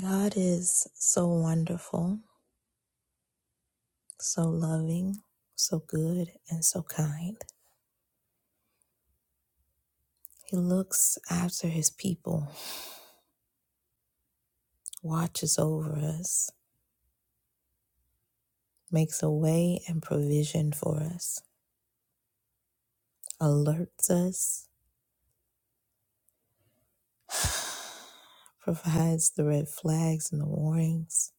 God is so wonderful, so loving, so good, and so kind. He looks after his people, watches over us, makes a way and provision for us, alerts us, provides the red flags and the warnings,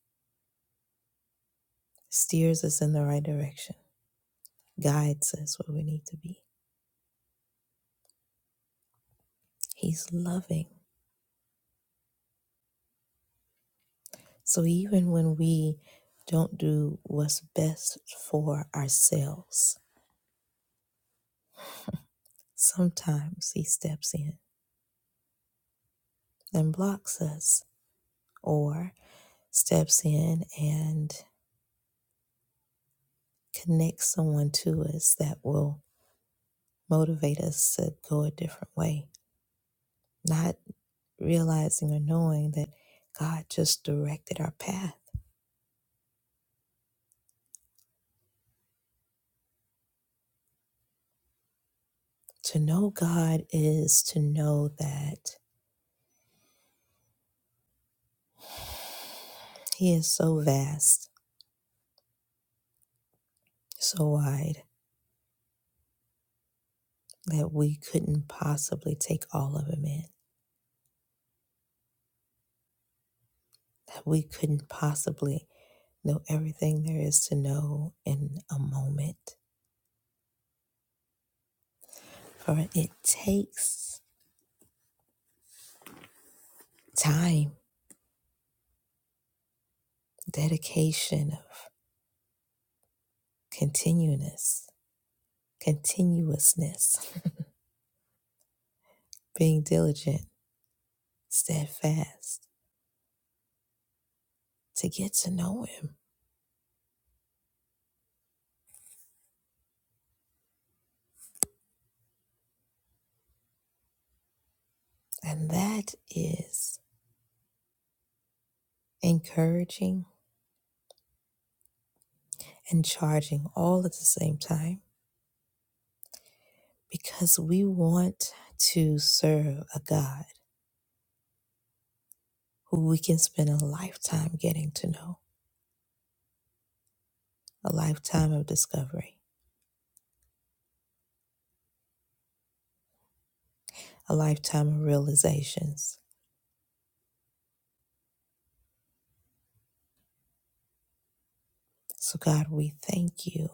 steers us in the right direction, guides us where we need to be. He's loving. So even when we don't do what's best for ourselves, Sometimes he steps in and blocks us, or steps in and connects someone to us that will motivate us to go a different way, not realizing or knowing that God just directed our path. To know God is to know that He is so vast, so wide, that we couldn't possibly take all of Him in, that we couldn't possibly Know everything there is to know in a moment. For it takes time, dedication of continuousness, continuousness, being diligent, steadfast to get to know him. And that is encouraging and charging all at the same time because we want to serve a God who we can spend a lifetime getting to know, a lifetime of discovery. a lifetime of realizations. So, God, we thank you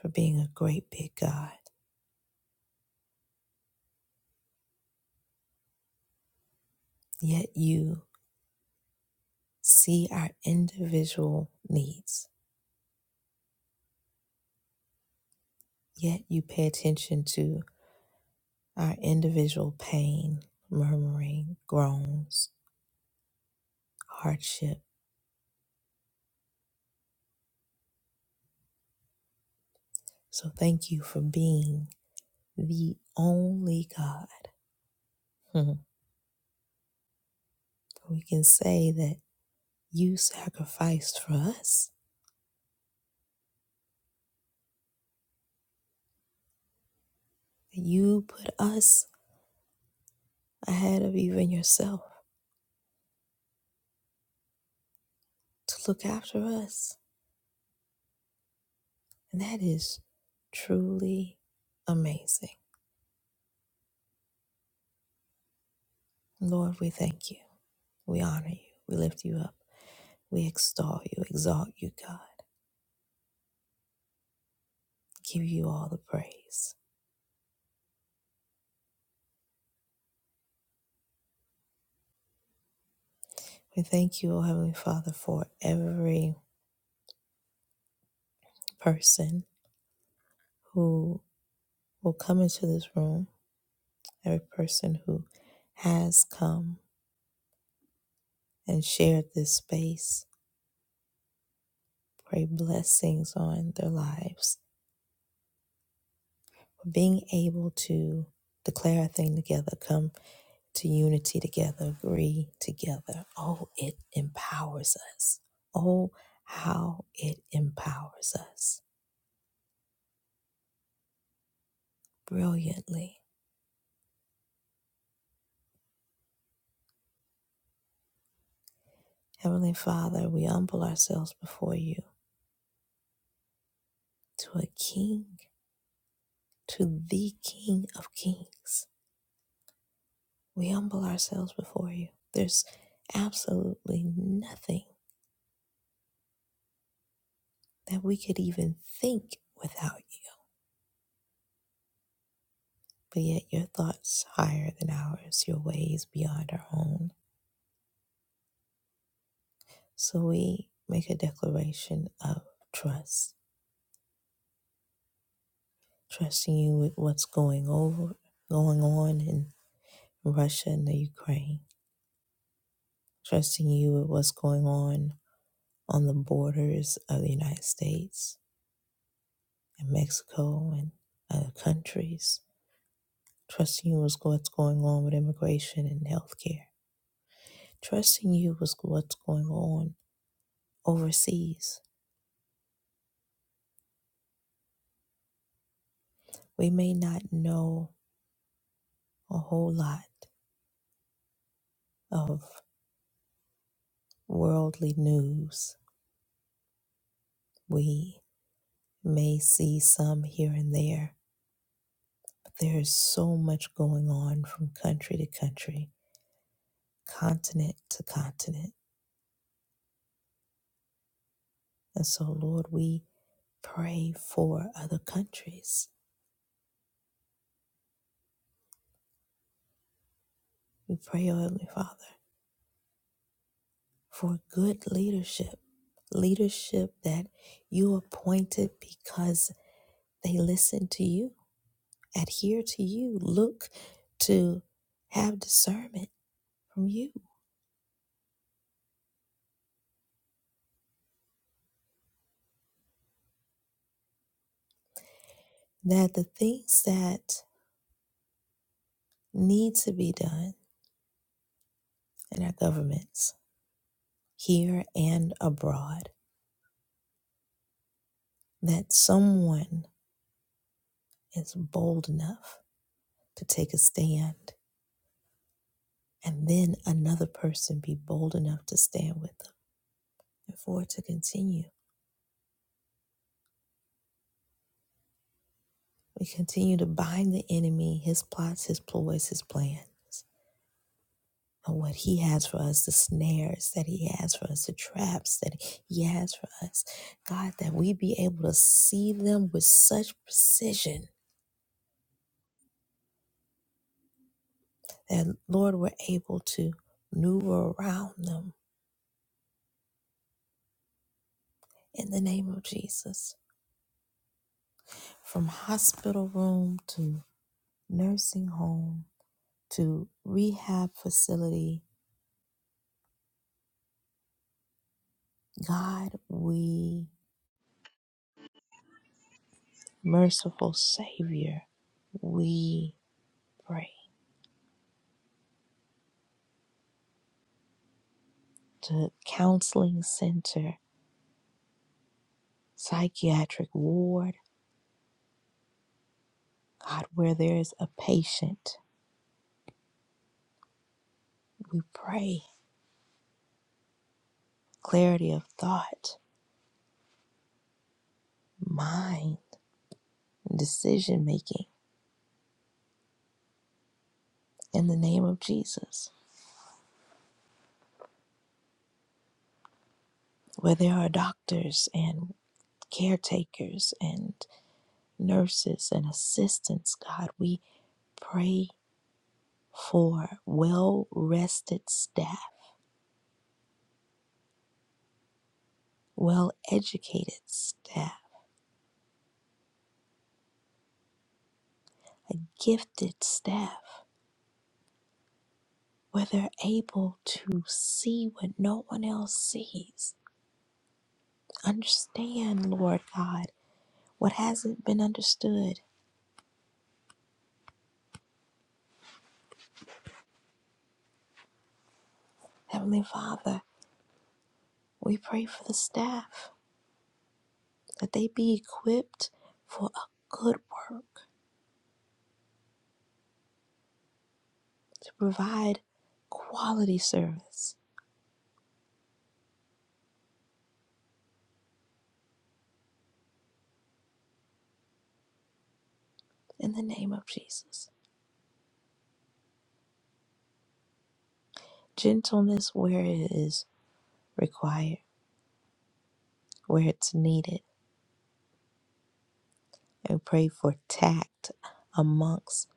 for being a great big God. Yet you see our individual needs, yet you pay attention to our individual pain, murmuring, groans, hardship. So, thank you for being the only God. Hmm. We can say that you sacrificed for us, you put us ahead of even yourself to look after us. And that is truly amazing. Lord, we thank you. We honor you. We lift you up. We extol you, exalt you, God. Give you all the praise. We thank you, O Heavenly Father, for every person who will come into this room, every person who has come and shared this space. Pray blessings on their lives. For being able to declare a thing together, Come. to unity together, agree together. Oh, it empowers us. Oh, how it empowers us brilliantly. Heavenly Father, we humble ourselves before you to a king, to the King of kings. We humble ourselves before you. There's absolutely nothing that we could even think without you. But yet, your thoughts higher than ours, your ways beyond our own. So we make a declaration of trust, trusting you with what's going over, going on in Russia and the Ukraine, trusting you with what's going on on the borders of the United States and Mexico and other countries, trusting you with what's going on with immigration and healthcare, trusting you with what's going on overseas. We may not know a whole lot of worldly news We may see some here and there, but there is so much going on from country to country, continent to continent. And so, Lord, we pray for other countries. We pray, O Heavenly Father, for good leadership, leadership that you appointed because they listen to you, adhere to you, look to have discernment from you, that the things that need to be done and our governments, here and abroad, that someone is bold enough to take a stand, and then another person be bold enough to stand with them, and for it to continue. We continue to bind the enemy, his plots, his ploys, his plans, and what he has for us, the snares that he has for us, the traps that he has for us. God, that we be able to see them with such precision that Lord, we're able to maneuver around them in the name of Jesus. From hospital room to nursing home to rehab facility, God, we, merciful Savior, we pray to counseling center, psychiatric ward, God, where there is a patient, we pray clarity of thought, mind, decision making. in the name of Jesus, where there are doctors and caretakers and nurses and assistants, God, we pray for well rested staff, well educated staff, a gifted staff, where they're able to see what no one else sees. Understand, Lord God, what hasn't been understood. Heavenly Father, we pray for the staff. that they be equipped for a good work to provide quality service in the name of Jesus. Gentleness where it is required, where it's needed. And pray for tact amongst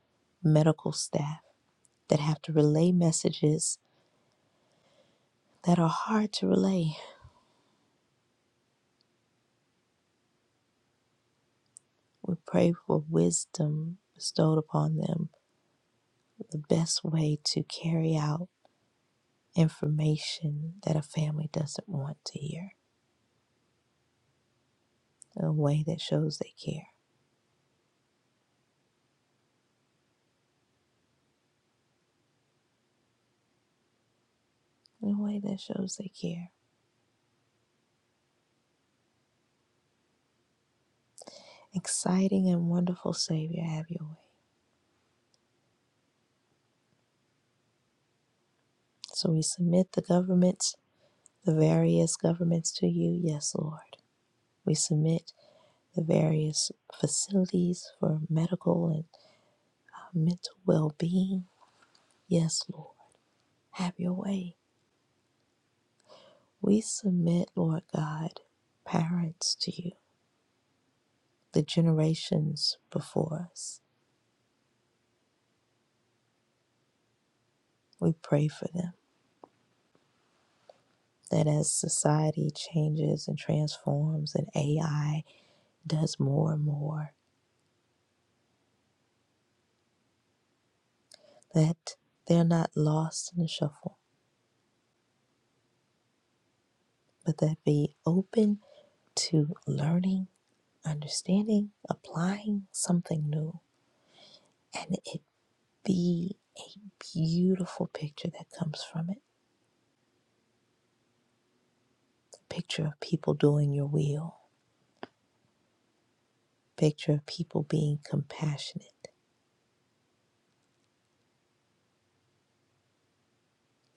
medical staff that have to relay messages that are hard to relay. We pray for wisdom bestowed upon them, the best way to carry out information that a family doesn't want to hear. in a way that shows they care, in a way that shows they care. Exciting and wonderful Savior, have your way. So we submit the governments, the various governments to you, yes, Lord. We submit the various facilities for medical and uh, mental well being, yes, Lord. Have your way. We submit, Lord God, parents to you, the generations before us. We pray for them. that as society changes and transforms and AI does more and more, that they're not lost in the shuffle, but that be open to learning, understanding, applying something new, and it be a beautiful picture that comes from it. The Picture of people doing your will, picture of people being compassionate.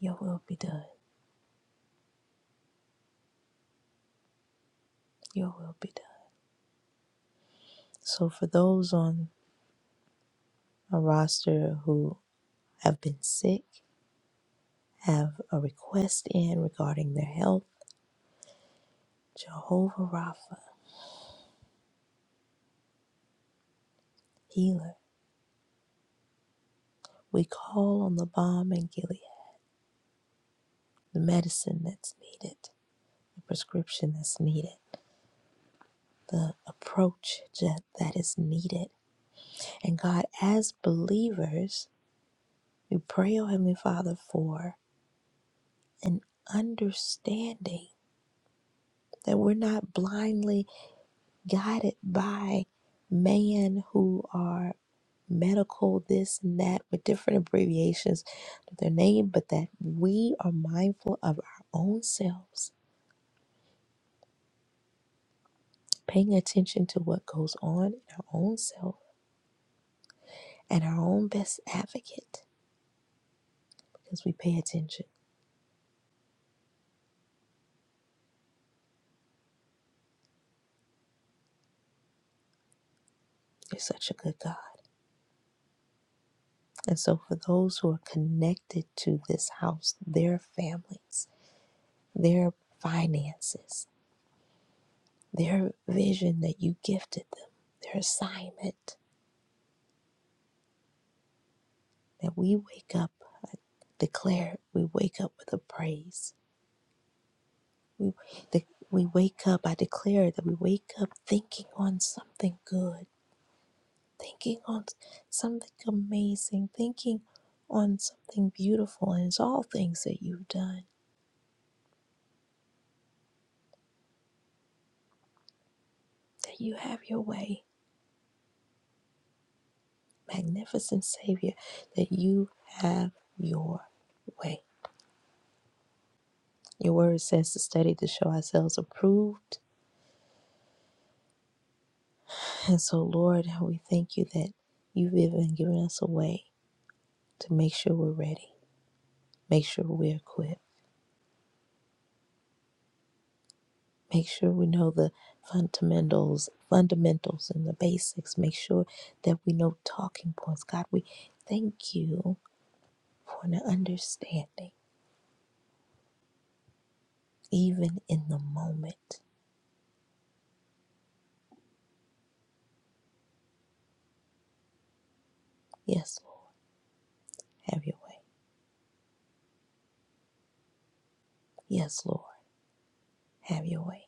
Your will be done. Your will be done. So for those on a roster who have been sick, have a request in regarding their health, Jehovah Rapha, healer, we call on the balm in Gilead, the medicine that's needed, the prescription that's needed, the approach that that is needed. And God, as believers, we pray, oh Heavenly Father, for an understanding that we're not blindly guided by man who are medical, this and that, with different abbreviations to their name, but that we are mindful of our own selves, paying attention to what goes on in our own self and our own best advocate because we pay attention. You're such a good God. And so, for those who are connected to this house, their families, their finances, their vision that you gifted them, their assignment, that we wake up, I declare, we wake up with a praise. We, the, we wake up, I declare that we wake up thinking on something good, thinking on something amazing, thinking on something beautiful, and it's all things that you've done, that you have your way. Magnificent Savior, that you have your way. Your word says to study to show ourselves approved. And so, Lord, we thank you that you've even given us a way to make sure we're ready, make sure we're equipped, make sure we know the fundamentals, fundamentals and the basics, make sure that we know talking points. God, we thank you for the understanding, even in the moment. Yes, Lord, have your way. Yes, Lord, have your way.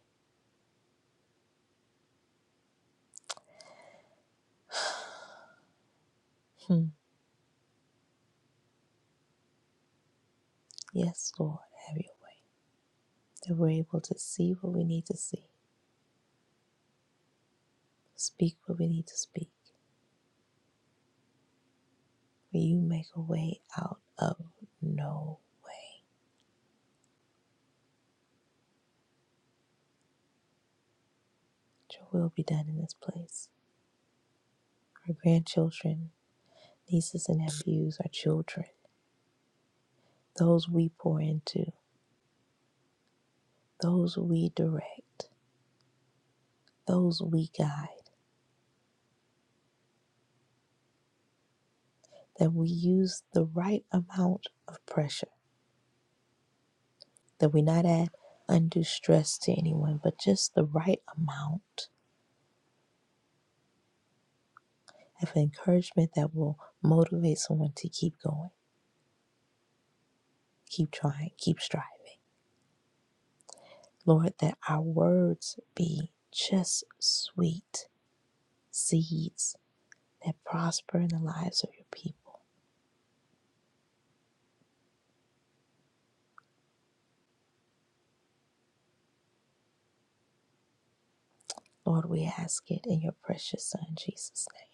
Hmm. Yes, Lord, have your way. That we're able to see what we need to see, speak what we need to speak. May you make a way out of no. Your will be done in this place. our grandchildren, nieces and nephews, our children, those we pour into, those we direct, those we guide, that we use the right amount of pressure, that we not add undue stress to anyone, but just the right amount of encouragement that will motivate someone to keep going, keep trying, keep striving. Lord, that our words be just sweet seeds that prosper in the lives of your people Lord, we ask it in your precious Son, Jesus' name.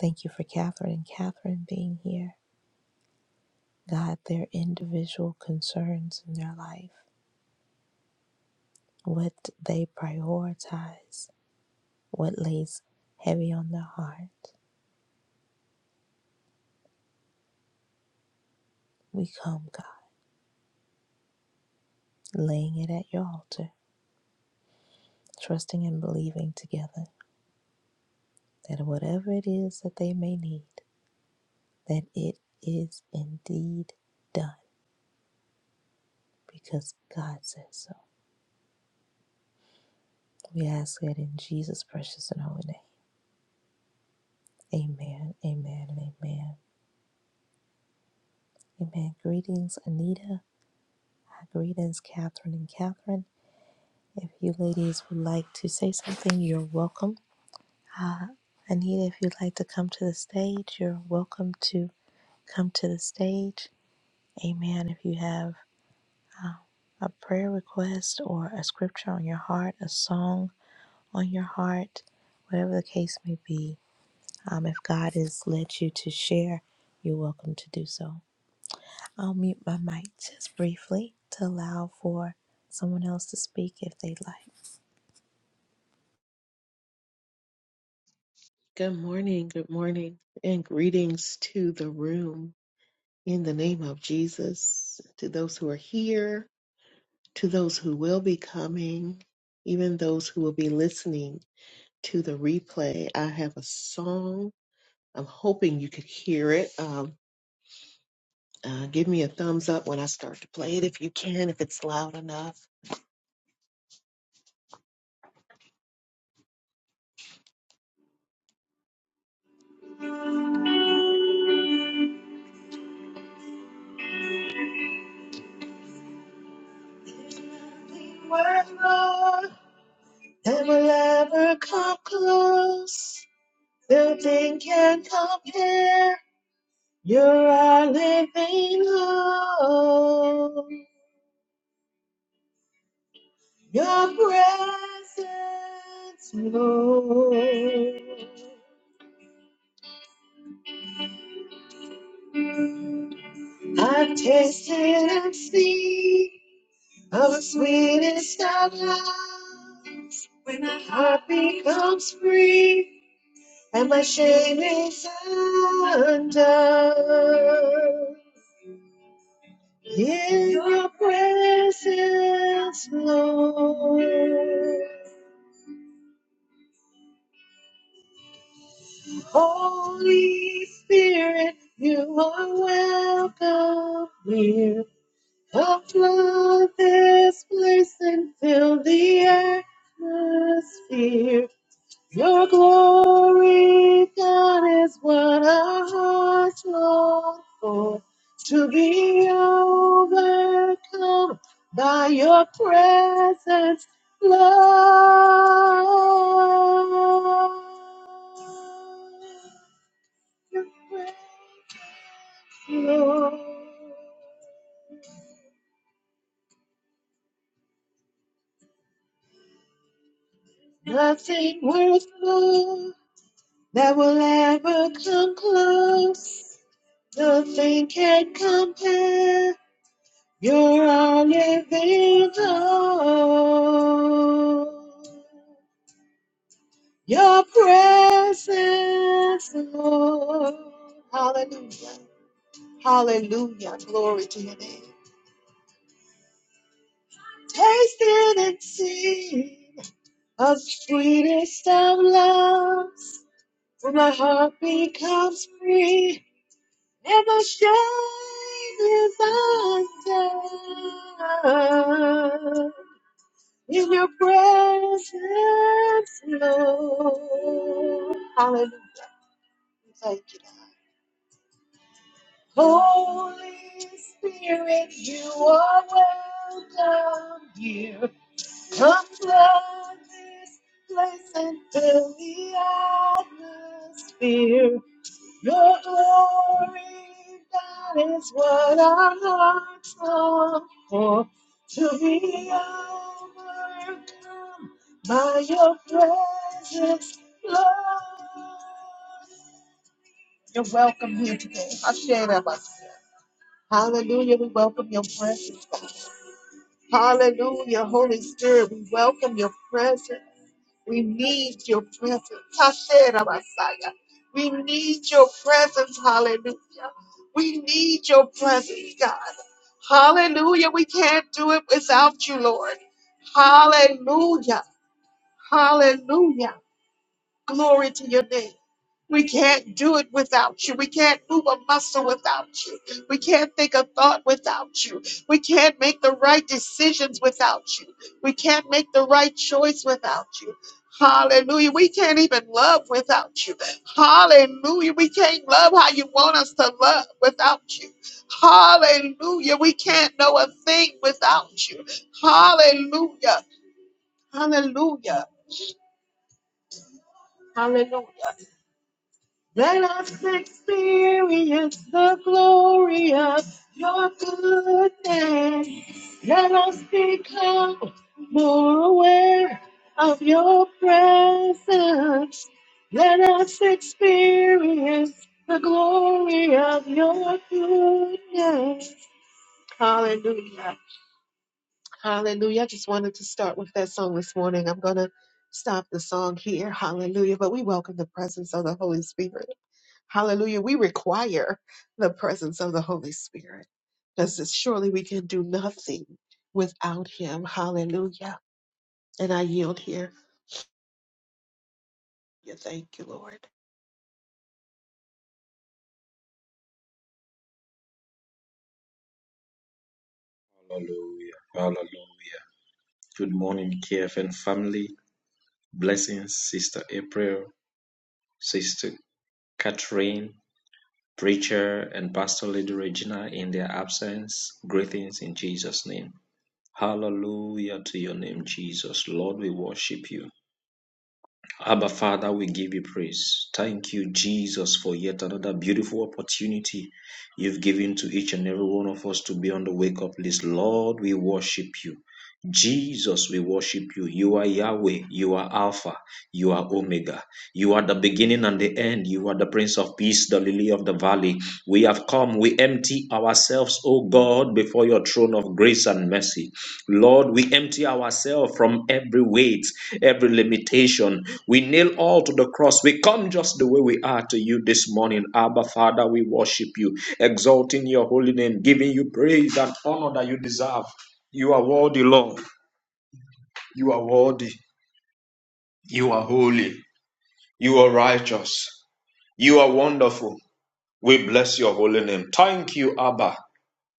Thank you for Catherine and Catherine being here. God, their individual concerns in their life, what they prioritize, what lays heavy on their heart. We come, God, laying it at your altar, trusting and believing together that whatever it is that they may need, that it is indeed done because God says so. We ask it in Jesus' precious and holy name. Amen, amen, and amen. Amen. Greetings, Anita. Uh, Greetings, Catherine and Catherine. If you ladies would like to say something, you're welcome. Uh, Anita, if you'd like to come to the stage, you're welcome to come to the stage. Amen. If you have uh, a prayer request or a scripture on your heart, a song on your heart, whatever the case may be, um, if God has led you to share, you're welcome to do so. I'll mute my mic just briefly to allow for someone else to speak if they'd like. Good morning, good morning, and greetings to the room in the name of Jesus, to those who are here, to those who will be coming, even those who will be listening to the replay. I have a song. I'm hoping you could hear it. Um, uh, give me a thumbs up when I start to play it if you can, if it's loud enough. Word, Lord, and will ever come close. Nothing can compare. You're our living hope. Your presence, Lord. I've tasted and seen of the sweetest of loves. When my heart becomes free and my shame is undone. In your presence, Lord. Holy Spirit, you are welcome here. Come flood this place and fill the atmosphere. Your glory, God, is what our hearts long for. To be overcome by your presence, Lord. Nothing worth more that will ever come close. Nothing can compare. You're our living hope. Your presence, Lord. Hallelujah. Hallelujah. Glory to your name. Taste it and see. of sweetest of loves, when my heart becomes free, and my shame is undone. In your presence, Lord. Hallelujah. Thank you. Lord. Holy Spirit, you are welcome here. Come flood this place and fill the atmosphere. Your glory, that is what our hearts long for. To be overcome by your presence, Lord. You're welcome here today. I share that with you. Hallelujah. We welcome your presence. Hallelujah. Holy Spirit, we welcome your presence. We need your presence. Tashera Messiah. We need your presence. Hallelujah. We need your presence, God. Hallelujah. We can't do it without you, Lord. Hallelujah. Hallelujah. Glory to your name. We can't do it without you. We can't move a muscle without you. We can't think a thought without you. We can't make the right decisions without you. We can't make the right choice without you. Hallelujah. We can't even love without you. Hallelujah. We can't love how you want us to love without you. Hallelujah. We can't know a thing without you. Hallelujah. Hallelujah. Hallelujah. Let us experience the glory of your goodness. Let us become more aware of your presence. Let us experience the glory of your goodness. Hallelujah. Hallelujah. I just wanted to start with that song this morning. I'm going to stop the song here. Hallelujah. But we welcome the presence of the Holy Spirit. Hallelujah. We require the presence of the Holy Spirit because surely we can do nothing without Him. Hallelujah. And I yield here. Yeah, Thank you, Lord. Hallelujah. Hallelujah. Good morning, KFN family. Blessings, Sister April, Sister Catherine, Preacher, and Pastor Lady Regina in their absence. Greetings in Jesus' name. Hallelujah to your name, Jesus. Lord, we worship you. Abba, Father, we give you praise. Thank you, Jesus, for yet another beautiful opportunity you've given to each and every one of us to be on the wake up list. Lord, we worship you. Jesus, we worship you. You are Yahweh. You are Alpha. You are Omega. You are the beginning and the end. You are the Prince of Peace, the Lily of the Valley. We have come. We empty ourselves, O God, before your throne of grace and mercy. Lord, we empty ourselves from every weight, every limitation. We kneel all to the cross. We come just the way we are to you this morning. Abba, Father, we worship you, exalting your holy name, giving you praise and honor that you deserve. You are worthy, Lord. You are worthy. You are holy. You are righteous. You are wonderful. We bless your holy name. Thank you, Abba.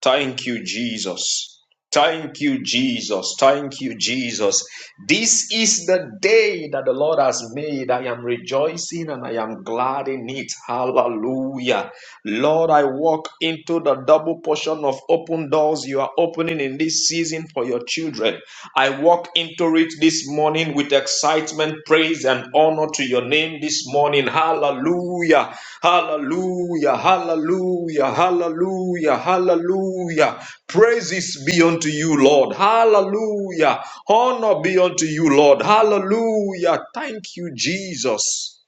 Thank you, Jesus. Thank you, Jesus. Thank you, Jesus. This is the day that the Lord has made. I am rejoicing and I am glad in it. Hallelujah. Lord, I walk into the double portion of open doors you are opening in this season for your children. I walk into it this morning with excitement, praise, and honor to your name this morning. Hallelujah! Hallelujah! Hallelujah! Hallelujah! Hallelujah! Praises be unto you, Lord. Hallelujah! Honor be unto you, Lord. Hallelujah! Thank you, Jesus.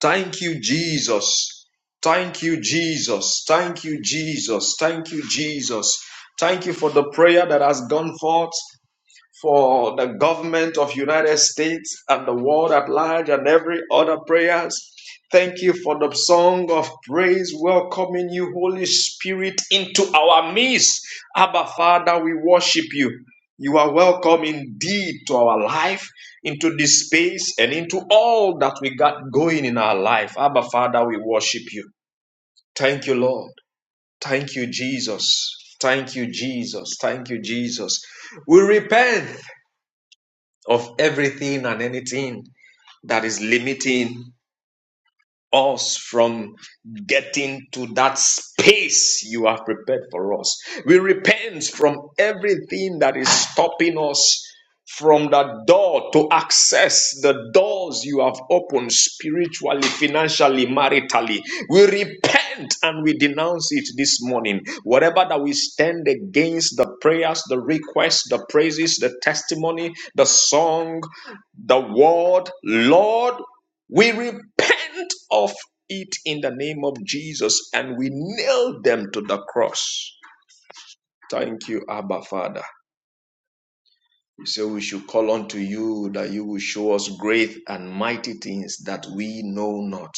Thank you, Jesus. Thank you, Jesus. Thank you, Jesus. Thank you, Jesus. Thank you for the prayer that has gone forth for the government of United States and the world at large and every other prayers. Thank you for the song of praise welcoming you, Holy Spirit, into our midst. Abba, Father, we worship you. You are welcome indeed to our life, into this space, and into all that we got going in our life. Abba, Father, we worship you. Thank you, Lord. Thank you, Jesus. Thank you, Jesus. Thank you, Jesus. We repent of everything and anything that is limiting us from getting to that space you have prepared for us. We repent from everything that is stopping us from that door to access the doors you have opened spiritually, financially, maritally. We repent and we denounce it this morning. Whatever that we stand against the prayers, the requests, the praises, the testimony, the song, the word, Lord, we repent of it in the name of Jesus and we nail them to the cross. Thank you, Abba Father. You say we should call unto you that you will show us great and mighty things that we know not.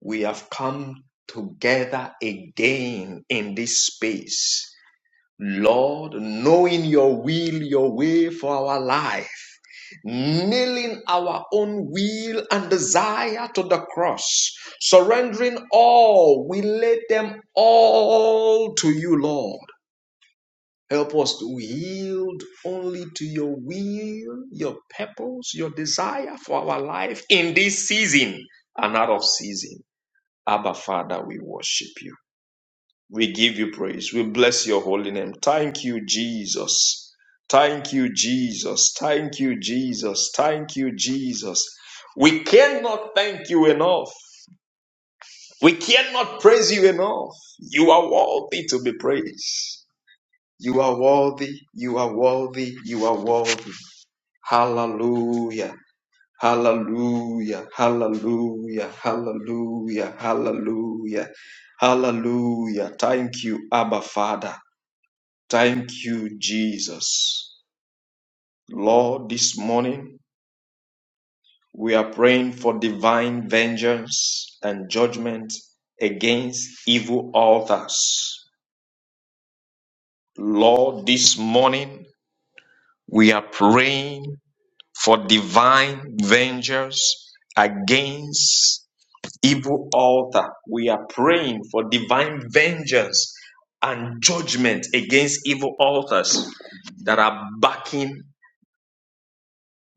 We have come together again in this space Lord, knowing your will, your way for our life, nailing our own will and desire to the cross, surrendering all, we lay them all to you, Lord. Help us to yield only to your will, your purpose, your desire for our life in this season and out of season. Abba, Father, we worship you. We give you praise. We bless your holy name. Thank you, Jesus. Thank you, Jesus. Thank you, Jesus. Thank you, Jesus. We cannot thank you enough. We cannot praise you enough. You are worthy to be praised. You are worthy. You are worthy. You are worthy. Hallelujah. Hallelujah. Hallelujah. Hallelujah. Hallelujah. Hallelujah. Thank you, Abba Father. Thank you, Jesus. Lord, this morning we are praying for divine vengeance and judgment against evil altars. Lord, this morning we are praying for divine vengeance against evil altar. We are praying for divine vengeance and judgment against evil altars that are backing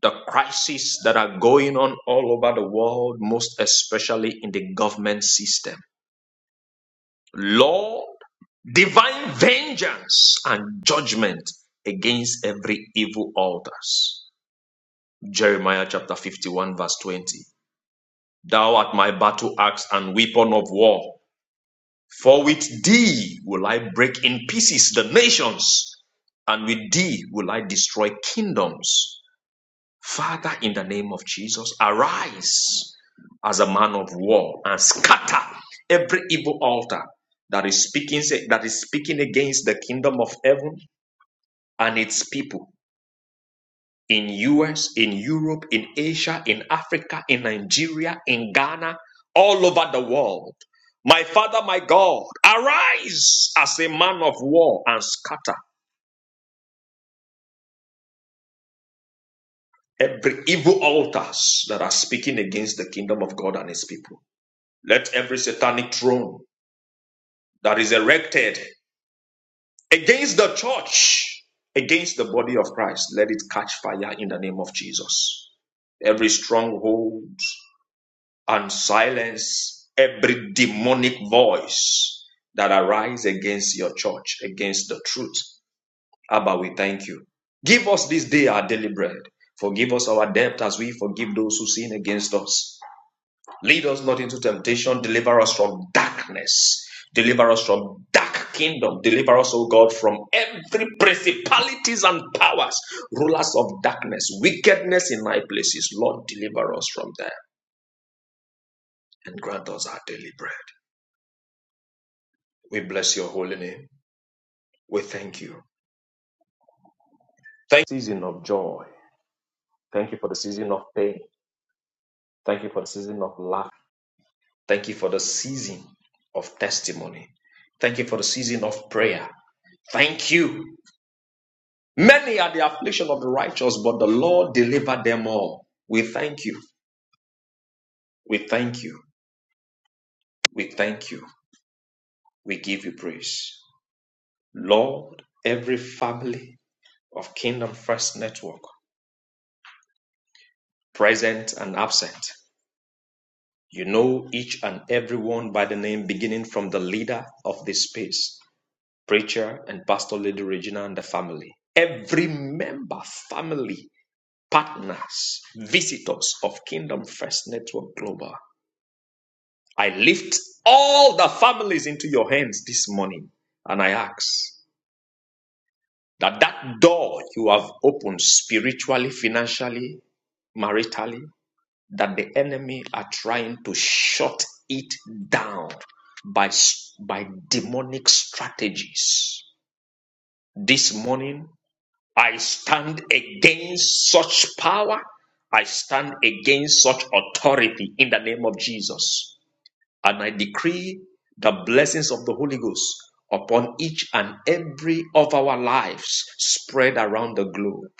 the crises that are going on all over the world, most especially in the government system. Lord, divine vengeance and judgment against every evil altars. Jeremiah chapter 51, verse 20. Thou art my battle axe and weapon of war. For with thee will I break in pieces the nations, and with thee will I destroy kingdoms. Father, in the name of Jesus, arise as a man of war and scatter every evil altar that is speaking that is speaking against the kingdom of heaven and its people in US, in Europe, in Asia, in Africa, in Nigeria, in Ghana, all over the world. My Father, my God, arise as a man of war and scatter every evil altars that are speaking against the kingdom of God and his people. Let every satanic throne that is erected against the church, against the body of Christ. Let it catch fire in the name of Jesus. Every stronghold and silence every demonic voice that arises against your church, against the truth. Abba, we thank you. Give us this day our daily bread. Forgive us our debt as we forgive those who sin against us. Lead us not into temptation. Deliver us from darkness. Deliver us from dark kingdom. Deliver us, O God, from every principalities and powers, rulers of darkness, wickedness in high places. Lord, deliver us from them and grant us our daily bread. We bless your holy name. We thank you. Thank you for the season of joy. Thank you for the season of pain. Thank you for the season of love. Thank you for the season of testimony. Thank you for the season of prayer. Thank you Many are the affliction of the righteous, but the Lord delivered them all. We thank you. We thank you. We thank you. We give you praise. Lord, every family of Kingdom First Network, present and absent, you know each and every one by the name, beginning from the leader of this space, preacher and pastor Lady Regina and the family. Every member, family, partners, visitors of Kingdom First Network Global. I lift all the families into your hands this morning and I ask that that door you have opened spiritually, financially, maritally, that the enemy are trying to shut it down by, by demonic strategies. This morning, I stand against such power. I stand against such authority in the name of Jesus. And I decree the blessings of the Holy Ghost upon each and every of our lives spread around the globe.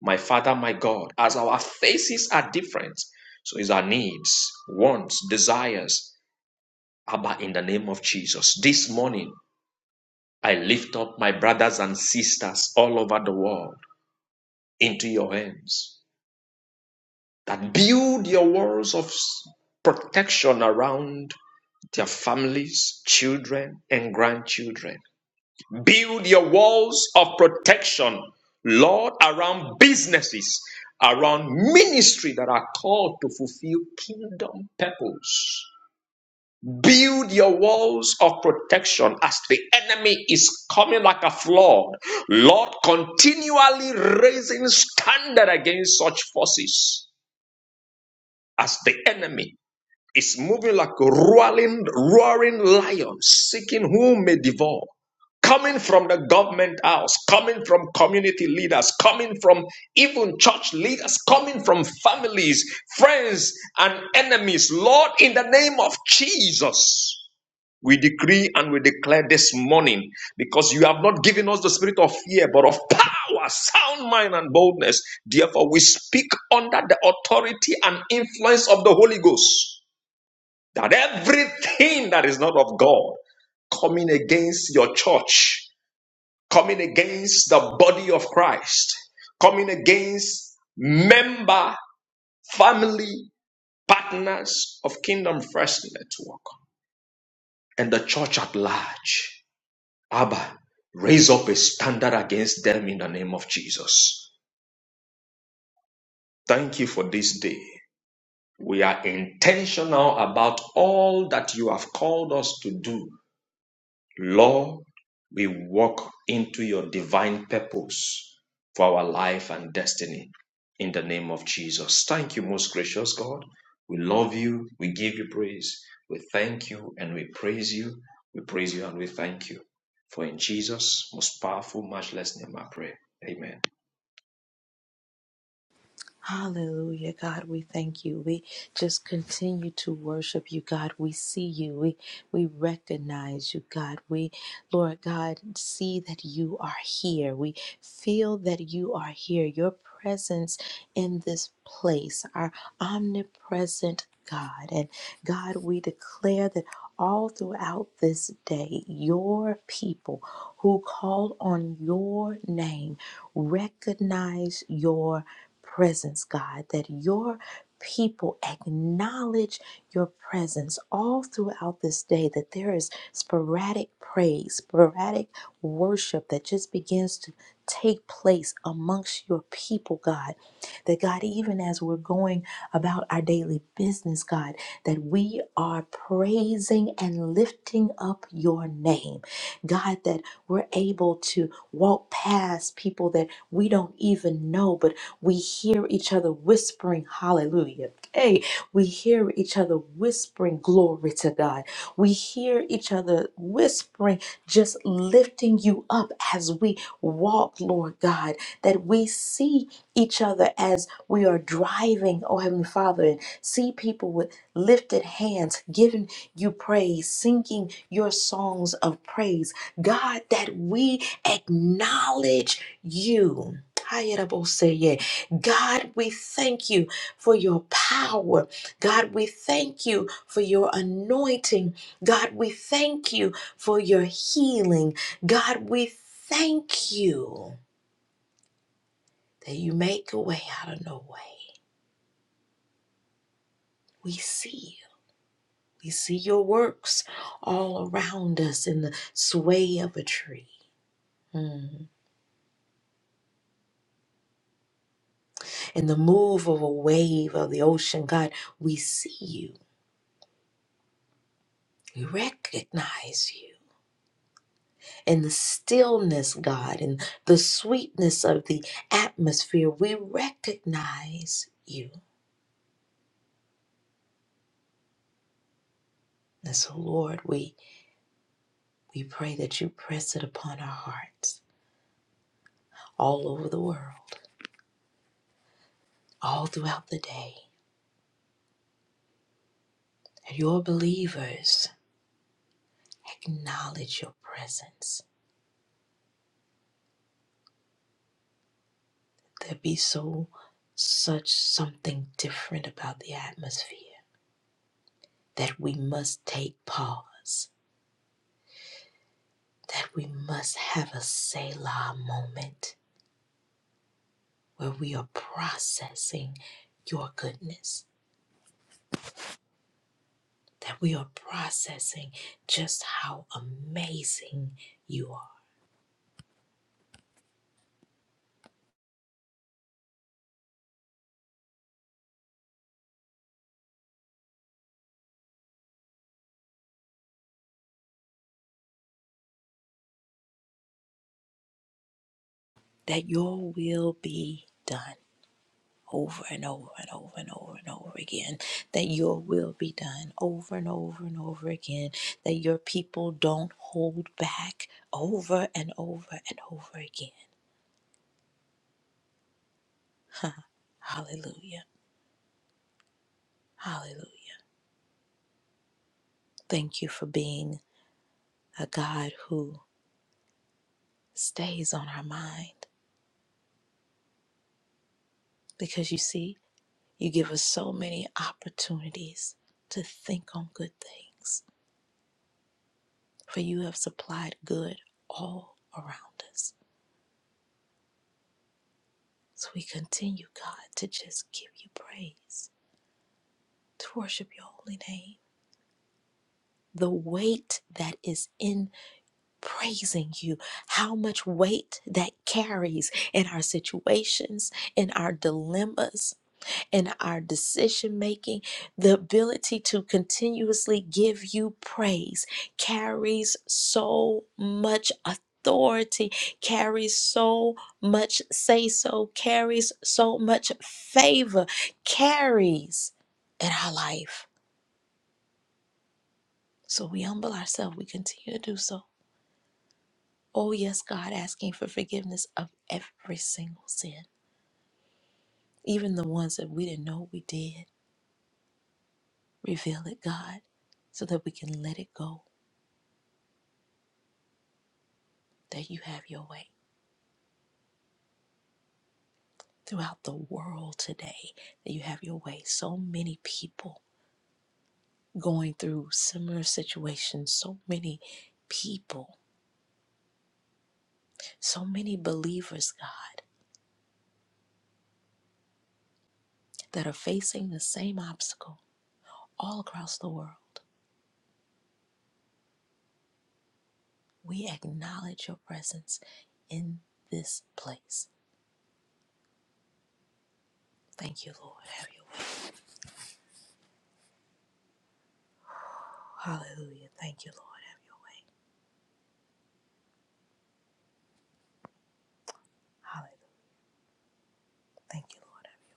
My Father, my God, as our faces are different, so is our needs, wants, desires. Abba, in the name of Jesus, this morning I lift up my brothers and sisters all over the world into your hands that build your walls of protection around their families, children, and grandchildren. Build your walls of protection, Lord, around businesses, around ministry that are called to fulfill kingdom purpose. Build your walls of protection as the enemy is coming like a flood. Lord, continually raising standard against such forces as the enemy is moving like a roaring, roaring lion, seeking whom may devour. Coming from the government house, coming from community leaders, coming from even church leaders, coming from families, friends, and enemies. Lord, in the name of Jesus, we decree and we declare this morning because you have not given us the spirit of fear, but of power, sound mind, and boldness. Therefore, we speak under the authority and influence of the Holy Ghost that everything that is not of God coming against your church, coming against the body of Christ, coming against member, family, partners of Kingdom First Network and the church at large. Abba, raise up a standard against them in the name of Jesus. Thank you for this day. We are intentional about all that you have called us to do Lord, we walk into your divine purpose for our life and destiny in the name of Jesus. Thank you, most gracious God. We love you. We give you praise. We thank you and we praise you. We praise you and we thank you. For in Jesus' most powerful, matchless name, I pray. Amen. Hallelujah, God, we thank you. We just continue to worship you, God. We see you. We we recognize you, God. We, Lord God, see that you are here. We feel that you are here. Your presence in this place, our omnipresent God. And God, we declare that all throughout this day, your people who call on your name recognize your presence, God, that your people acknowledge your presence all throughout this day, that there is sporadic praise, sporadic worship that just begins to take place amongst your people, God. That God, even as we're going about our daily business, God, that we are praising and lifting up your name. God, that we're able to walk past people that we don't even know, but we hear each other whispering, hallelujah. Hey, we hear each other whispering, glory to God. We hear each other whispering, just lifting you up as we walk, Lord God, that we see each other as we are driving, oh Heavenly Father, and see people with lifted hands, giving you praise, singing your songs of praise. God, that we acknowledge you. God, we thank you for your power. God, we thank you for your anointing. God, we thank you for your healing. God, we thank you that you make a way out of no way. We see you. We see your works all around us in the sway of a tree, mm, in the move of a wave of the ocean. God, we see you. We recognize you. and the stillness, God, and the sweetness of the atmosphere, we recognize you. And so, Lord, we, we pray that you press it upon our hearts all over the world, all throughout the day. That your believers acknowledge your presence. There be so such something different about the atmosphere that we must take pause, that we must have a Selah moment where we are processing your goodness, that we are processing just how amazing you are, that your will be done. Over and over and over and over and over again, that your will be done over and over and over again, that your people don't hold back over and over and over again. Hallelujah. Hallelujah. Thank you for being a God who stays on our mind Because you see, you give us so many opportunities to think on good things, for you have supplied good all around us. So we continue, God, to just give you praise, to worship your holy name. The weight that is in praising you, how much weight that carries in our situations, in our dilemmas, in our decision making, the ability to continuously give you praise carries so much authority, carries so much say so, carries so much favor, carries in our life. So we humble ourselves, we continue to do so. Oh, yes, God, asking for forgiveness of every single sin, even the ones that we didn't know we did. Reveal it, God, so that we can let it go that you have your way throughout the world today, that you have your way. So many people going through similar situations, so many people, so many believers, God, that are facing the same obstacle all across the world. We acknowledge your presence in this place. Thank you, Lord. Have your way. Hallelujah. Thank you, Lord. Have your way. Hallelujah. Thank you, Lord. have your. way.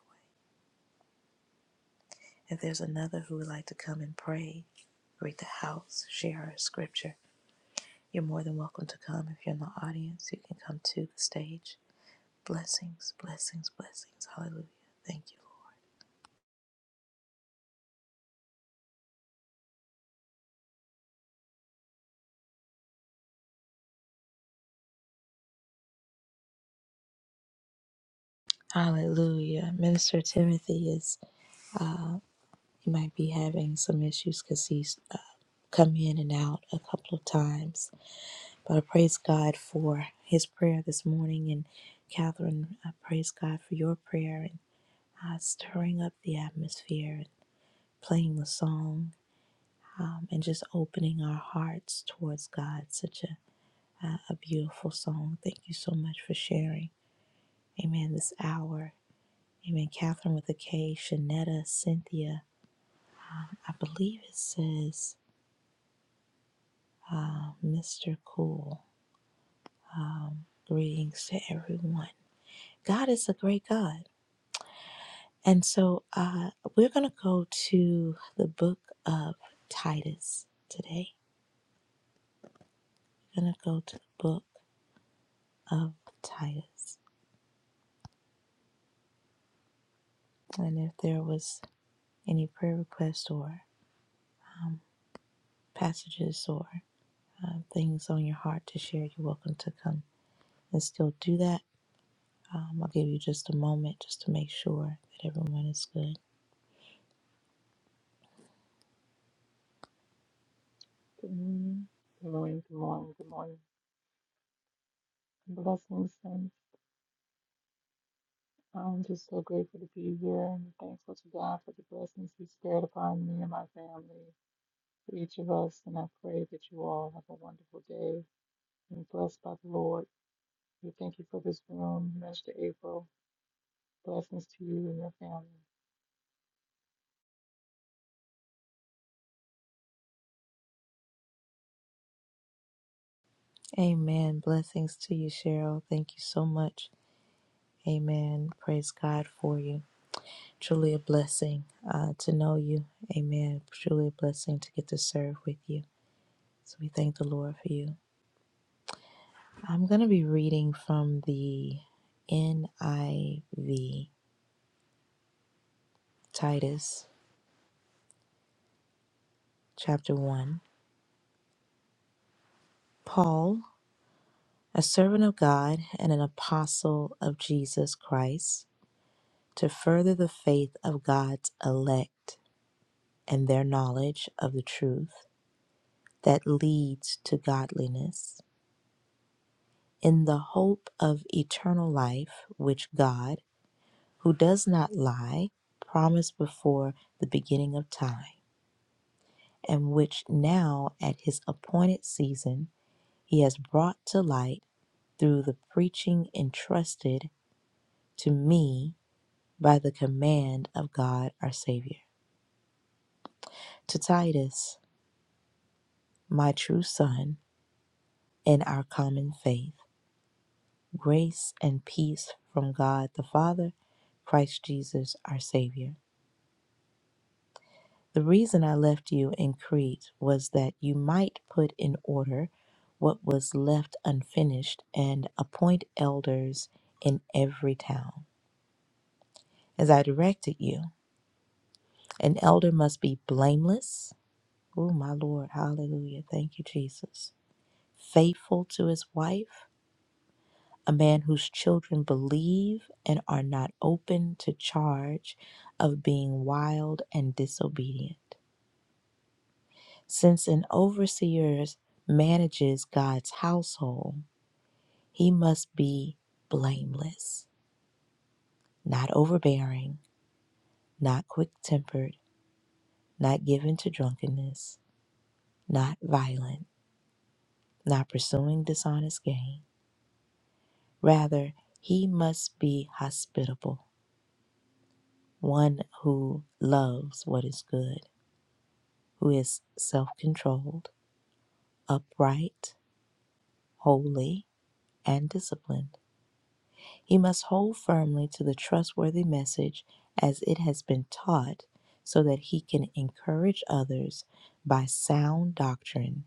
If there's another who would like to come and pray, greet the house, share a scripture, you're more than welcome to come. If you're in the audience, you can come to the stage. Blessings, blessings, blessings. Hallelujah. Thank you, Lord. Hallelujah. Minister Timothy is, he might be having some issues because he's uh, come in and out a couple of times. But I praise God for his prayer this morning. And Catherine, I praise God for your prayer and uh, stirring up the atmosphere. playing the song um, and just opening our hearts towards God. Such a, a, a beautiful song. Thank you so much for sharing. Amen. This hour. Amen. Catherine with a K, Shanetta, Cynthia. Um, I believe it says uh, Mr. Cool. Um, greetings to everyone. God is a great God. And so uh, we're going to go to the book of Titus today. We're going to go to the book of Titus. And if there was any prayer requests or um, passages or uh, things on your heart to share, you're welcome to come and still do that. Um, I'll give you just a moment just to make sure that everyone is good. Good morning. Good morning. Good morning. Good morning. Blessings, saints. I'm just so grateful to be here and thankful to God for the blessings He's spared upon me and my family, for each of us. And I pray that you all have a wonderful day and blessed by the Lord. We thank you for this room, Minister April. Blessings to you and your family. Amen. Blessings to you, Cheryl. Thank you so much. Amen. Praise God for you. Truly a blessing uh, to know you. Amen. Truly a blessing to get to serve with you. So we thank the Lord for you. I'm going to be reading from the NIV, Titus chapter 1. Paul, a servant of God and an apostle of Jesus Christ, to further the faith of God's elect and their knowledge of the truth that leads to godliness, in the hope of eternal life, which God, who does not lie, promised before the beginning of time and which now at his appointed season he has brought to light through the preaching entrusted to me by the command of God our Savior. To Titus, my true son, in our common faith, grace and peace from God the Father, Christ Jesus our Savior. The reason I left you in Crete was that you might put in order what was left unfinished and appoint elders in every town, as I directed you. An elder must be blameless. Oh, my Lord. Hallelujah. Thank you, Jesus. Faithful to his wife, a man whose children believe and are not open to charge of being wild and disobedient. Since an overseer manages God's household, he must be blameless, not overbearing, not quick tempered, not given to drunkenness, not violent, not pursuing dishonest gain. Rather, he must be hospitable, one who loves what is good, who is self controlled, upright, holy, and disciplined. He must hold firmly to the trustworthy message as it has been taught so that he can encourage others by sound doctrine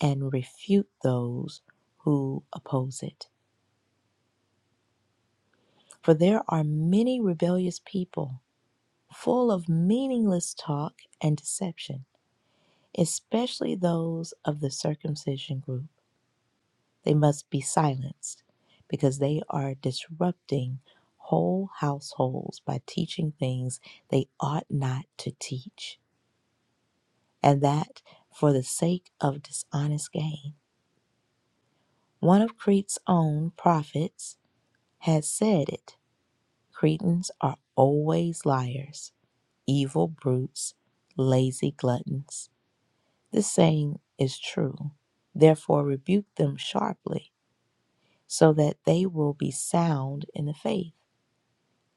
and refute those who oppose it. For there are many rebellious people full of meaningless talk and deception, especially those of the circumcision group. They must be silenced because they are disrupting whole households by teaching things they ought not to teach, and that for the sake of dishonest gain. One of Crete's own prophets has said it Cretans are always liars, evil brutes, lazy gluttons. This saying is true. Therefore, rebuke them sharply so that they will be sound in the faith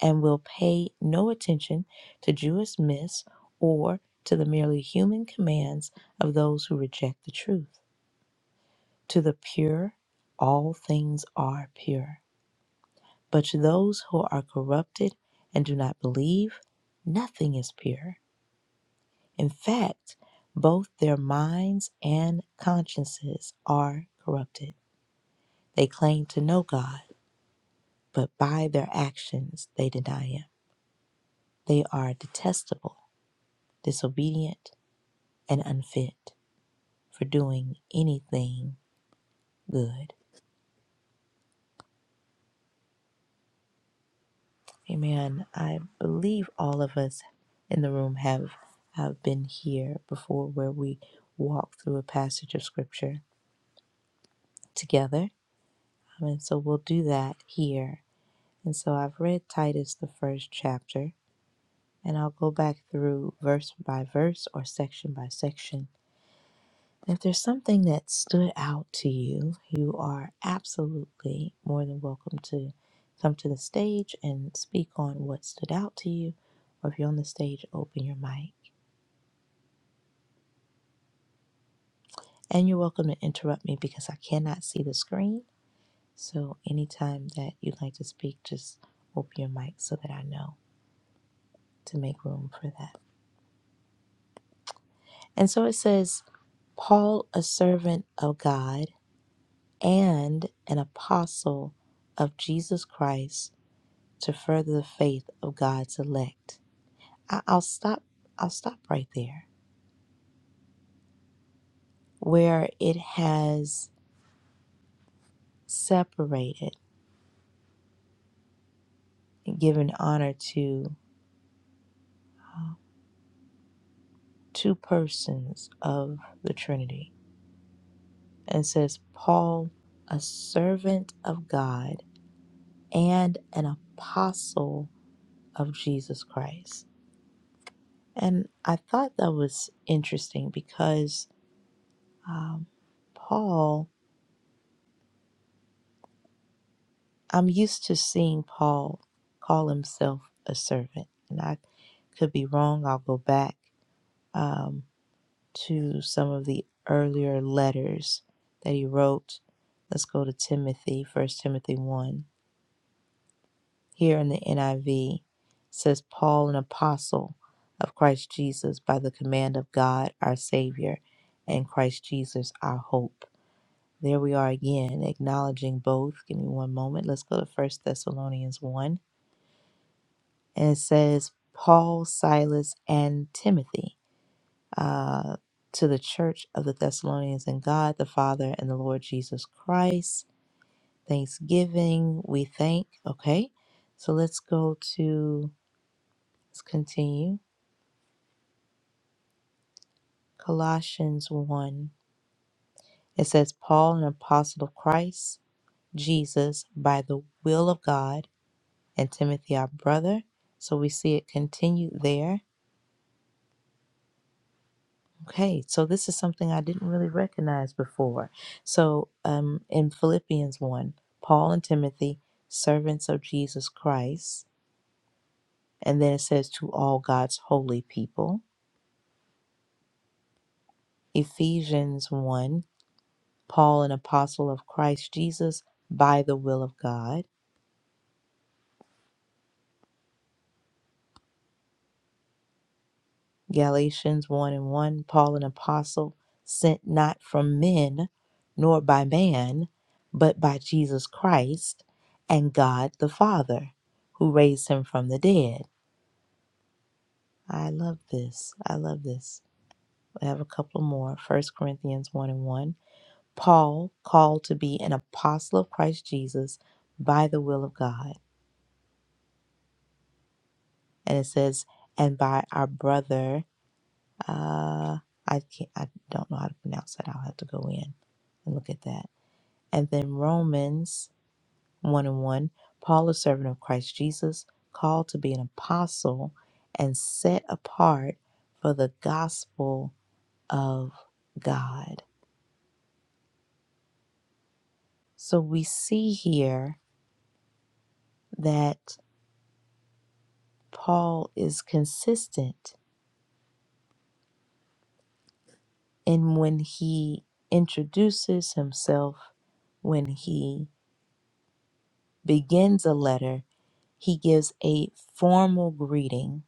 and will pay no attention to Jewish myths or to the merely human commands of those who reject the truth. To the pure, all things are pure. But to those who are corrupted and do not believe, nothing is pure. In fact, both their minds and consciences are corrupted. They claim to know God, but by their actions they deny Him. They are detestable, disobedient, and unfit for doing anything good. Amen. I believe all of us in the room have, have been here before where we walk through a passage of scripture together. Um, And so we'll do that here. And so I've read Titus, the first chapter, and I'll go back through verse by verse or section by section If there's something that stood out to you, you are absolutely more than welcome to come to the stage and speak on what stood out to you. Or if you're on the stage, open your mic. And you're welcome to interrupt me because I cannot see the screen. So anytime that you'd like to speak, just open your mic so that I know to make room for that. And so it says, Paul, a servant of God and an apostle of Jesus Christ to further the faith of God's elect. I- will stop. I'll stop right there, where it has separated and given honor to uh, two persons of the Trinity, and says Paul, a servant of God and an apostle of Jesus Christ. And I thought that was interesting because um, Paul I'm used to seeing Paul call himself a servant, and I could be wrong. I'll go back um, to some of the earlier letters that he wrote. Let's go to Timothy, First Timothy 1. Here in the NIV it says, Paul, an apostle of Christ Jesus, by the command of God, our Savior, and Christ Jesus, our hope. There we are again, acknowledging both. Give me one moment. Let's go to First Thessalonians 1. and it says Paul, Silas, and Timothy uh, to the church of the Thessalonians and God the Father and the Lord Jesus Christ. Thanksgiving, we thank. Okay, so let's go to, let's continue. Colossians 1. It says, Paul, an apostle of Christ, Jesus, by the will of God, and Timothy, our brother. So we see it continued there Okay, so this is something I didn't really recognize before. So, um, in Philippians 1, Paul and Timothy, servants of Jesus Christ, and then it says to all God's holy people. Ephesians 1, Paul, an apostle of Christ Jesus by the will of God. Galatians 1 and 1 Paul, an apostle, sent not from men, nor by man, but by Jesus Christ and God the Father, who raised him from the dead. I love this. I love this. I have a couple more. First Corinthians 1 and 1. Paul, called to be an apostle of Christ Jesus by the will of God. And it says, and by our brother Uh, I can't. I don't know how to pronounce that. I'll have to go in and look at that. And then Romans one and one. Paul, a servant of Christ Jesus, called to be an apostle and set apart for the gospel of God. So we see here that Paul is consistent in when he introduces himself, when he begins a letter he gives a formal greeting,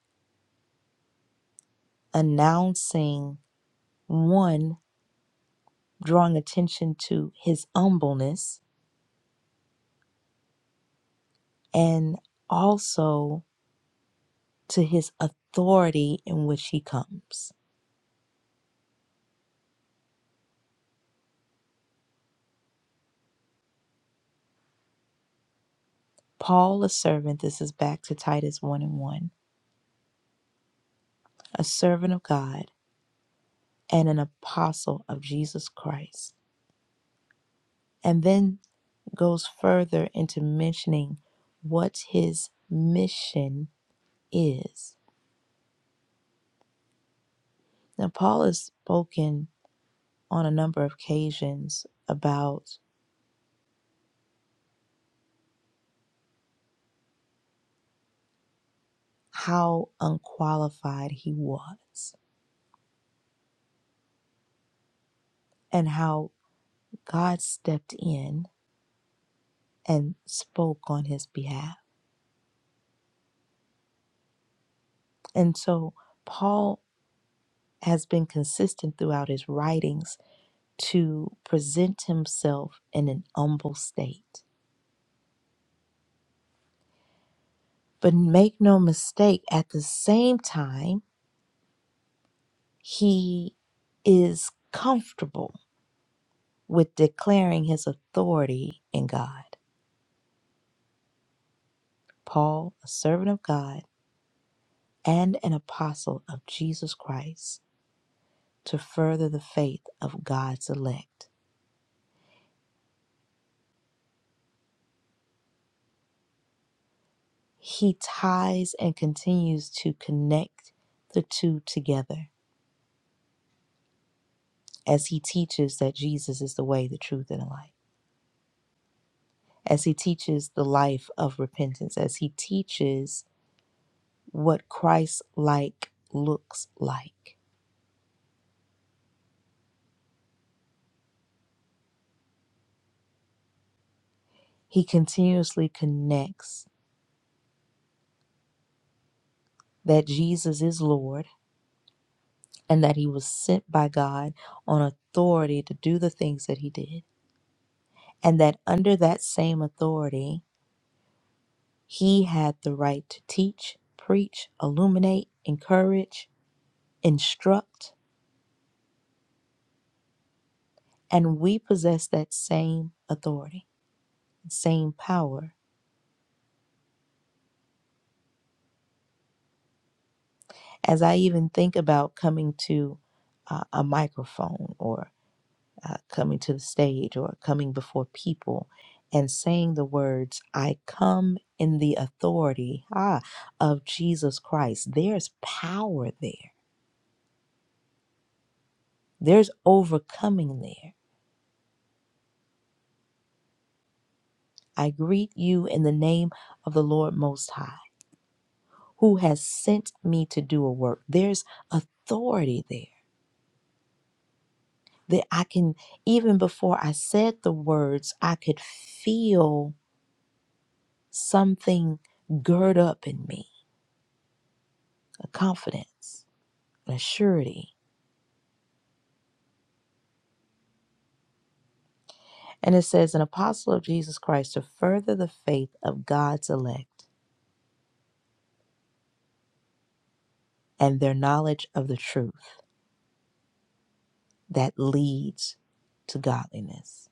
announcing one, drawing attention to his humbleness and also to his authority in which he comes. Paul, a servant, this is back to Titus 1 and 1, a servant of God and an apostle of Jesus Christ. And then goes further into mentioning what his mission is. Now, Paul has spoken on a number of occasions about how unqualified he was and how God stepped in and spoke on his behalf. And so Paul has been consistent throughout his writings to present himself in an humble state. But make no mistake, at the same time, he is comfortable with declaring his authority in God. Paul, a servant of God and an apostle of Jesus Christ, to further the faith of God's elect. He ties and continues to connect the two together as he teaches that Jesus is the way, the truth, and the life, as he teaches the life of repentance, as he teaches what Christ like looks like. He continuously connects that Jesus is Lord and that he was sent by God on authority to do the things that he did, and that under that same authority, he had the right to teach, preach, illuminate, encourage, instruct, and we possess that same authority, same power. As I even think about coming to uh, a microphone or uh, coming to the stage or coming before people and saying the words, I come in the authority ah, of Jesus Christ. There's power there, there's overcoming there. I greet you in the name of the Lord Most High, who has sent me to do a work. There's authority there that I can, even before I said the words, I could feel something gird up in me, a confidence. and surety. And it says, an apostle of Jesus Christ to further the faith of God's elect and their knowledge of the truth that leads to godliness.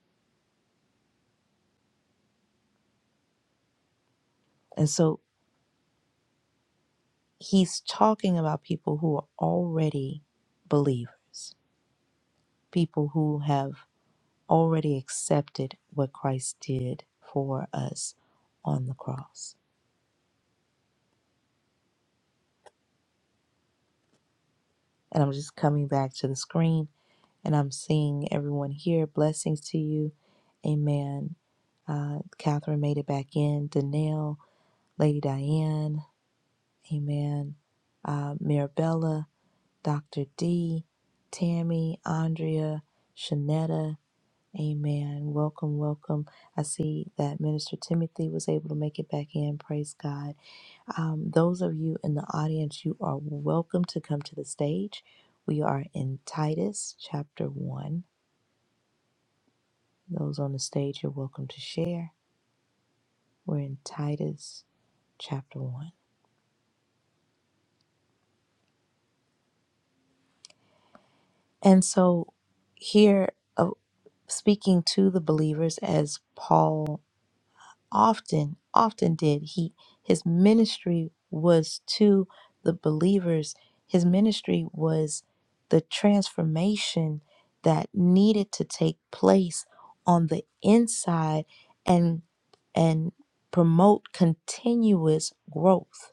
And so he's talking about people who are already believers, people who have already accepted what Christ did for us on the cross. And I'm just coming back to the screen And I'm seeing everyone here. Blessings to you. Amen. Uh, Catherine made it back in. Danelle, Lady Diane. Amen. Uh, Mirabella, Dr. D, Tammy, Andrea, Shanetta. Amen. Welcome, welcome. I see that Minister Timothy was able to make it back in. Praise God. Um, those of you in the audience, you are welcome to come to the stage. We are in Titus chapter 1. Those on the stage, you're welcome to share. We're in Titus chapter 1. And so, here, uh, speaking to the believers, as Paul often, often did, he his ministry was to the believers. His ministry was the transformation that needed to take place on the inside and and promote continuous growth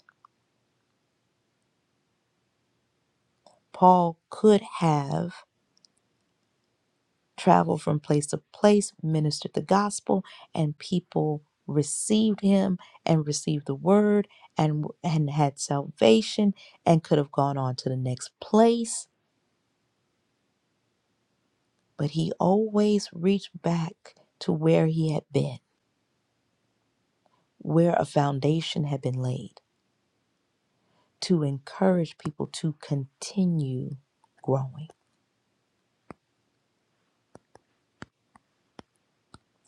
Paul could have traveled from place to place, ministered the gospel, and people received him and received the word and and had salvation and could have gone on to the next place, but he always reached back to where he had been, where a foundation had been laid to encourage people to continue growing,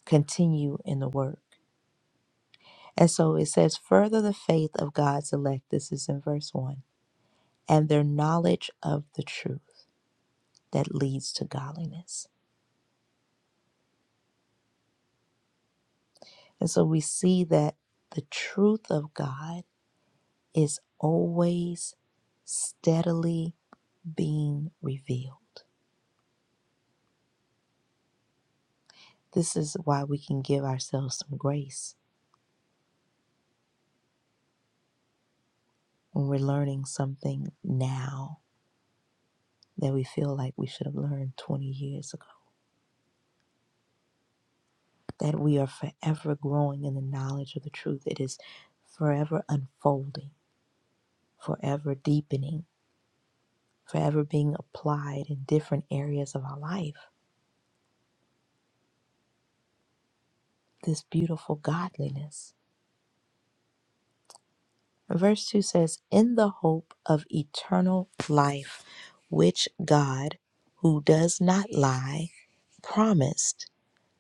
continue in the work. And so it says, further the faith of God's elect, this is in verse 1, and their knowledge of the truth that leads to godliness. And so we see that the truth of God is always steadily being revealed. This is why we can give ourselves some grace when we're learning something now that we feel like we should have learned 20 years ago that we are forever growing in the knowledge of the truth. It is forever unfolding, forever deepening, forever being applied in different areas of our life. This beautiful godliness. Verse 2 says, In the hope of eternal life, which God, who does not lie, promised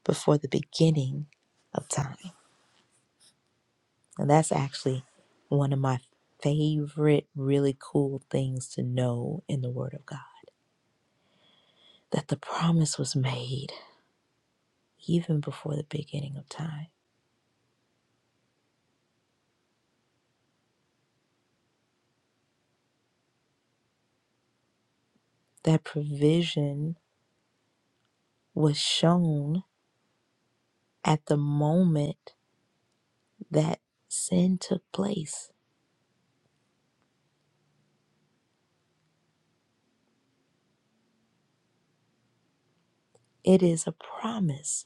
before the beginning of time. And that's actually one of my favorite, really cool things to know in the Word of God that the promise was made even before the beginning of time, that provision was shown at the moment that sin took place. It is a promise.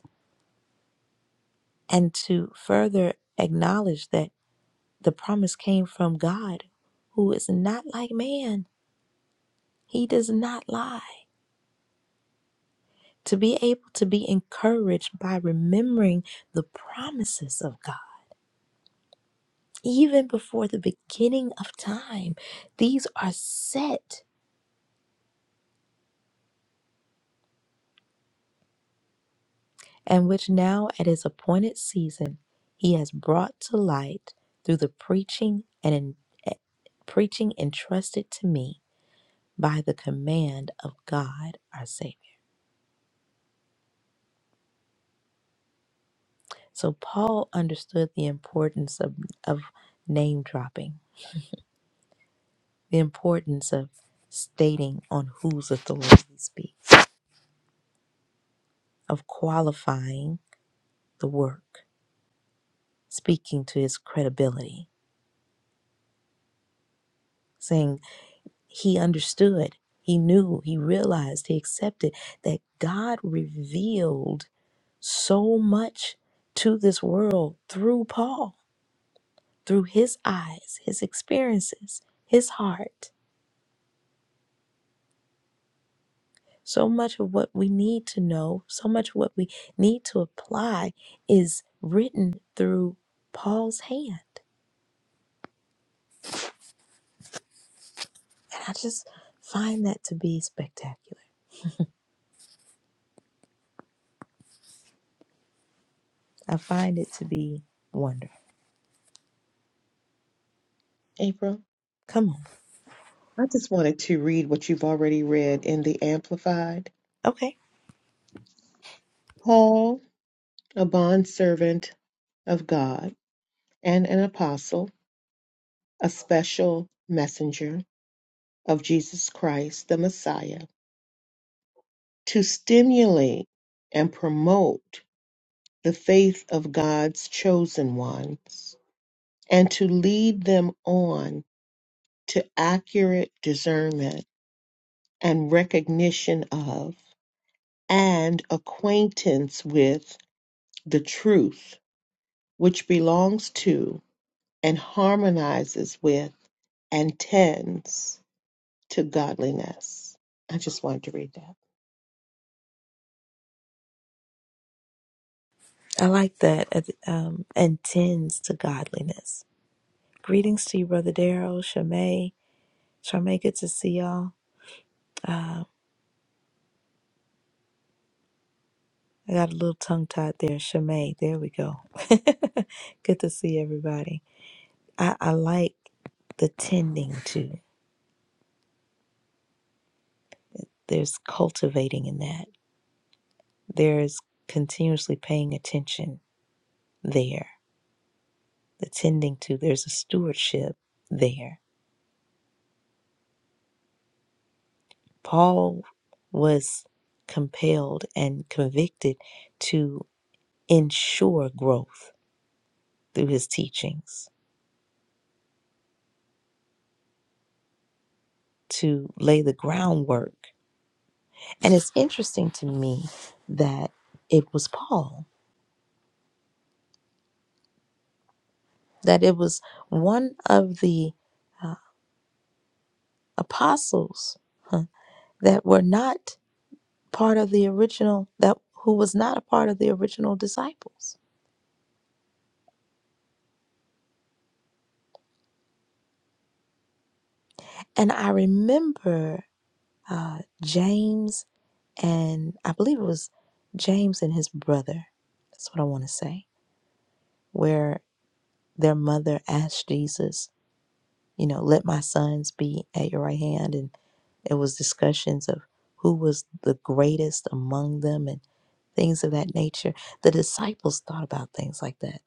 And to further acknowledge that the promise came from God, who is not like man, He does not lie. to be able to be encouraged by remembering the promises of God. Even before the beginning of time, these are set, and which now at his appointed season he has brought to light through the preaching and en- eh, preaching entrusted to me by the command of God our Savior. So Paul understood the importance of, of name dropping the importance of stating on whose authority he speaks, of qualifying the work, speaking to his credibility, saying he understood, he knew, he realized, he accepted that God revealed so much to this world through Paul, through his eyes, his experiences, his heart So much of what we need to know, so much of what we need to apply is written through Paul's hand. And I just find that to be spectacular. I find it to be wonderful. April, Come on. I just wanted to read what you've already read in the Amplified. Okay. Paul, a bondservant of God and an apostle, a special messenger of Jesus Christ, the Messiah, to stimulate and promote. the faith of God's chosen ones and to lead them on to accurate discernment and recognition of and acquaintance with the truth which belongs to and harmonizes with and tends to godliness. I just wanted to read that. I like that. Uh, Um, and tends to godliness. Greetings to you, Brother Daryl, Shamay. Shamay, good to see y'all. Uh, I got a little tongue tied there. Shamay, there we go. good to see everybody. I, I like the tending to. There's cultivating in that. There's continuously paying attention there. The tending to. There's a stewardship there. Paul was compelled and convicted to ensure growth through his teachings, to lay the groundwork. And it's interesting to me that it was Paul, that it was one of the apostles huh, that were not part of the original that who was not a part of the original disciples and i remember uh, james and i believe it was james and his brother that's what i want to say where their mother asked jesus you know let my sons be at your right hand and it was discussions of who was the greatest among them and things of that nature the disciples thought about things like that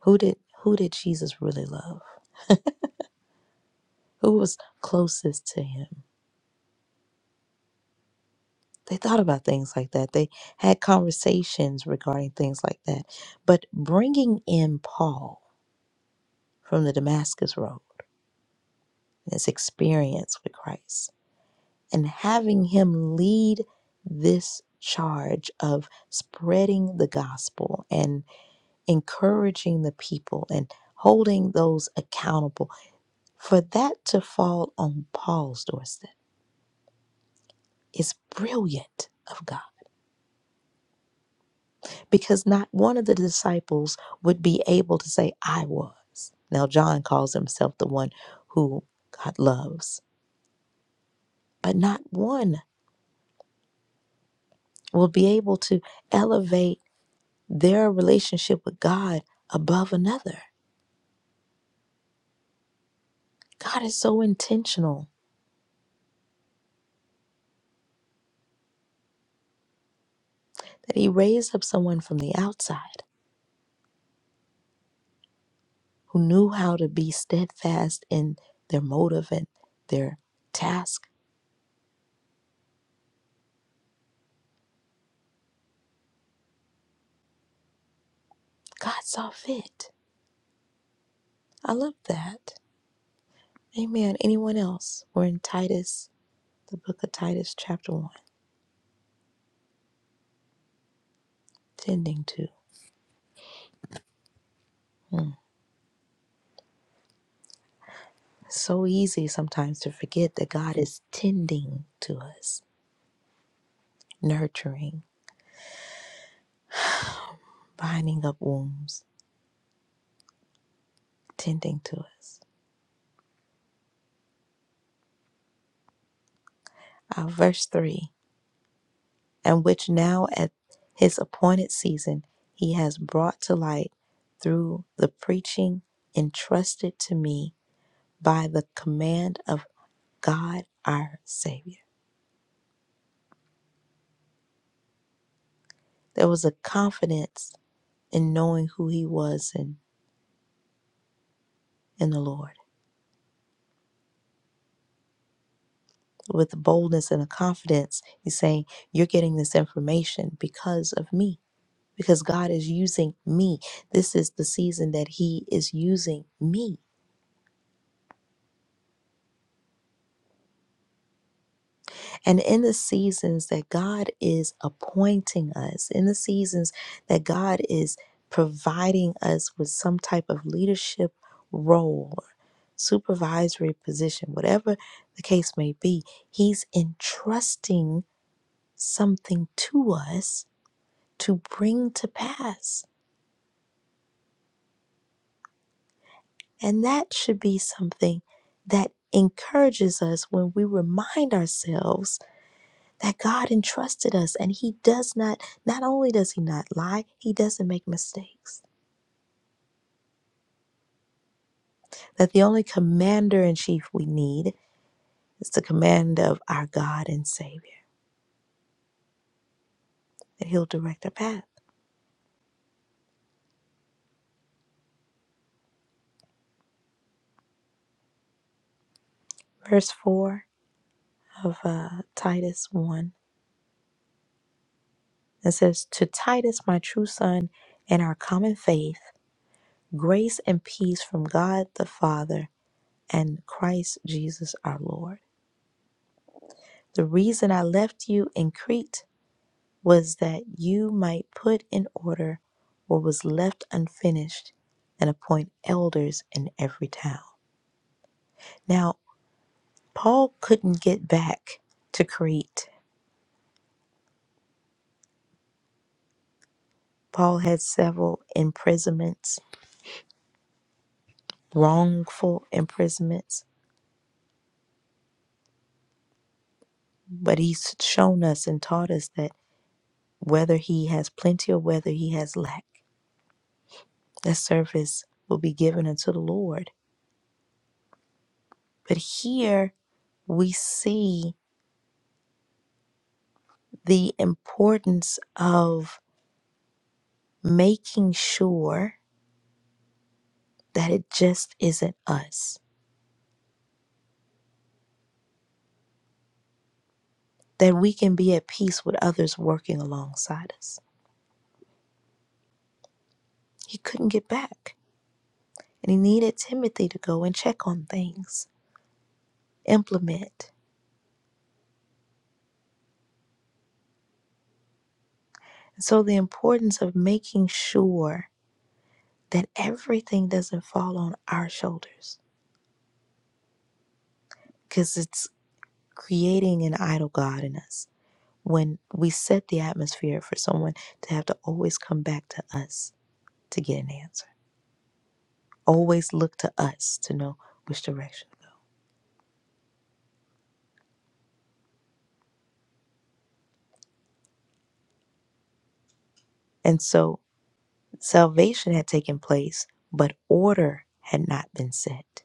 Who did who did Jesus really love? Who was closest to him? They thought about things like that. They had conversations regarding things like that. But bringing in Paul from the Damascus road, his experience with Christ, and having him lead this charge of spreading the gospel and encouraging the people and holding those accountable, for that to fall on Paul's doorstep is brilliant of God because not one of the disciples would be able to say, I was. Now, John calls himself the one who God loves, but not one will be able to elevate their relationship with God above another. God is so intentional that he raised up someone from the outside who knew how to be steadfast in their motive and their task. God saw fit. I love that. Amen. Anyone else? We're in Titus, the book of Titus, chapter 1, tending to. Mm. It's so easy sometimes to forget that God is tending to us, nurturing, binding up wounds, tending to us. Uh, verse 3 And which now at his appointed season he has brought to light through the preaching entrusted to me by the command of God our Savior. There was a confidence and knowing who he was in, in the Lord. With boldness and a confidence, he's saying, You're getting this information because of me, because God is using me. This is the season that he is using me. And in the seasons that God is appointing us, in the seasons that God is providing us with some type of leadership role, supervisory position, whatever the case may be, he's entrusting something to us to bring to pass. And that should be something that encourages us when we remind ourselves that God entrusted us and He does not, not only does He not lie, He doesn't make mistakes. That the only commander in chief we need is the command of our God and Savior, that He'll direct our path. Verse 4 of uh, Titus 1 it says, To Titus, my true son, and our common faith. Grace and peace from God the Father and Christ Jesus our Lord. The reason I left you in Crete was that you might put in order what was left unfinished and appoint elders in every town. Now, Paul couldn't get back to Crete. Paul had several imprisonments, wrongful imprisonments, but he's shown us and taught us that whether he has plenty or whether he has lack, That service will be given unto the Lord. But here we see the importance of making sure that it just isn't us, that we can be at peace with others working alongside us. He couldn't get back, and he needed Timothy to go and check on things, implement. And so, the importance of making sure that everything doesn't fall on our shoulders because it's creating an idol God in us when we set the atmosphere for someone to have to always come back to us to get an answer, always look to us to know which direction to go. And so salvation had taken place, but order had not been set.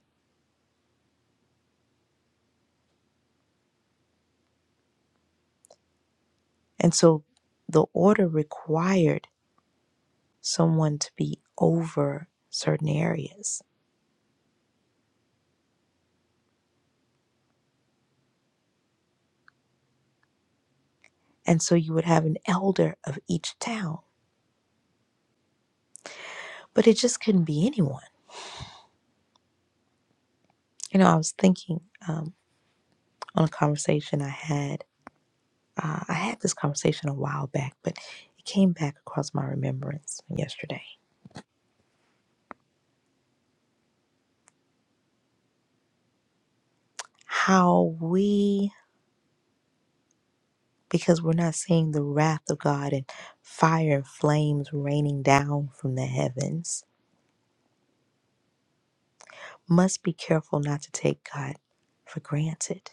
And so the order required someone to be over certain areas. And so you would have an elder of each town, but it just couldn't be anyone. You know, I was thinking um, on a conversation I had Uh, I had this conversation a while back, but it came back across my remembrance yesterday. How we, because we're not seeing the wrath of God and fire and flames raining down from the heavens, must be careful not to take God for granted.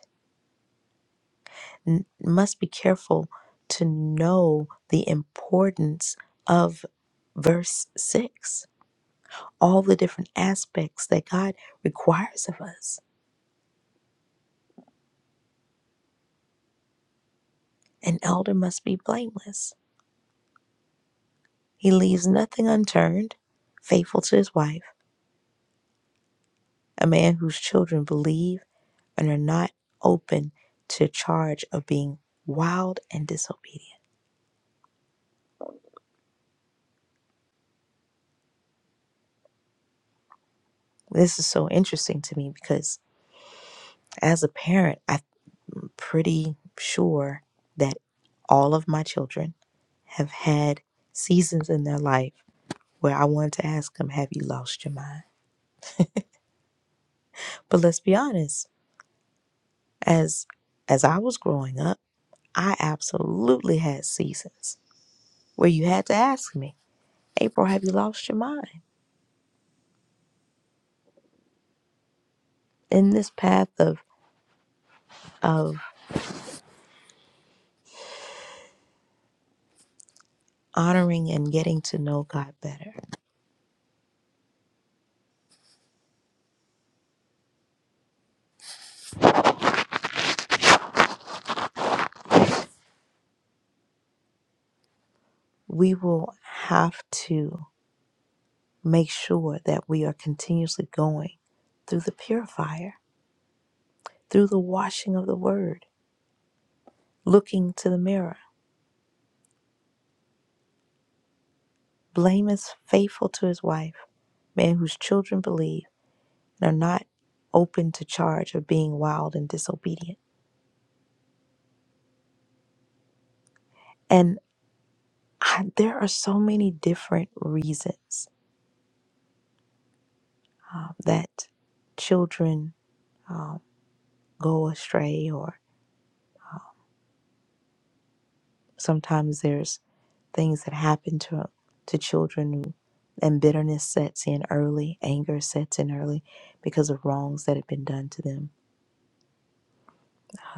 N- must be careful to know the importance of verse 6, all the different aspects that God requires of us. An elder must be blameless He leaves nothing unturned, faithful to his wife, a man whose children believe and are not open to charge of being wild and disobedient. This is so interesting to me because as a parent, I'm pretty sure that all of my children have had seasons in their life where I wanted to ask them, have you lost your mind? But let's be honest, as as I was growing up, I absolutely had seasons where you had to ask me, April, have you lost your mind? In this path of of honoring and getting to know God better, we will have to make sure that we are continuously going through the purifier, through the washing of the word, looking to the mirror. Blame is faithful to his wife, man whose children believe and are not open to charge of being wild and disobedient. And I, there are so many different reasons um, that children um, go astray, or sometimes there's things that happen to to children, who- and bitterness sets in early, anger sets in early because of wrongs that have been done to them.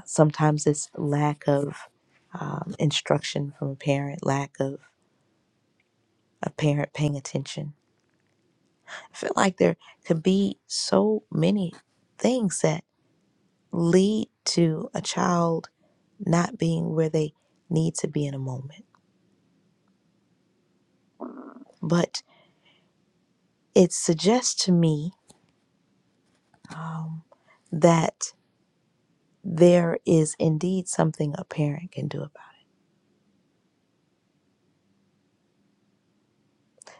Sometimes it's lack of um, instruction from a parent, lack of a parent paying attention. I feel like there could be so many things that lead to a child not being where they need to be in a moment but it suggests to me um, that there is indeed something a parent can do about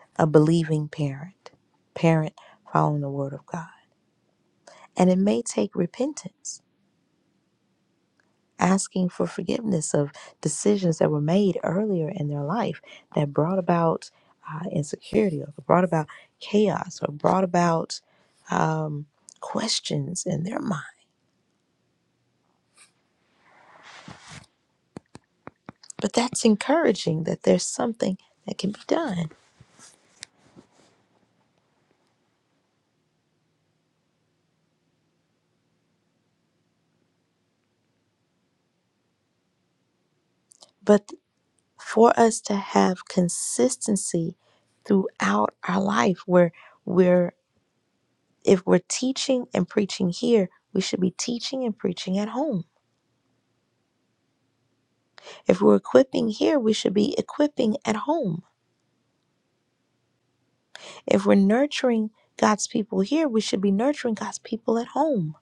it, a believing parent, parent following the word of God. And it may take repentance, asking for forgiveness of decisions that were made earlier in their life that brought about uh, insecurity or brought about chaos or brought about um, questions in their mind. But that's encouraging that there's something that can be done. But for us to have consistency throughout our life where we're if we're teaching and preaching here we should be teaching and preaching at home if we're equipping here we should be equipping at home if we're nurturing god's people here we should be nurturing god's people at home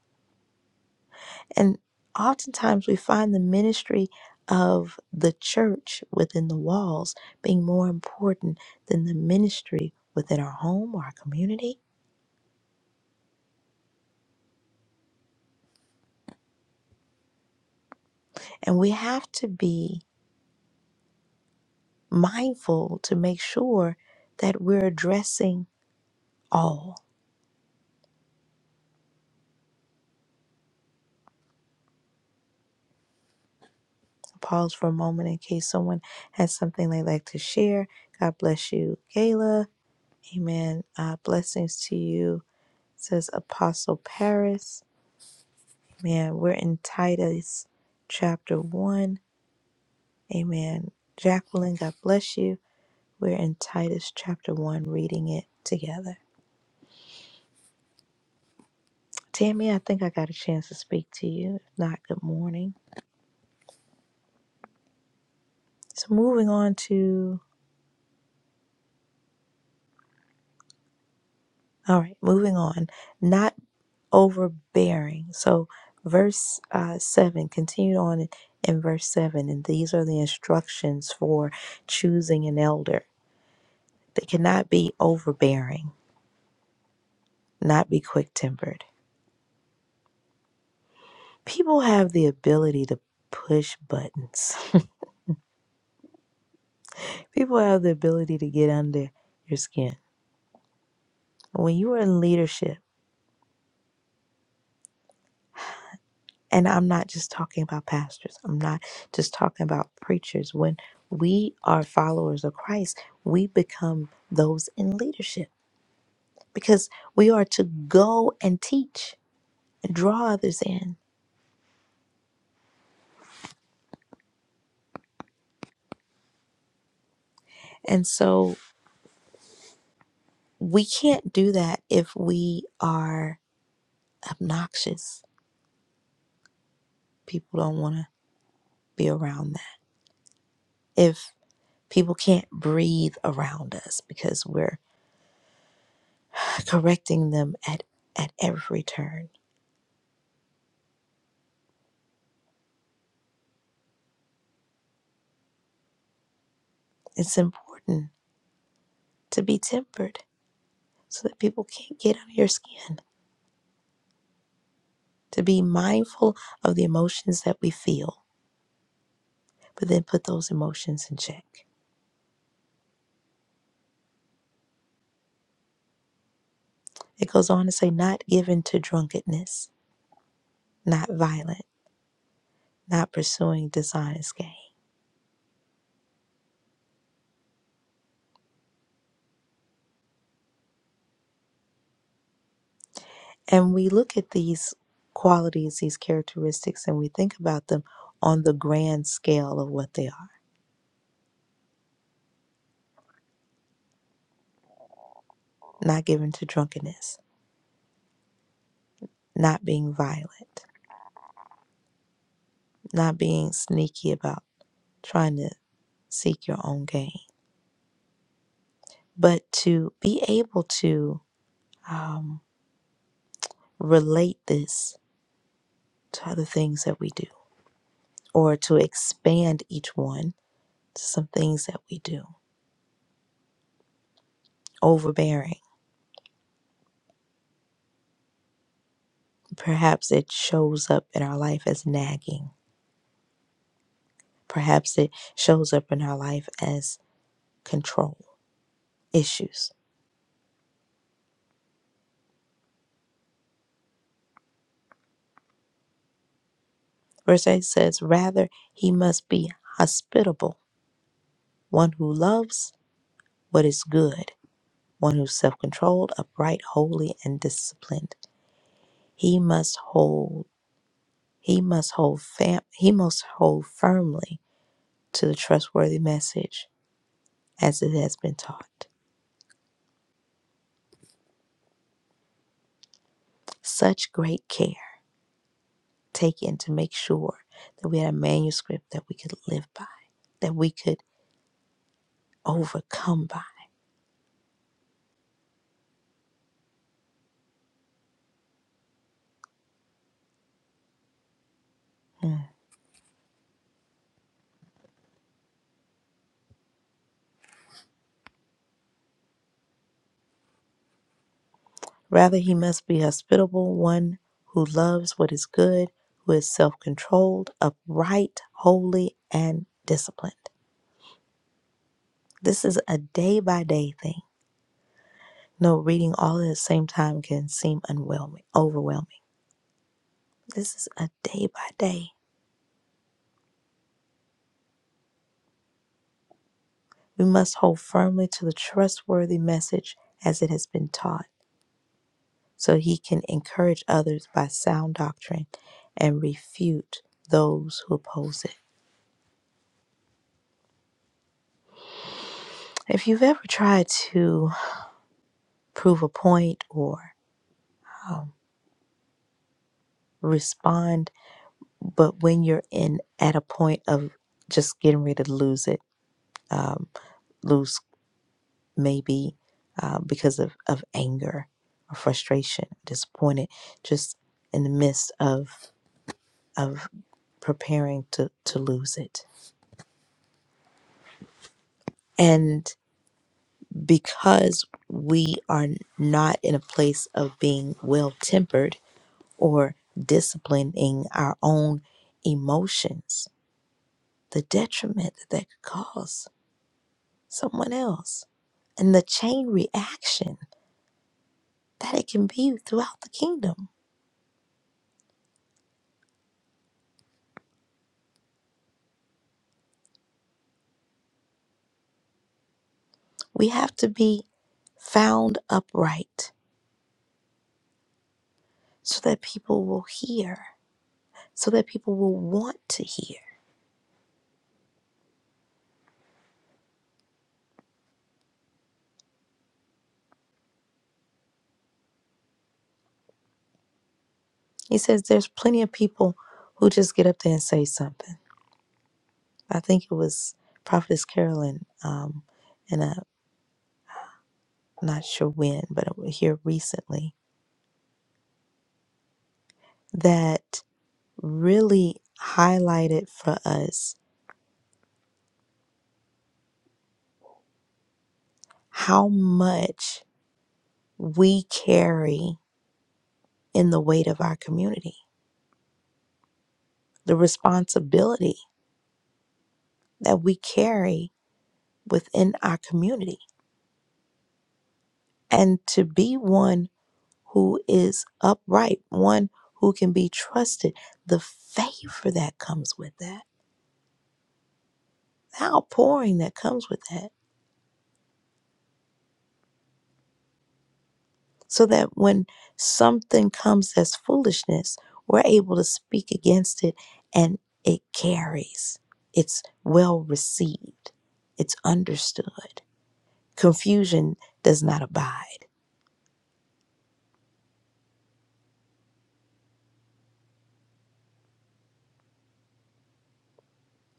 and oftentimes we find the ministry of the church within the walls being more important than the ministry within our home or our community And we have to be mindful to make sure that we're addressing all. So Pause for a moment in case someone has something they'd like to share. God bless you, Gayla. Amen. Uh, blessings to you, says Apostle Paris. Man, we're in Titus chapter 1. Amen. Jacqueline, God bless you. We're in Titus chapter 1, reading it together. Tammy, I think I got a chance to speak to you. If not, good morning. So moving on to, all right, moving on, not overbearing. So verse uh, 7, continued on in verse 7, and these are the instructions for choosing an elder. They cannot be overbearing, not be quick tempered. People have the ability to push buttons, people have the ability to get under your skin. When you are in leadership, And I'm not just talking about pastors. I'm not just talking about preachers. When we are followers of Christ, we become those in leadership because we are to go and teach and draw others in. And so we can't do that if we are obnoxious. People don't want to be around that. If people can't breathe around us because we're correcting them at, at every turn, it's important to be tempered so that people can't get under your skin, to be mindful of the emotions that we feel, but then put those emotions in check. It goes on to say, not given to drunkenness, not violent, not pursuing dishonest gain. And we look at these qualities, these characteristics, and we think about them on the grand scale of what they are. Not given to drunkenness, not being violent, not being sneaky about trying to seek your own gain, but to be able to um, relate this to other things that we do or to expand each one to some things that we do. Overbearing. Perhaps it shows up in our life as nagging. Perhaps it shows up in our life as control issues. Verse 8 says, Rather, he must be hospitable, one who loves what is good, one who's self controlled, upright, holy, and disciplined. He must hold He must hold fam- he must hold firmly to the trustworthy message as it has been taught. Such great care taken to make sure that we had a manuscript that we could live by, that we could overcome by. Mm. Rather, he must be hospitable, one who loves what is good, who is self controlled, upright, holy, and disciplined. This is a day by day thing. No, reading all at the same time can seem unwhelming, overwhelming. This is a day by day. We must hold firmly to the trustworthy message as it has been taught, so he can encourage others by sound doctrine and refute those who oppose it. If you've ever tried to prove a point or um, respond, but when you're in at a point of just getting ready to lose it, um, lose maybe uh, because of, of anger or frustration, disappointed, just in the midst of of preparing to, to lose it. And because we are not in a place of being well tempered or disciplining our own emotions, the detriment that that could cause someone else and the chain reaction that it can be throughout the kingdom We have to be found upright so that people will hear, so that people will want to hear. He says there's plenty of people who just get up there and say something. I think it was Prophetess Carolyn, um, and I'm not sure when, but it was here recently, that really highlighted for us how much we carry in the weight of our community, the responsibility that we carry within our community and to be one who is upright, one who can be trusted, the favor that comes with that, the outpouring that comes with that, so that when something comes as foolishness, we're able to speak against it and it carries. It's well received, it's understood. Confusion does not abide,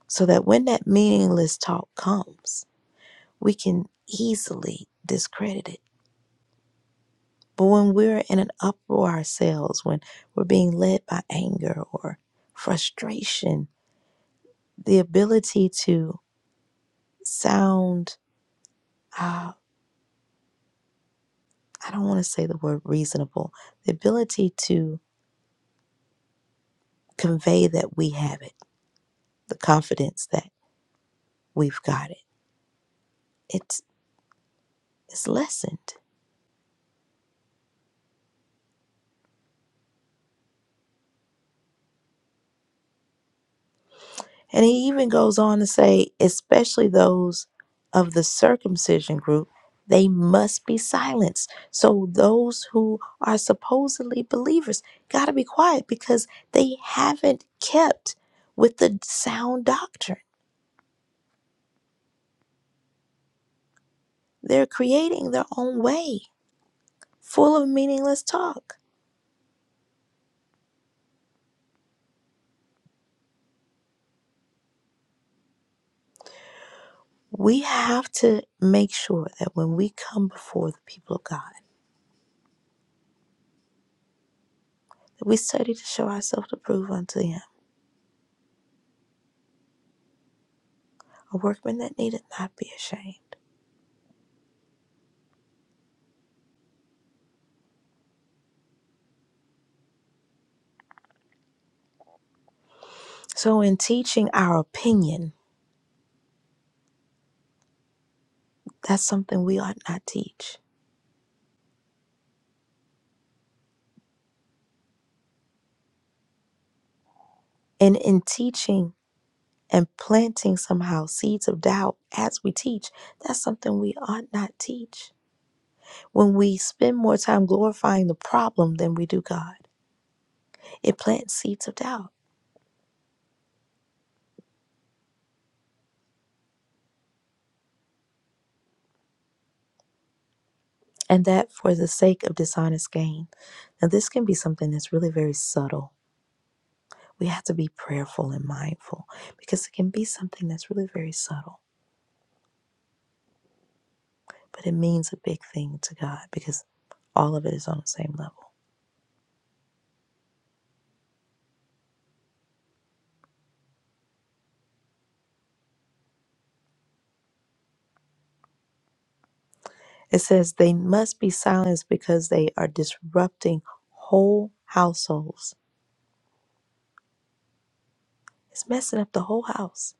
so that when that meaningless talk comes, we can easily discredit it. But when we're in an uproar ourselves, when we're being led by anger or frustration, the ability to sound, uh, I don't want to say the word reasonable, the ability to convey that we have it, the confidence that we've got it, it's, it's lessened. And he even goes on to say, especially those of the circumcision group, they must be silenced. So those who are supposedly believers got to be quiet because they haven't kept with the sound doctrine. They're creating their own way, full of meaningless talk. We have to make sure that when we come before the people of God, that we study to show ourselves approved unto Him, a workman that needeth not be ashamed So, in teaching our opinion, that's something we ought not teach. And in teaching and planting somehow seeds of doubt as we teach, that's something we ought not teach. When we spend more time glorifying the problem than we do God, it plants seeds of doubt. And that for the sake of dishonest gain. Now, this can be something that's really very subtle. We have to be prayerful and mindful because it can be something that's really very subtle. but it means a big thing to God because all of it is on the same level. It says they must be silenced because they are disrupting whole households. It's messing up the whole house.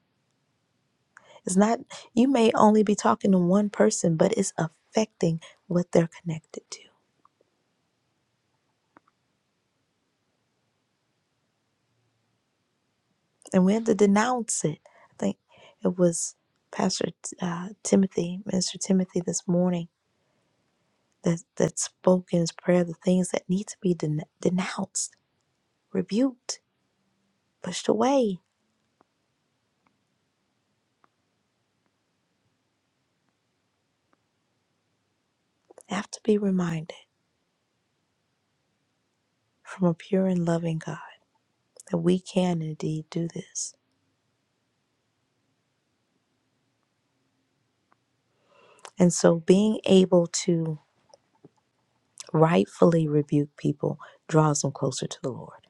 It's not, you may only be talking to one person, but it's affecting what they're connected to. And we have to denounce it. I think it was Pastor uh, Timothy, Minister Timothy this morning that, that spoke in his prayer the things that need to be den- denounced, rebuked pushed away. I have to be reminded from a pure and loving God that we can indeed do this. And so being able to rightfully rebuke people draws them closer to the Lord.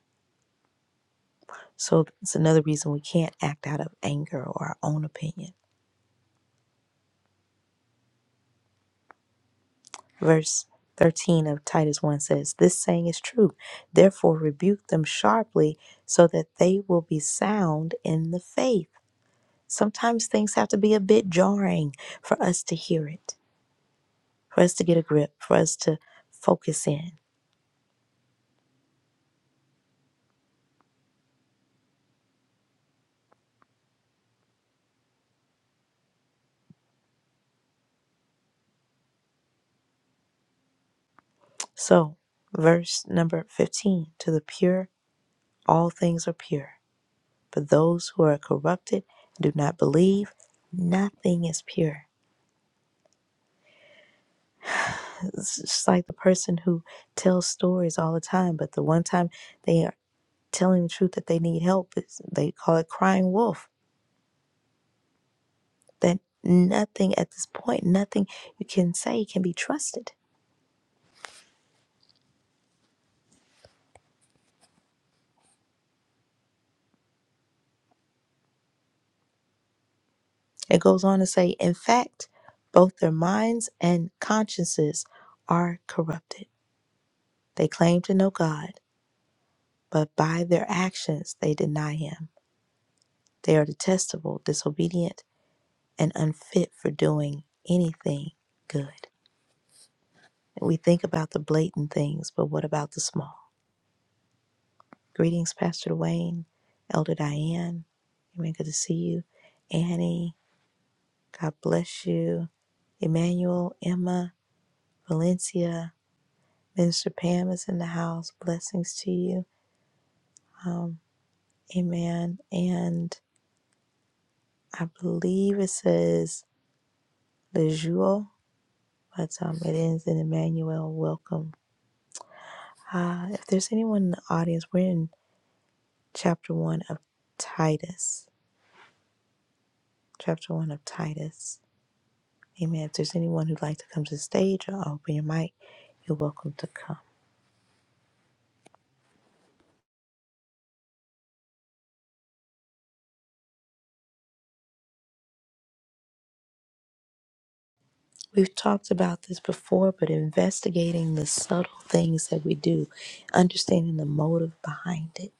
So it's another reason we can't act out of anger or our own opinion. Verse 13 of Titus 1 says, This saying is true. Therefore, rebuke them sharply so that they will be sound in the faith. Sometimes things have to be a bit jarring for us to hear it. for us to get a grip, for us to focus in. So, verse number 15 to the pure, all things are pure. But those who are corrupted and do not believe, nothing is pure. It's just like the person who tells stories all the time, but the one time they are telling the truth that they need help, it's, they call it crying wolf. That nothing at this point, nothing you can say can be trusted It goes on to say, in fact, both their minds and consciences are corrupted. They claim to know God, but by their actions they deny Him. They are detestable, disobedient, and unfit for doing anything good. We think about the blatant things, but what about the small? Greetings, Pastor Dwayne, Elder Diane. Amen. Good to see you. Annie, God bless you. Emmanuel, Emma, Valencia, Minister Pam is in the house. Blessings to you. Um, amen. And I believe it says Lejuel, but um, it ends in Emmanuel. Welcome. Uh, if there's anyone in the audience, we're in chapter one of Titus. Chapter one of Titus. Amen. If there's anyone who'd like to come to the stage or open your mic, you're welcome to come. We've talked about this before, but investigating the subtle things that we do, understanding the motive behind it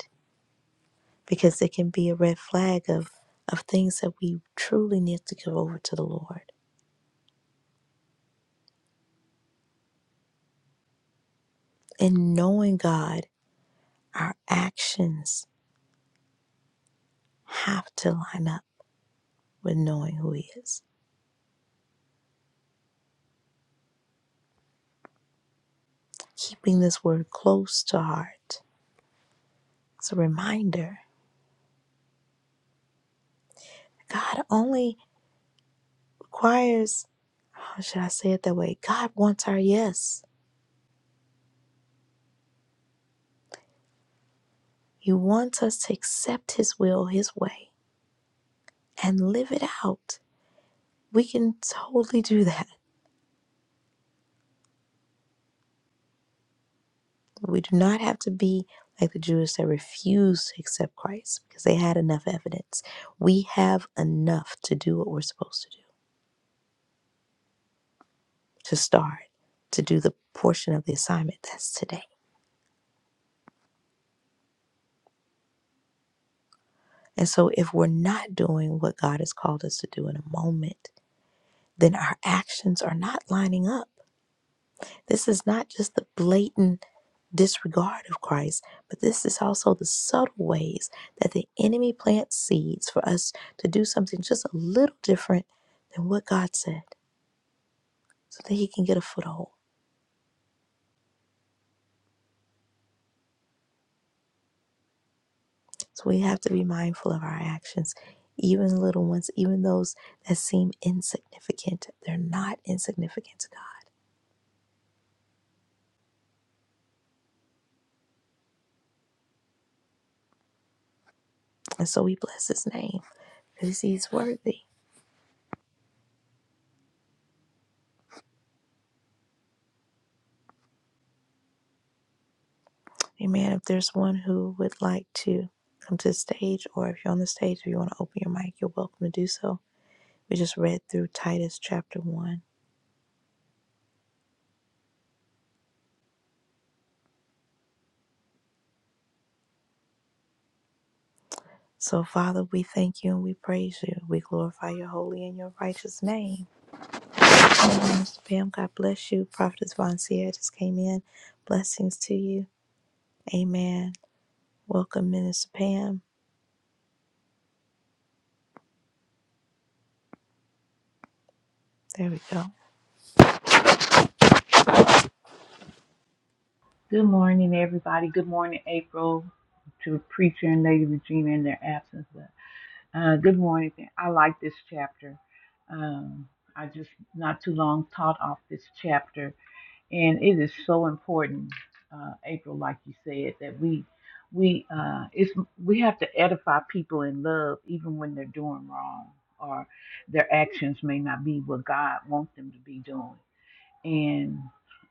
because it can be a red flag of of things that we truly need to give over to the Lord. And knowing God, our actions have to line up with knowing who He is. Keeping this word close to heart. It's a reminder. God only requires, how should I say it that way? God wants our yes. He wants us to accept His will, His way, and live it out. We can totally do that we do not have to be like the Jews that refused to accept Christ because they had enough evidence. We have enough to do what we're supposed to do, to start, to do the portion of the assignment that's today. And so if we're not doing what God has called us to do in a moment, then our actions are not lining up. This is not just the blatant disregard of Christ, but this is also the subtle ways that the enemy plants seeds for us to do something just a little different than what God said so that he can get a foothold. So we have to be mindful of our actions, even little ones, even those that seem insignificant. They're not insignificant to God. And so we bless his name because he's worthy. Amen. If there's one who would like to come to the stage, or if you're on the stage, if you want to open your mic, you're welcome to do so. We just read through Titus chapter 1. So, Father, we thank you and we praise you. We glorify your holy and your righteous name. Amen. Mr. Pam, God bless you. Prophetess Von Sierra just came in. Blessings to you. Amen. Welcome, Minister Pam. There we go. Good morning, everybody. Good morning, April, to Preacher and Lady Regina in their absence. But, uh, good morning. I like this chapter. Um, I just not too long taught off this chapter, and it is so important, uh, April, like you said, that we we uh, it's we have to edify people in love, even when they're doing wrong or their actions may not be what God wants them to be doing. And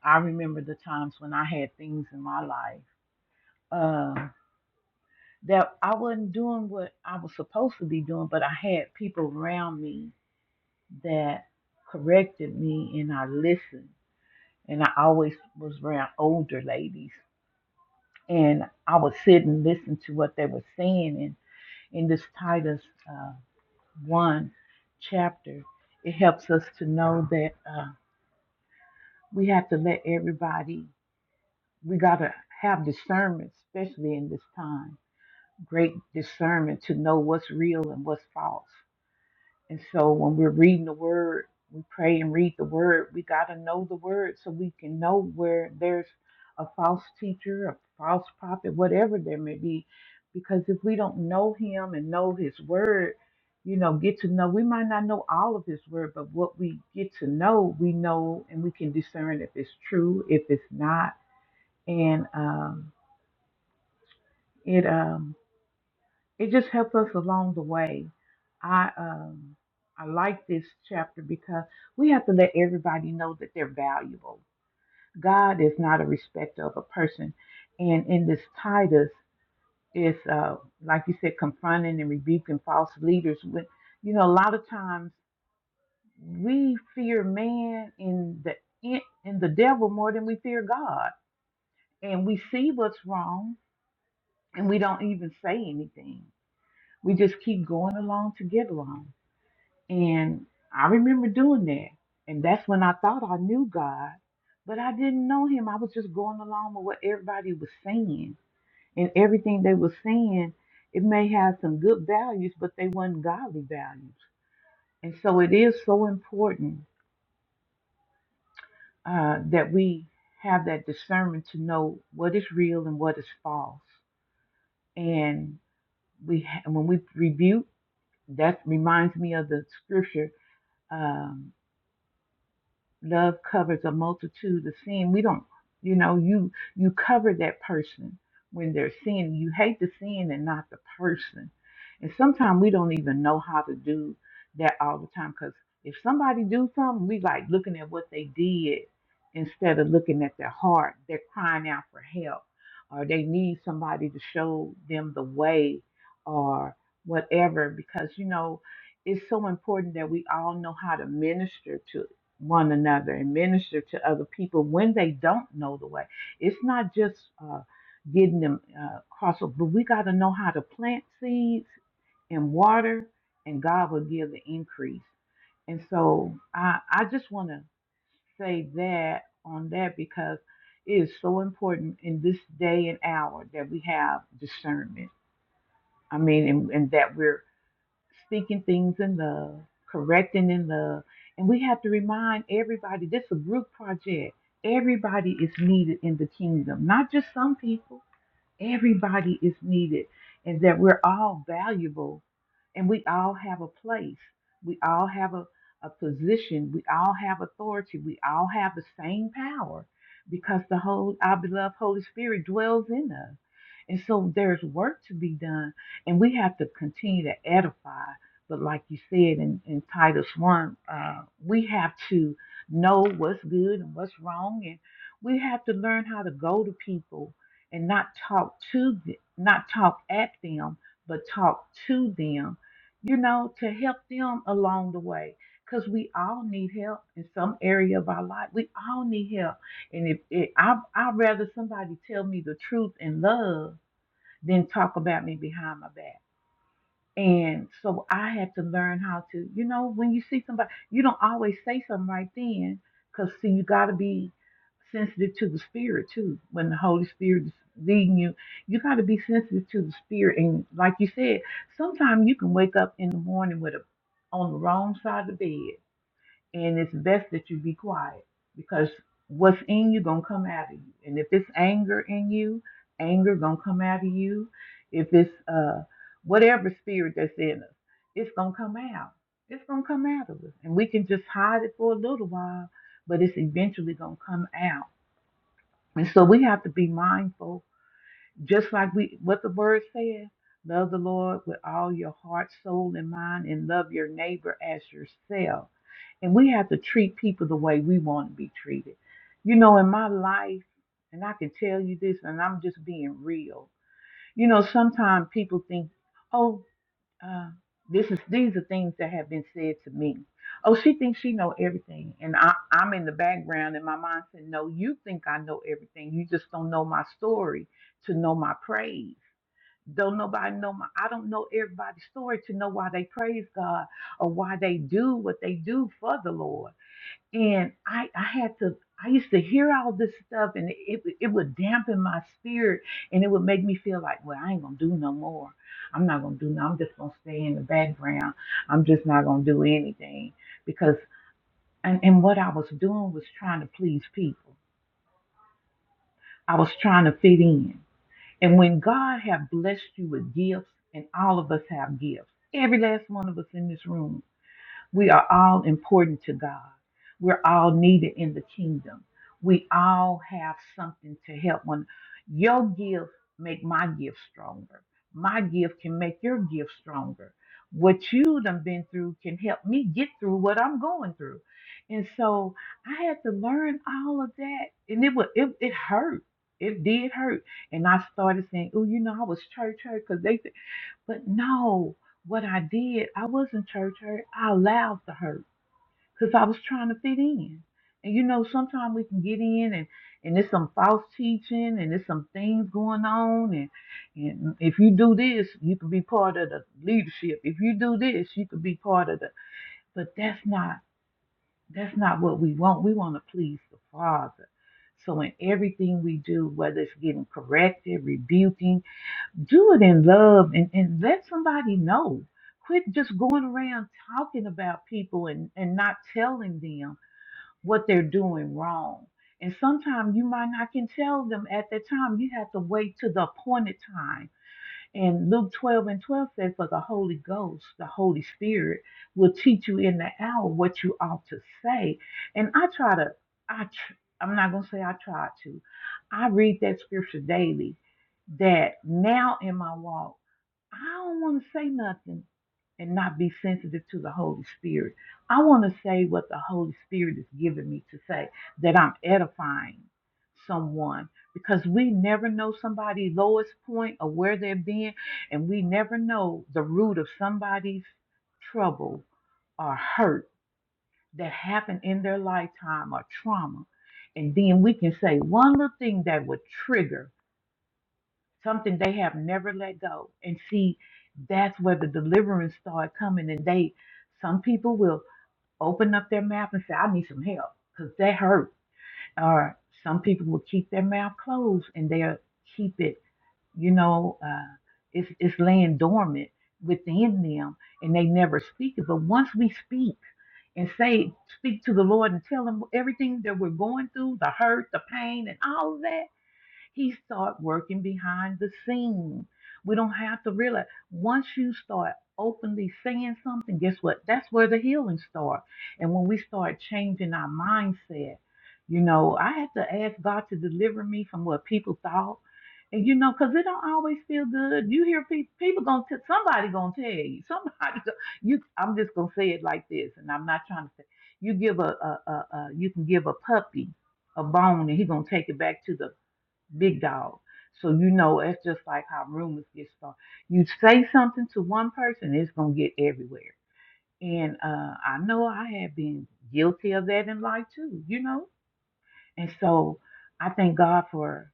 I remember the times when I had things in my life uh, that I wasn't doing what I was supposed to be doing, but I had people around me that corrected me and I listened. And I always was around older ladies. And I would sit and listen to what they were saying. And in this Titus uh, 1 chapter, it helps us to know that uh, we have to let everybody, we got to have discernment, especially in this time, great discernment to know what's real and what's false And so when we're reading the word, we pray and read the word. We got to know the word so we can know where there's a false teacher, a false prophet, whatever there may be. Because if we don't know him and know his word, you know, get to know, we might not know all of his word, but what we get to know, we know and we can discern if it's true, if it's not. And um, it um, it just helped us along the way. I um I like this chapter because we have to let everybody know that they're valuable. God is not a respecter of a person, and in this Titus is uh like you said, confronting and rebuking false leaders. With you know, a lot of times we fear man in the in, and the devil more than we fear God, and we see what's wrong and we don't even say anything. We just keep going along to get along And I remember doing that. And that's when I thought I knew God, but I didn't know him. I was just going along with what everybody was saying. And everything they were saying, it may have some good values, but they weren't godly values. And so it is so important uh, that we have that discernment to know what is real and what is false. And we, ha- when we rebuke, that reminds me of the scripture. Um, Love covers a multitude of sin. We don't, you know, you you cover that person when they're sinning. You hate the sin and not the person. And sometimes we don't even know how to do that all the time because if somebody do something, we like looking at what they did instead of looking at their heart. They're crying out for help, or they need somebody to show them the way, or whatever. Because you know, it's so important that we all know how to minister to one another and minister to other people when they don't know the way. It's not just uh, getting them uh, across, but we got to know how to plant seeds and water, and God will give the increase. And so I, I just want to say that on that because it is so important in this day and hour that we have discernment. I mean, and, and that we're speaking things in love, correcting in love. And we have to remind everybody this is a group project. Everybody is needed in the kingdom, not just some people. Everybody is needed, and that we're all valuable and we all have a place. We all have a, a position. We all have authority. We all have the same power because the whole, our beloved Holy Spirit dwells in us. And so there's work to be done, and we have to continue to edify. But like you said in, in Titus 1, uh, we have to know what's good and what's wrong, and we have to learn how to go to people and not talk to th- not talk at them but talk to them you know to help them along the way because we all need help in some area of our life we all need help and if it, I, i'd rather somebody tell me the truth in love than talk about me behind my back and so I had to learn how to, you know, when you see somebody, you don't always say something right then, because see, you got to be sensitive to the spirit too. When the Holy Spirit is leading you, you got to be sensitive to the spirit. And like you said, sometimes you can wake up in the morning with a on the wrong side of the bed, and it's best that you be quiet because what's in you gonna come out of you and if it's anger in you anger gonna come out of you if it's uh whatever spirit that's in us it's gonna come out it's gonna come out of us and we can just hide it for a little while but it's eventually gonna come out and so we have to be mindful just like we what the word says, love the Lord with all your heart, soul, and mind, and love your neighbor as yourself. And we have to treat people the way we want to be treated. You know, in my life, and I can tell you this, and I'm just being real. You know, sometimes people think, oh. Uh, this is these are things that have been said to me. Oh, she thinks she know everything, and I, I'm in the background, and my mom said, "No, you think I know everything. You just don't know my story to know my praise. Don't nobody know my. I don't know everybody's story to know why they praise God or why they do what they do for the Lord." and I I had to I used to hear all this stuff and it it would dampen my spirit and it would make me feel like well I ain't gonna do no more I'm not gonna do no I'm just gonna stay in the background I'm just not gonna do anything because and, and what I was doing was trying to please people I was trying to fit in and when God have blessed you with gifts and all of us have gifts every last one of us in this room We are all important to God. We're all needed in the kingdom. We all have something to help one. Your gift make my gift stronger. My gift can make your gift stronger. What you done been through can help me get through what I'm going through. And so I had to learn all of that. And it was it, it hurt. It did hurt. And I started saying, Oh, you know, I was church hurt hurt 'cause but no, what I did, I wasn't church hurt. I allowed the hurt because I was trying to fit in. And you know, sometimes we can get in and, and there's some false teaching and there's some things going on. And, and if you do this, you can be part of the leadership. If you do this, you can be part of the. But that's not that's not what we want. We want to please the Father. So in everything we do, whether it's getting corrected, rebuking, do it in love and, and let somebody know. Quit just going around talking about people and, and not telling them what they're doing wrong. And sometimes you might not can tell them at that time. You have to wait to the appointed time and Luke 12 and 12 says, For the Holy Ghost, the Holy Spirit, will teach you in the hour what you ought to say. And I try to, I tr- I'm not going to say I try to. I read that scripture daily that now in my walk, I don't want to say nothing and not be sensitive to the Holy Spirit. I want to say what the Holy Spirit is giving me to say, that I'm edifying someone because we never know somebody's lowest point or where they're being, and we never know the root of somebody's trouble or hurt that happened in their lifetime or trauma. And then we can say one little thing that would trigger something they have never let go. And see, that's where the deliverance start coming. And they, some people will open up their mouth and say, I need some help because they hurt. Or some people will keep their mouth closed and they'll keep it you know, uh, it's, it's laying dormant within them and they never speak it. But once we speak and say, speak to the Lord and tell him everything that we're going through, the hurt, the pain, and all of that, he start working behind the scenes. We don't have to realize once you start openly saying something, guess what? That's where the healing starts. And when we start changing our mindset, you know, I had to ask God to deliver me from what people thought. And you know, cause it don't always feel good. You hear people, people gonna t- somebody gonna tell you, somebody. go- You, I'm just gonna say it like this, and I'm not trying to say. You give a, a, a, a you can give a puppy a bone, and he gonna take it back to the big dog. So you know it's just like how rumors get started. You say something to one person, it's gonna get everywhere. And uh, I know I have been guilty of that in life too, you know. And so I thank God for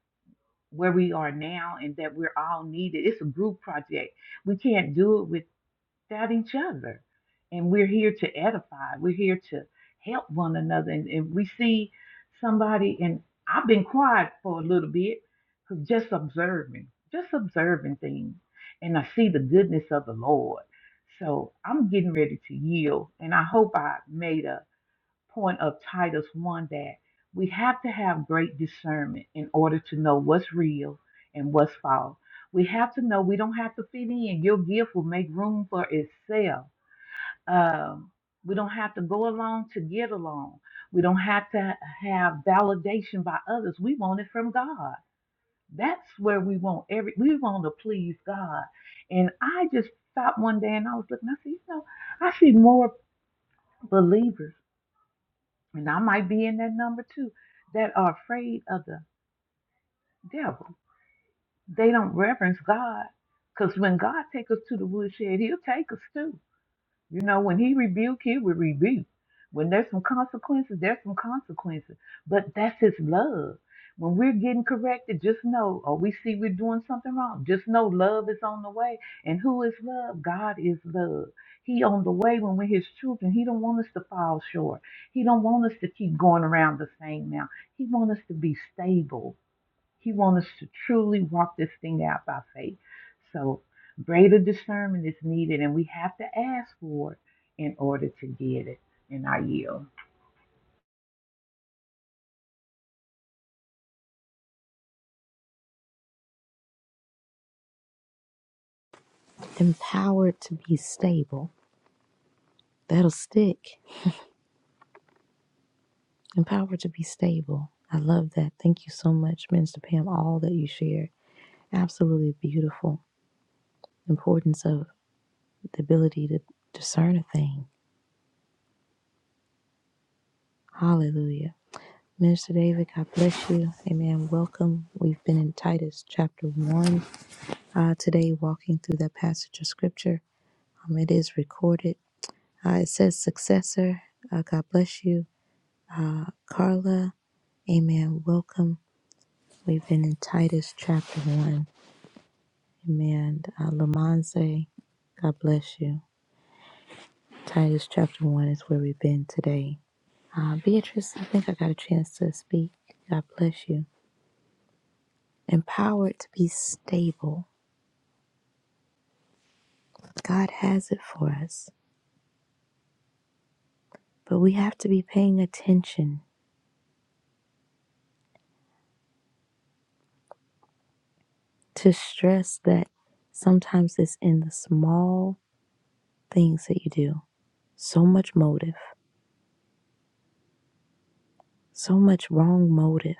where we are now and that we're all needed. It's a group project. We can't do it with about each other. And we're here to edify, we're here to help one another. And if we see somebody, and I've been quiet for a little bit, cause just observing, just observing things. And I see the goodness of the Lord. So I'm getting ready to yield. And I hope I made a point of Titus 1 that we have to have great discernment in order to know what's real and what's false. We have to know we don't have to fit in. Your gift will make room for itself. Um, we don't have to go along to get along. We don't have to have validation by others. We want it from God. That's where we want every. We want to please God. And I just stopped one day and I was looking. I said, you know, I see more believers and I might be in that number too, that are afraid of the devil. They don't reverence God. Because when God takes us to the woodshed, he'll take us too. You know, when he rebuked, he would rebuke. When there's some consequences, there's some consequences. But that's his love. When we're getting corrected, just know, or we see we're doing something wrong, just know love is on the way. And who is love? God is love. He on the way when we're his children. He don't want us to fall short. He don't want us to keep going around the same now. He want us to be stable. He wants us to truly walk this thing out by faith. So greater discernment is needed, and we have to ask for it in order to get it. And I yield. Empowered to be stable. That'll stick. Empowered to be stable. I love that. Thank you so much, Minister Pam, all that you shared. Absolutely beautiful. Importance of the ability to discern a thing. Hallelujah. Minister David, God bless you. Amen. Welcome. We've been in Titus chapter 1 uh, today, walking through that passage of scripture. Um, it is recorded. Uh, it says, Successor, uh, God bless you. Uh, Carla, amen. Welcome. We've been in Titus chapter 1. Amen. Uh, Lamonze, God bless you. Titus chapter 1 is where we've been today. Uh, Beatrice, I think I got a chance to speak. God bless you. Empowered to be stable. God has it for us. But we have to be paying attention to stress that sometimes it's in the small things that you do. So much motive, so much wrong motive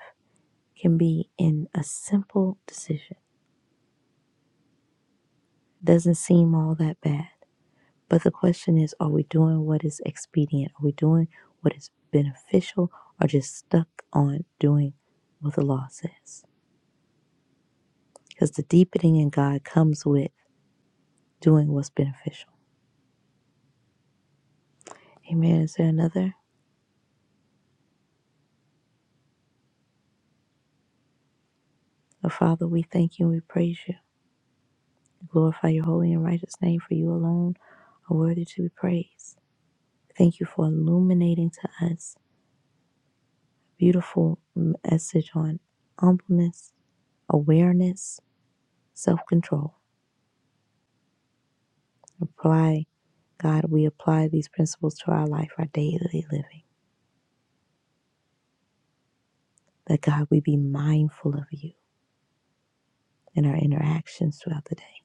can be in a simple decision. Doesn't seem all that bad But the question is, are we doing what is expedient? Are we doing what is beneficial or just stuck on doing what the law says? Because the deepening in God comes with doing what's beneficial. Amen. Is there another? Oh, Father, we thank you and we praise you. Glorify your holy and righteous name, for you alone are worthy to be praised. Thank you for illuminating to us a beautiful message on humbleness, awareness, self control. Apply, God, we apply these principles to our life, our daily living. That God, we be mindful of you in our interactions throughout the day.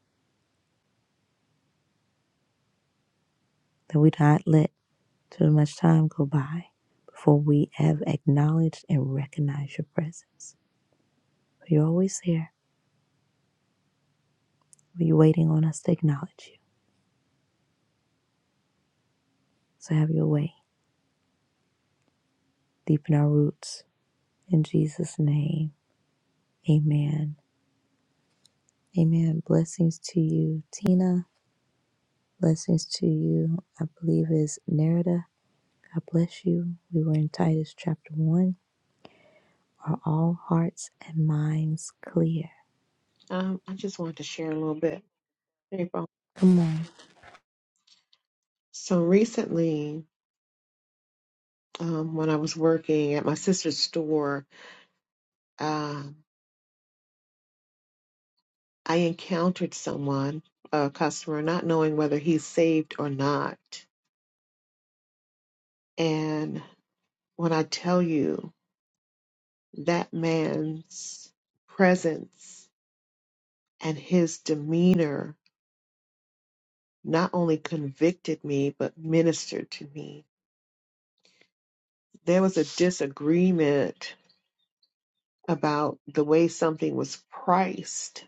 That we not let too much time go by before we have acknowledged and recognized your presence. For you're always there. You're waiting on us to acknowledge you. So have your way. Deepen our roots. In Jesus' name, amen. Amen. Blessings to you, Tina. Blessings to you. I believe is Nerida God bless you. We were in Titus chapter 1. Are all hearts and minds clear? Um, I just wanted to share a little bit. April. Good morning. So recently, um, when I was working at my sister's store, I encountered someone, a customer, not knowing whether he's saved or not. And when I tell you that man's presence and his demeanor not only convicted me, but ministered to me. There was a disagreement about the way something was priced.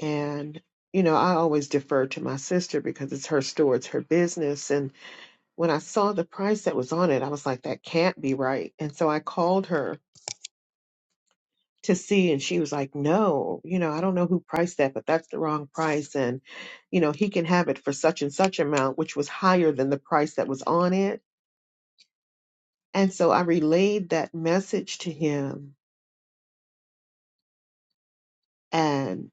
And, you know, I always defer to my sister because it's her store, it's her business. and. When I saw the price that was on it, I was like, that can't be right. And so I called her to see, and she was like, no, you know, I don't know who priced that, but that's the wrong price. And, you know, he can have it for such and such amount, which was higher than the price that was on it. And so I relayed that message to him. And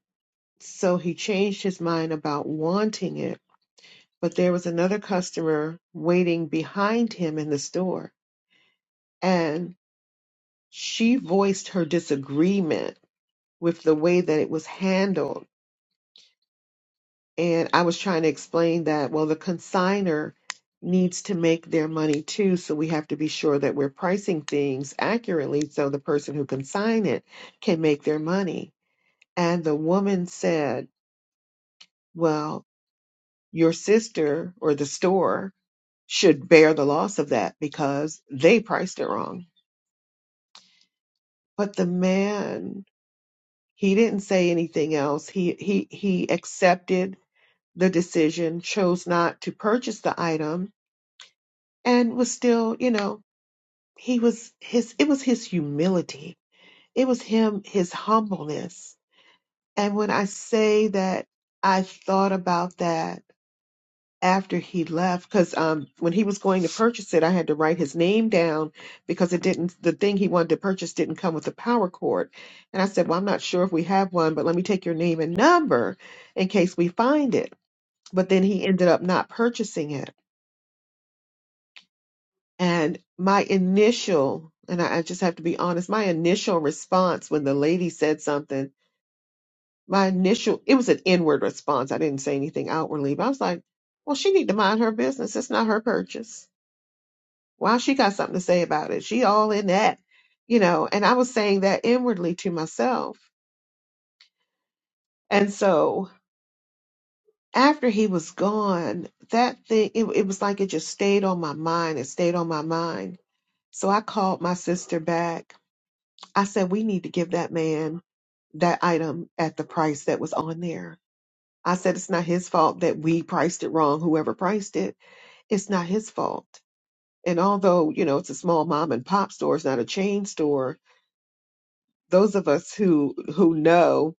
so he changed his mind about wanting it. But there was another customer waiting behind him in the store. And she voiced her disagreement with the way that it was handled. And I was trying to explain that, well, the consigner needs to make their money too. So we have to be sure that we're pricing things accurately so the person who consign it can make their money. And the woman said, well, your sister or the store should bear the loss of that because they priced it wrong. But the man, he didn't say anything else. He he he accepted the decision, chose not to purchase the item, and was still, you know, he was his, it was his humility. It was him, his humbleness. And when I say that I thought about that after he left, because um, when he was going to purchase it, I had to write his name down because it didn't, the thing he wanted to purchase didn't come with a power cord. And I said, Well, I'm not sure if we have one, but let me take your name and number in case we find it. But then he ended up not purchasing it And my initial, and I, I just have to be honest, my initial response when the lady said something, my initial, it was an inward response. I didn't say anything outwardly, but I was like, well, she need to mind her business. It's not her purchase. Why she got something to say about it? She all in that, you know, and I was saying that inwardly to myself. And so after he was gone, that thing, it, it was like it just stayed on my mind. It stayed on my mind. So I called my sister back I said, we need to give that man that item at the price that was on there. I said, it's not his fault that we priced it wrong, whoever priced it. It's not his fault. And although, you know, it's a small mom and pop store, it's not a chain store, those of us who who know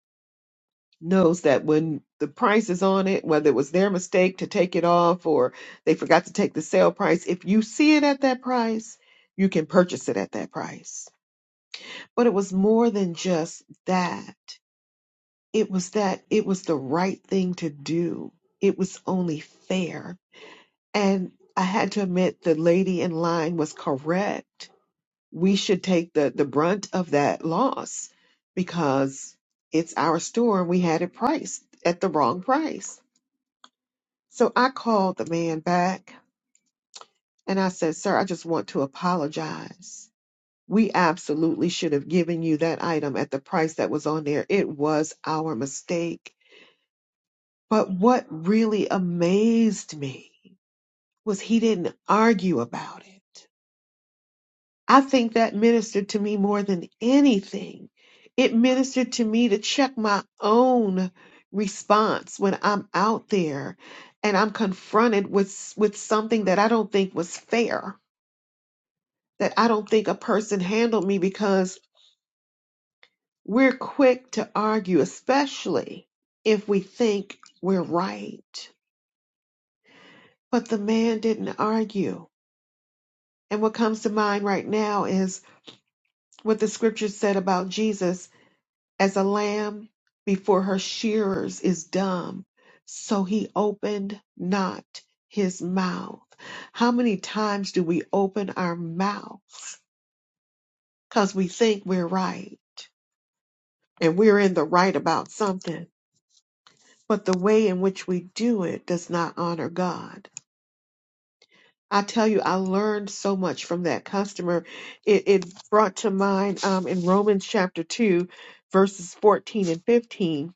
knows that when the price is on it, whether it was their mistake to take it off or they forgot to take the sale price, if you see it at that price, you can purchase it at that price. But it was more than just that It was that it was the right thing to do. It was only fair. And I had to admit the lady in line was correct. We should take the, the brunt of that loss because it's our store and we had it priced at the wrong price. So I called the man back and I said, Sir, I just want to apologize. We absolutely should have given you that item at the price that was on there. It was our mistake But what really amazed me was he didn't argue about it. I think that ministered to me more than anything. It ministered to me to check my own response when I'm out there and I'm confronted with with something that I don't think was fair, that I don't think a person handled me because we're quick to argue, especially if we think we're right. But the man didn't argue And what comes to mind right now is what the scripture said about Jesus as a lamb before her shearers is dumb. So he opened not his mouth. How many times do we open our mouths because we think we're right and we're in the right about something? But the way in which we do it does not honor God. I tell you, I learned so much from that customer. It, it brought to mind um, in Romans chapter 2, verses 14 and 15,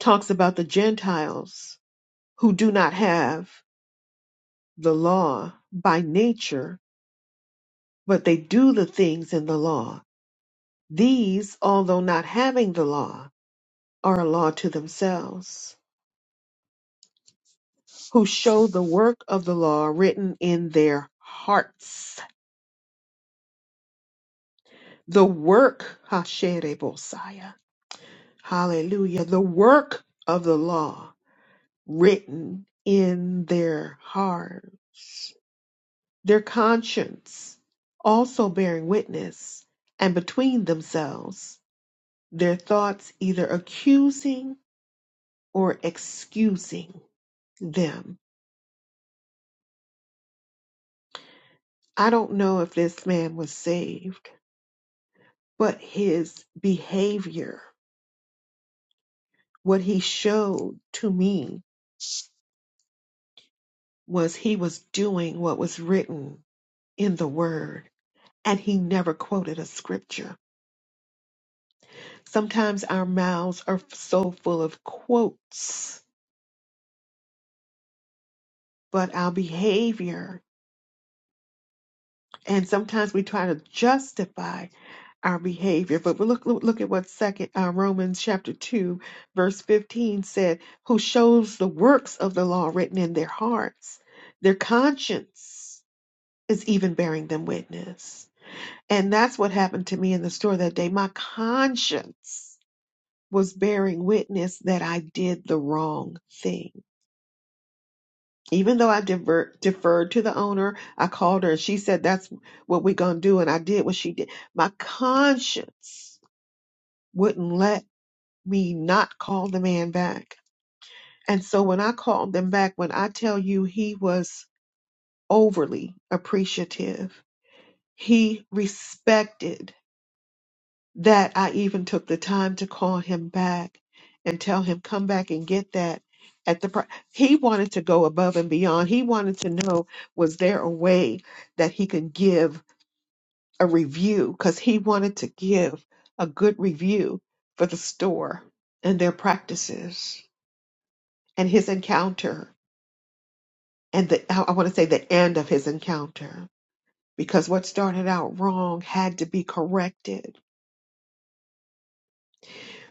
talks about the Gentiles who do not have the law by nature, but they do the things in the law. These, although not having the law, are a law to themselves, who show the work of the law written in their hearts. The work, Hashere Hallelujah. The work of the law written in their hearts, their conscience also bearing witness, and between themselves, their thoughts either accusing or excusing them. I don't know if this man was saved, but his behavior, what he showed to me was he was doing what was written in the word and he never quoted a scripture. Sometimes our mouths are so full of quotes, but our behavior, and sometimes we try to justify our behavior. But look, look, look at what second uh, Romans chapter two, verse fifteen said: "Who shows the works of the law written in their hearts, their conscience is even bearing them witness." And that's what happened to me in the store that day. My conscience was bearing witness that I did the wrong thing. Even though I divert, deferred to the owner, I called her and she said, That's what we're going to do. And I did what she did. My conscience wouldn't let me not call the man back. And so when I called them back, when I tell you he was overly appreciative, he respected that I even took the time to call him back and tell him come back and get that at the pri he wanted to go above and beyond he wanted to know was there a way that he could give a review cuz he wanted to give a good review for the store and their practices and his encounter and the I want to say the end of his encounter because what started out wrong had to be corrected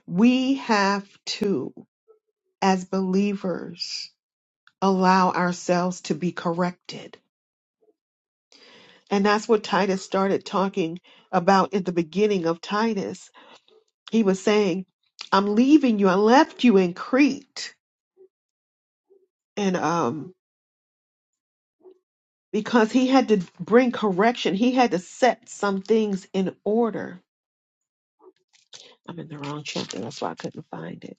we have to as believers allow ourselves to be corrected. And that's what Titus started talking about at the beginning of Titus. He was saying, I'm leaving you. I left you in Crete. And um, because he had to bring correction, he had to set some things in order. I'm in the wrong chapter. That's why I couldn't find it.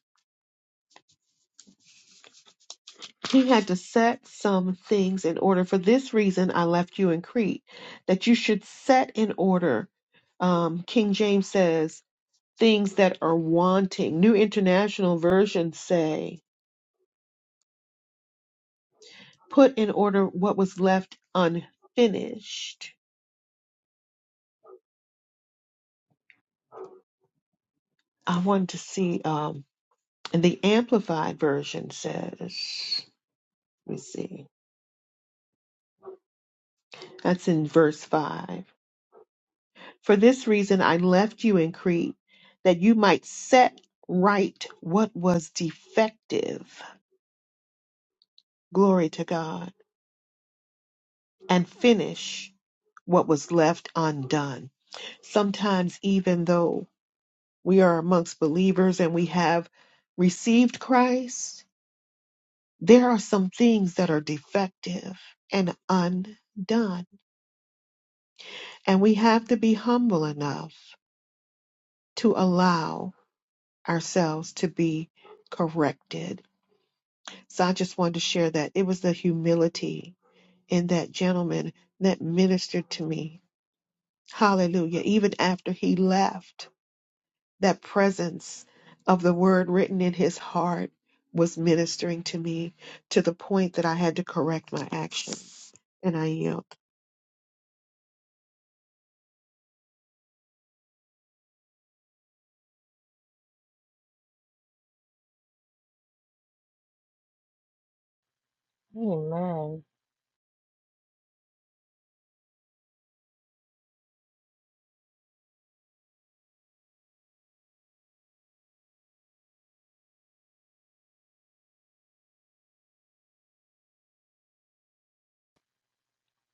He had to set some things in order. For this reason, I left you in Crete, that you should set in order um, King James says, things that are wanting. New International Versions say, put in order what was left unfinished. I wanted to see, um, and the Amplified Version says, let me see, that's in verse 5. For this reason I left you in Crete, that you might set right what was defective. Glory to God. And finish what was left undone. Sometimes, even though we are amongst believers and we have received Christ, there are some things that are defective and undone. And we have to be humble enough to allow ourselves to be corrected. So I just wanted to share that. It was the humility in that gentleman that ministered to me. Hallelujah. Even after he left. that presence of the word written in his heart was ministering to me to the point that I had to correct my action. And I yield. Amen.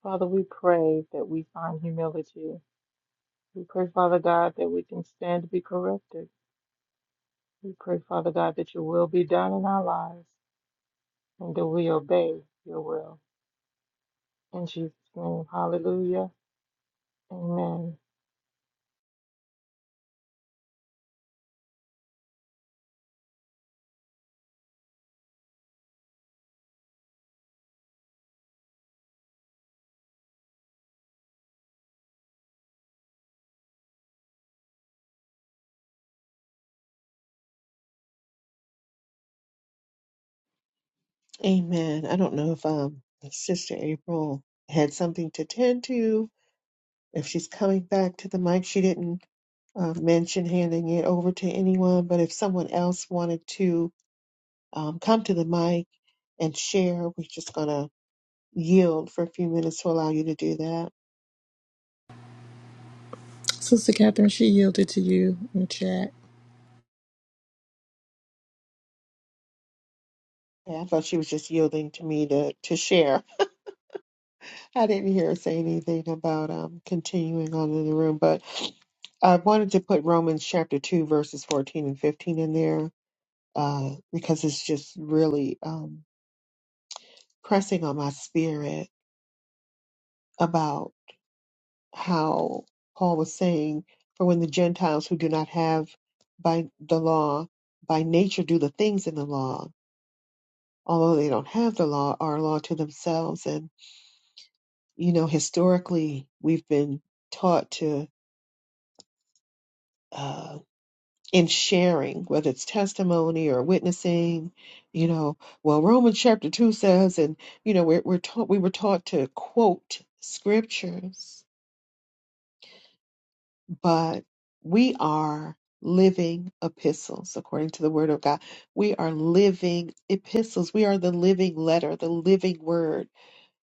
Father, we pray that we find humility. We pray, Father God, that we can stand to be corrected. We pray, Father God, that your will be done in our lives. and that we obey your will. In Jesus' name, hallelujah. Amen. Amen. I don't know if um Sister April had something to tend to, if she's coming back to the mic. She didn't uh, mention handing it over to anyone, but if someone else wanted to um, come to the mic and share, we're just gonna yield for a few minutes to allow you to do that. Sister Catherine, she yielded to you in the chat. Yeah, I thought she was just yielding to me to to share. I didn't hear her say anything about um continuing on in the room, but I wanted to put Romans chapter two verses fourteen and fifteen in there uh, because it's just really um, pressing on my spirit about how Paul was saying, "For when the Gentiles who do not have by the law by nature do the things in the law, although they don't have the law, are a law to themselves." And you know, historically, we've been taught to. Uh, in sharing, whether it's testimony or witnessing, you know, well, Romans chapter two says, and you know, we're we're taught we were taught to quote scriptures, but we are living epistles according to the word of God. We are living epistles. We are the living letter, the living word,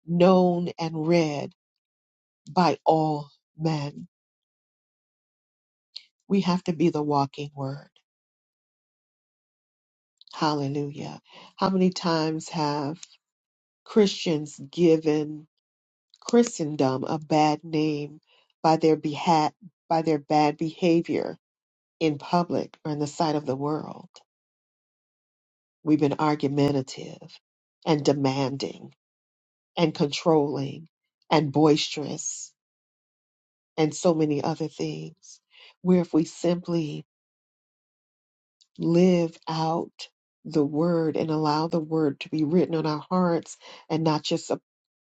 known and read by all men. We have to be the walking word. Hallelujah. How many times have Christians given Christendom a bad name by their beha- by their bad behavior in public or in the sight of the world. We've been argumentative and demanding and controlling and boisterous and so many other things. Where if we simply live out the word and allow the word to be written on our hearts and not just uh,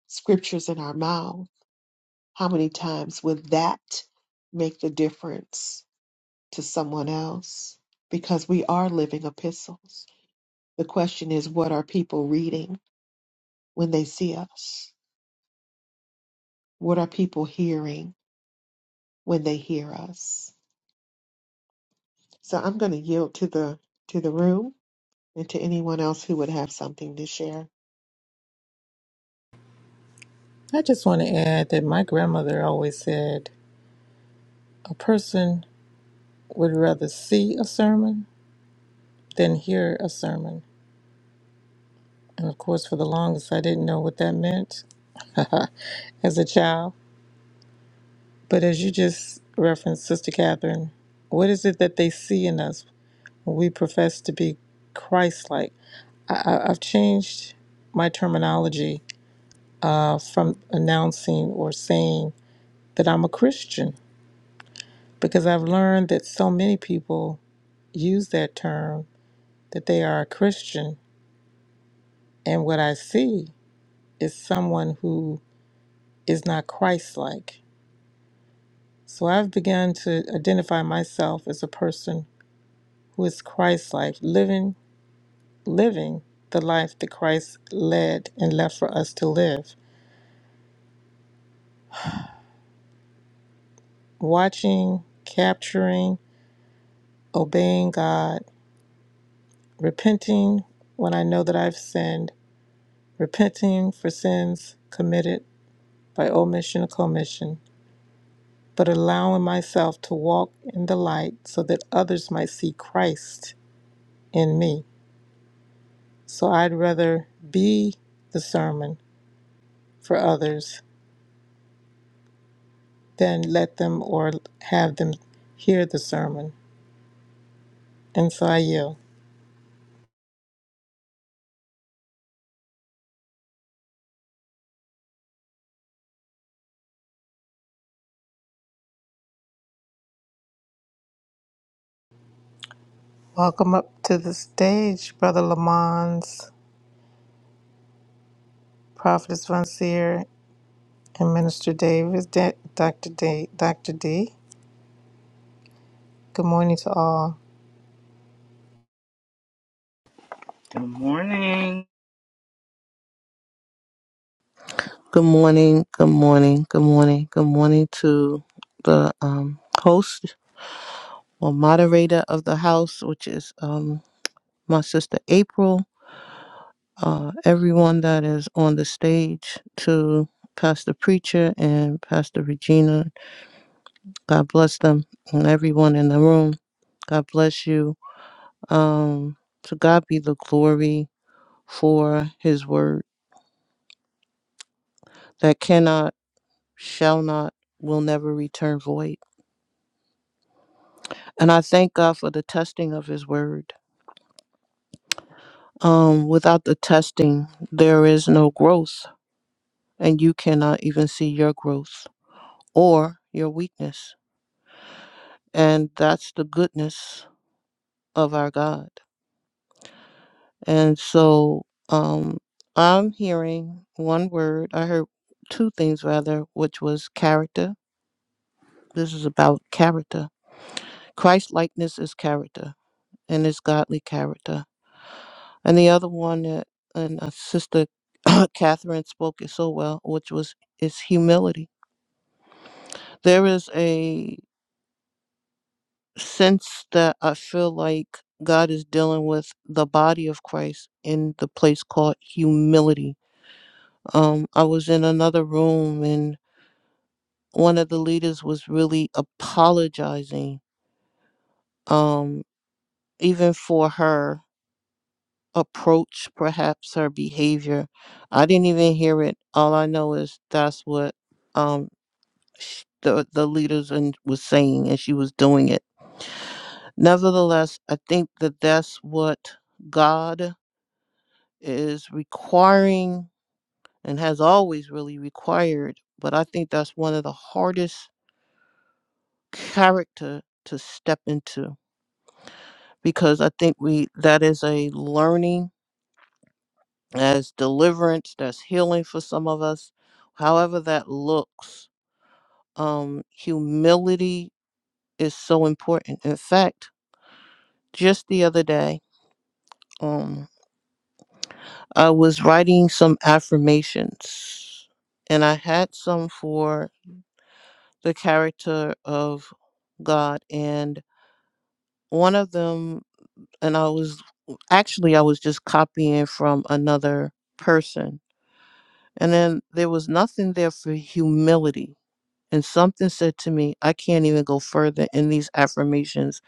scriptures in our mouths How many times would that make the difference to someone else? Because we are living epistles. The question is, what are people reading when they see us? What are people hearing when they hear us? So I'm going to yield to the to the room and to anyone else who would have something to share. I just want to add that my grandmother always said a person would rather see a sermon than hear a sermon. And of course, for the longest, I didn't know what that meant as a child. But as you just referenced, Sister Catherine, what is it that they see in us when we profess to be Christ like? I- I- I've changed my terminology uh, from announcing or saying that I'm a Christian because I've learned that so many people use that term that they are a Christian. And what I see is someone who is not Christ like. So I've begun to identify myself as a person who is Christ like, living, living the life that Christ led and left for us to live, watching, capturing, obeying God, repenting when I know that I've sinned, repenting for sins committed by omission or commission, but allowing myself to walk in the light so that others might see Christ in me. So I'd rather be the sermon for others than let them or have them hear the sermon. And so I yield. Welcome up to the stage, Brother Lamons, Prophetess Von Seer, and Minister Davis, Da- Dr. D. Dr. D. Good morning to all. Good morning. Good morning, good morning, good morning, good morning to the um, host or moderator of the house, which is um, my sister April, uh, everyone that is on the stage, to Pastor Preacher and Pastor Regina. God bless them and everyone in the room. God bless you. Um, to God be the glory for his word that cannot, shall not, will never return void. And I thank God for the testing of His Word. Um, without the testing, there is no growth, and you cannot even see your growth or your weakness. And that's the goodness of our God. And so um, I'm hearing one word, I heard two things rather, which was character. This is about character. Christ likeness is character, and it's godly character And the other one that and uh, Sister Catherine spoke it so well, which was is humility. There is a sense that I feel like God is dealing with the body of Christ in the place called humility. Um, I was in another room and one of the leaders was really apologizing, um, even for her approach, perhaps her behavior. I didn't even hear it. All I know is that's what um the the leaders and was saying and she was doing it nevertheless i think that that's what god is requiring and has always really required but i think that's one of the hardest character to step into because i think we that is a learning as deliverance that's healing for some of us however that looks um humility is so important in fact just the other day um, I was writing some affirmations, and I had some for the character of God. And one of them, and I was actually, I was just copying from another person. And then there was nothing there for humility. And something said to me, I can't even go further in these affirmations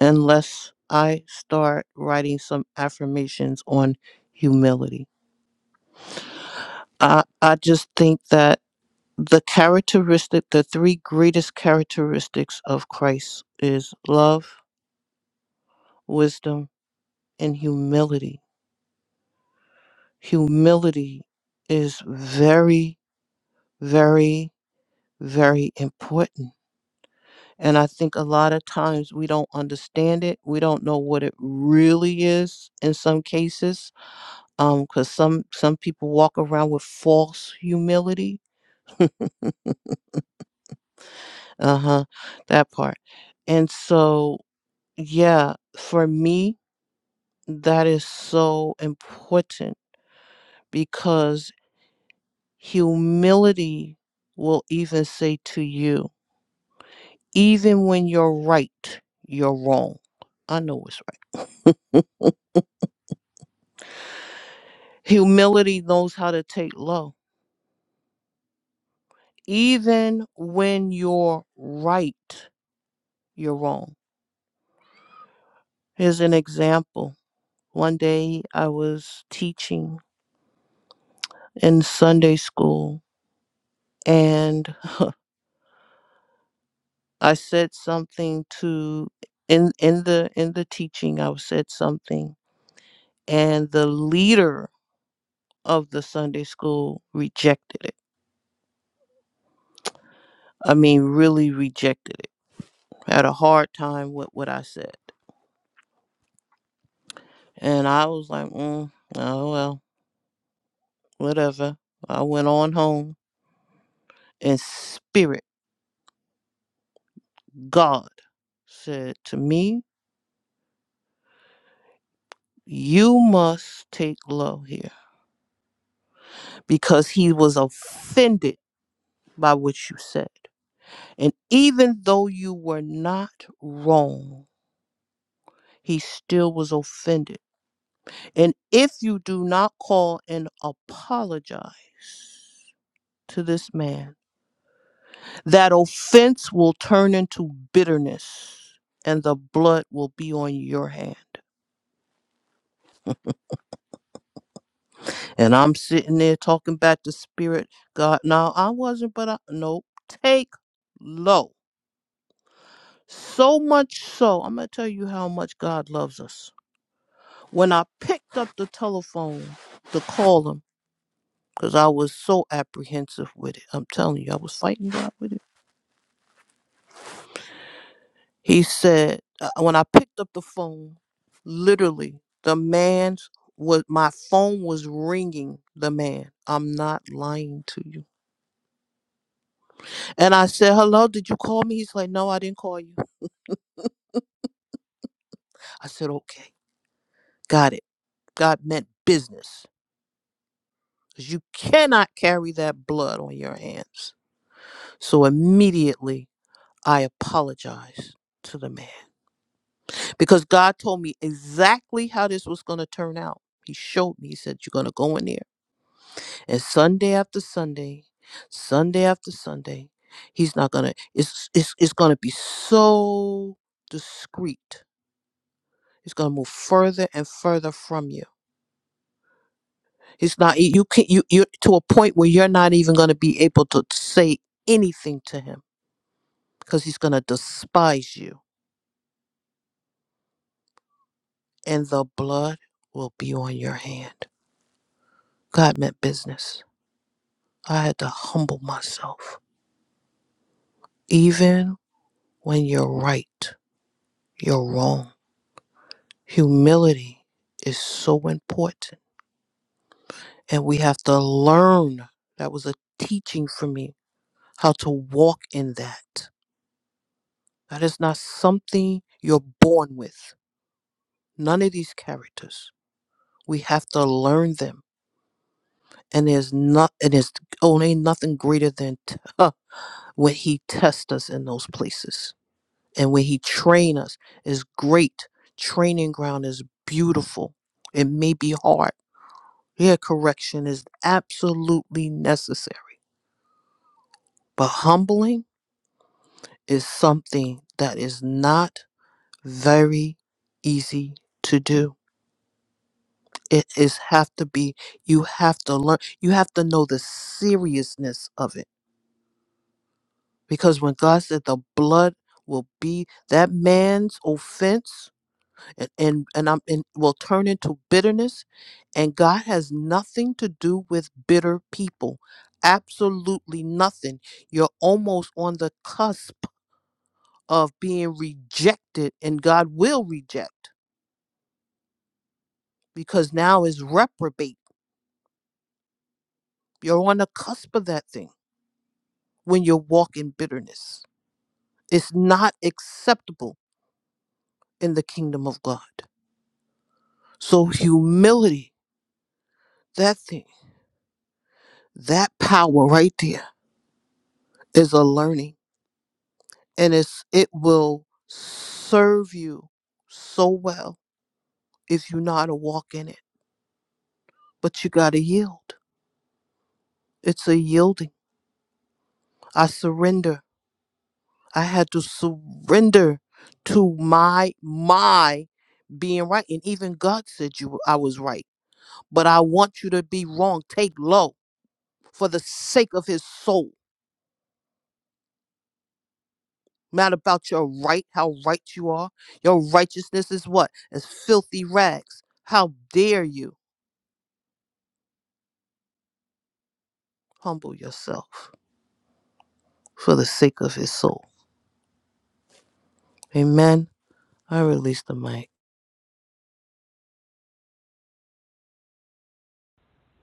unless I start writing some affirmations on humility. I, I just think that the characteristic the three greatest characteristics of christ is love wisdom and humility humility is very very very important and i think a lot of times we don't understand it we don't know what it really is in some cases um because some some people walk around with false humility uh-huh that part and so yeah for me That is so important because humility will even say to you, even when you're right, you're wrong. I know it's right. Humility knows how to take low. Even when you're right, you're wrong. Here's an example. One day I was teaching in Sunday school and I said something to in in the in the teaching I said something and the leader of the Sunday school rejected it. I mean really rejected it. Had a hard time with what I said. And I was like, mm, oh well, whatever. I went on home and spirit God said to me, you must take low here because he was offended by what you said. And even though you were not wrong, he still was offended. And if you do not call and apologize to this man, that offense will turn into bitterness and the blood will be on your hand. And I'm sitting there talking back to spirit. God, no, I wasn't, but I, nope. Take low. So much so, I'm going to tell you how much God loves us When I picked up the telephone to call him, because I was so apprehensive with it, I'm telling you, I was fighting God with it. He said, uh, when I picked up the phone, literally, the man's was my phone was ringing. The man, I'm not lying to you. And I said, "Hello, did you call me?" He's like, "No, I didn't call you." I said, "Okay, got it. God meant business, because you cannot carry that blood on your hands." So immediately. I apologize to the man because God told me exactly how this was going to turn out. He showed me, he said, You're going to go in there. And Sunday after Sunday, Sunday after Sunday, he's not going to, it's, it's, it's going to be so discreet. It's going to move further and further from you. It's not, you you can, you, you're to a point where you're not even going to be able to say anything to him because he's going to despise you and the blood will be on your hand. God meant business. I had to humble myself. Even when you're right, you're wrong. Humility is so important. And we have to learn. That was a teaching for me how to walk in that. That is not something you're born with. None of these characters. We have to learn them. And there's not, and there's only nothing greater than when he tests us in those places and when he train us is great training ground is beautiful it may be hard yeah correction is absolutely necessary but humbling is something that is not very easy to do it is have to be you have to learn you have to know the seriousness of it because when god said the blood will be that man's offense and and, and I'm and will turn into bitterness. And God has nothing to do with bitter people. Absolutely nothing. You're almost on the cusp of being rejected, and God will reject because now is reprobate. You're on the cusp of that thing when you walk in bitterness. It's not acceptable in the kingdom of God. So humility, that thing, that power right there is a learning and it's it will serve you so well if you know how to walk in it but you got to yield it's a yielding i surrender i had to surrender to my my being right and even god said you i was right but i want you to be wrong take low for the sake of his soul not about your right how right you are your righteousness is what as filthy rags how dare you humble yourself for the sake of his soul. Amen. I release the mic.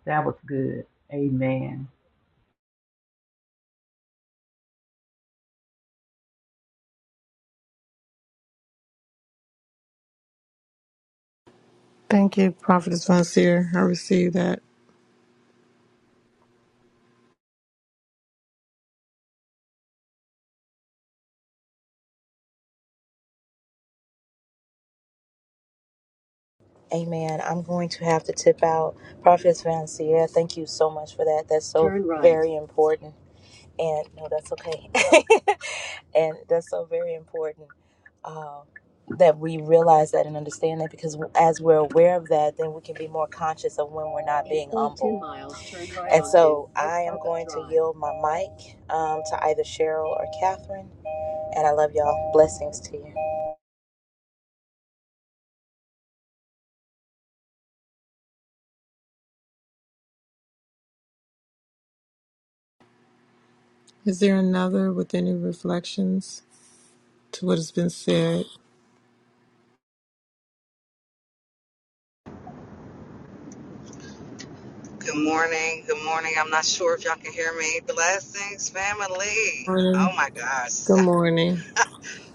That was good. Amen. Thank you, Prophetess Von Seer. I receive that. Amen. I'm going to have to tip out Prophetess Vancia. Thank you so much for that. That's so Turn right. very important. and no, that's okay. and that's so very important um, that we realize that and understand that because as we're aware of that, then we can be more conscious of when we're not being humble. and so I am going to yield my mic um, to either Cheryl or Catherine. And I love y'all. Blessings to you. Is there another with any reflections to what has been said? Good morning. Good morning. I'm not sure if y'all can hear me. Blessings, family. Oh Morning. my gosh. Good morning.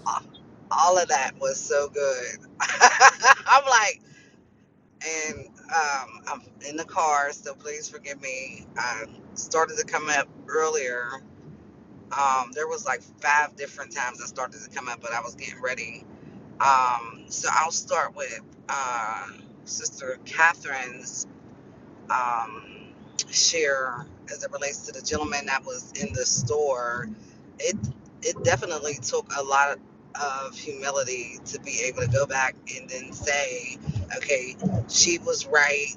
All of that was so good. I'm like, and um, I'm in the car, so please forgive me. I started to come up earlier. Um, there was like five different times I started to come up, but I was getting ready. Um, so I'll start with uh, Sister Catherine's. um, share as it relates to the gentleman that was in the store, it it definitely took a lot of humility to be able to go back and then say, okay, she was right.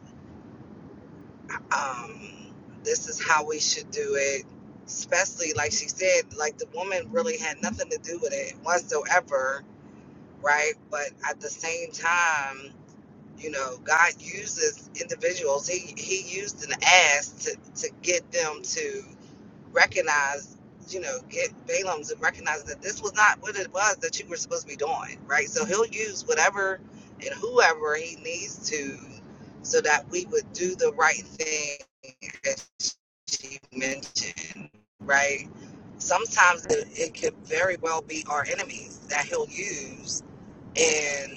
Um, this is how we should do it. Especially like she said, like the woman really had nothing to do with it whatsoever, right? But at the same time you know, God uses individuals. He He used an ass to to get them to recognize, you know, get Balaam to recognize that this was not what it was that you were supposed to be doing, right? So He'll use whatever and whoever He needs to, so that we would do the right thing, as she mentioned, right? Sometimes it, it could very well be our enemies that He'll use, and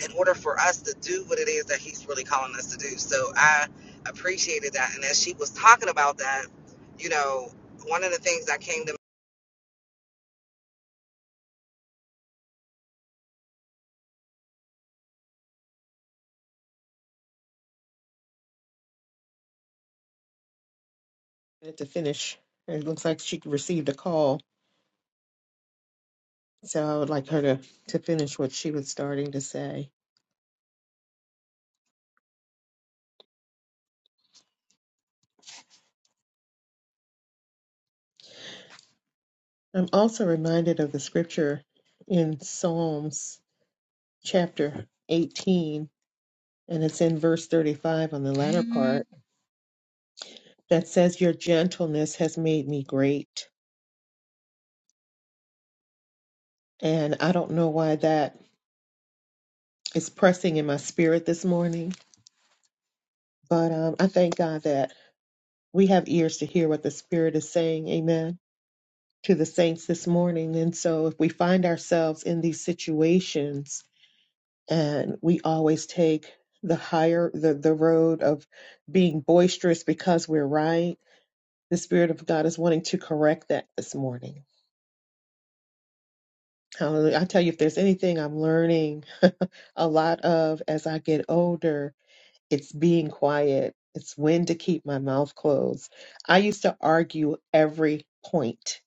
in order for us to do what it is that he's really calling us to do. So I appreciated that. And as she was talking about that, you know, one of the things that came to And to finish, it looks like she received a call, so I would like her to to finish what she was starting to say. I'm also reminded of the scripture in Psalms chapter 18, and it's in verse 35 on the latter Mm. part that says, Your gentleness has made me great. And I don't know why that is pressing in my spirit this morning, but um, I thank God that we have ears to hear what the Spirit is saying. Amen. To the saints this morning. And so if we find ourselves in these situations, and we always take the higher the, the road of being boisterous because we're right the spirit of god is wanting to correct that this morning hallelujah i tell you if there's anything i'm learning a lot of as i get older it's being quiet it's when to keep my mouth closed i used to argue every point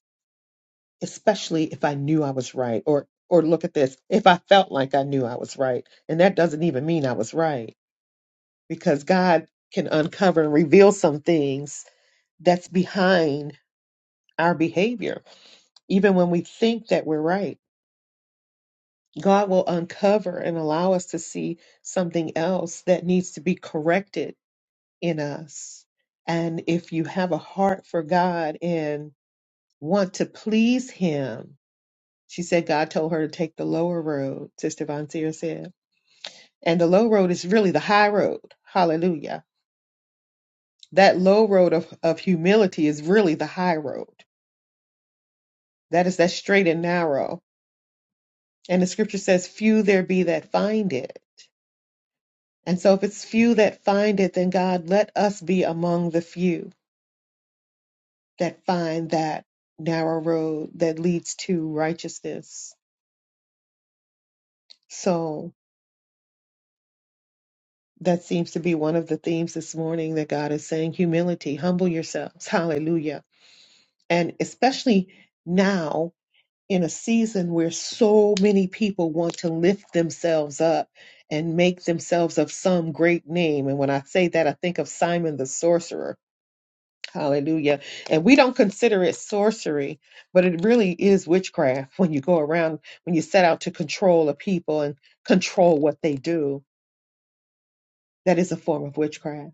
especially if i knew i was right or or look at this if i felt like i knew i was right and that doesn't even mean i was right because God can uncover and reveal some things that's behind our behavior. Even when we think that we're right, God will uncover and allow us to see something else that needs to be corrected in us. And if you have a heart for God and want to please Him, she said God told her to take the lower road, Sister Von Seer said. And the low road is really the high road. Hallelujah That low road of, of humility is really the high road. That is that straight and narrow. And the scripture says, Few there be that find it. And so if it's few that find it, then God, let us be among the few that find that narrow road that leads to righteousness. So that seems to be one of the themes this morning that God is saying humility, humble yourselves. Hallelujah. And especially now in a season where so many people want to lift themselves up and make themselves of some great name. And when I say that, I think of Simon the sorcerer. Hallelujah. And we don't consider it sorcery, but it really is witchcraft when you go around, when you set out to control a people and control what they do. That is a form of witchcraft.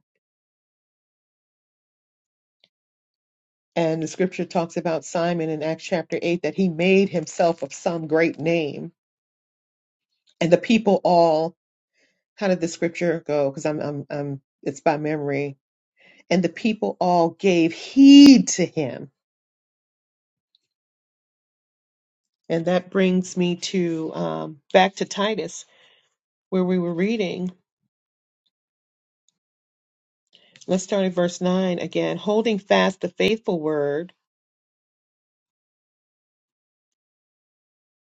And the scripture talks about Simon in Acts chapter 8 that he made himself of some great name. And the people all How did the scripture go? Because I'm, I'm, I'm, it's by memory. And the people all gave heed to him. And that brings me to um, back to Titus, where we were reading. Let's start at verse 9 again. Holding fast the faithful word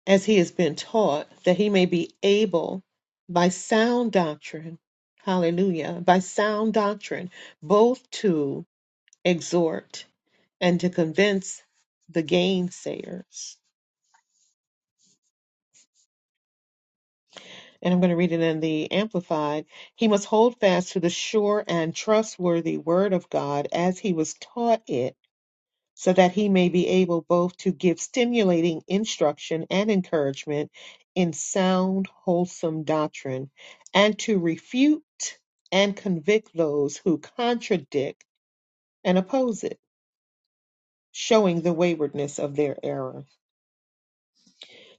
as he has been taught, that he may be able by sound doctrine, hallelujah, by sound doctrine, both to exhort and to convince the gainsayers. and I'm going to read it in the Amplified. He must hold fast to the sure and trustworthy Word of God as he was taught it, so that he may be able both to give stimulating instruction and encouragement in sound, wholesome doctrine, and to refute and convict those who contradict and oppose it, showing the waywardness of their error.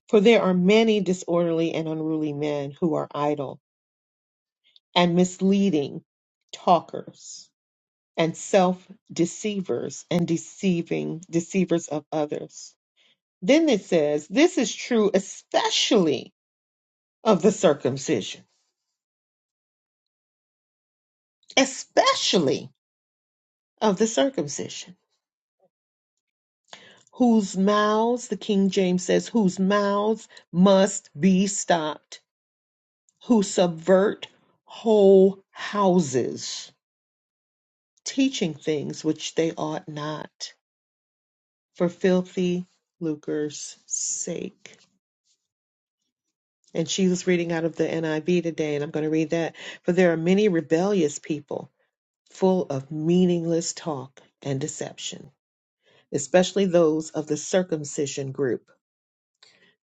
For there are many disorderly and unruly men who are idle and misleading talkers and self deceivers and deceiving deceivers of others. Then it says, this is true especially of the circumcision, especially of the circumcision, whose mouths, the King James says, whose mouths must be stopped, who subvert whole houses, teaching things which they ought not for filthy lucre's sake. And she was reading out of the NIV today, and I'm going to read that. For there are many rebellious people full of meaningless talk and deception, especially those of the circumcision group.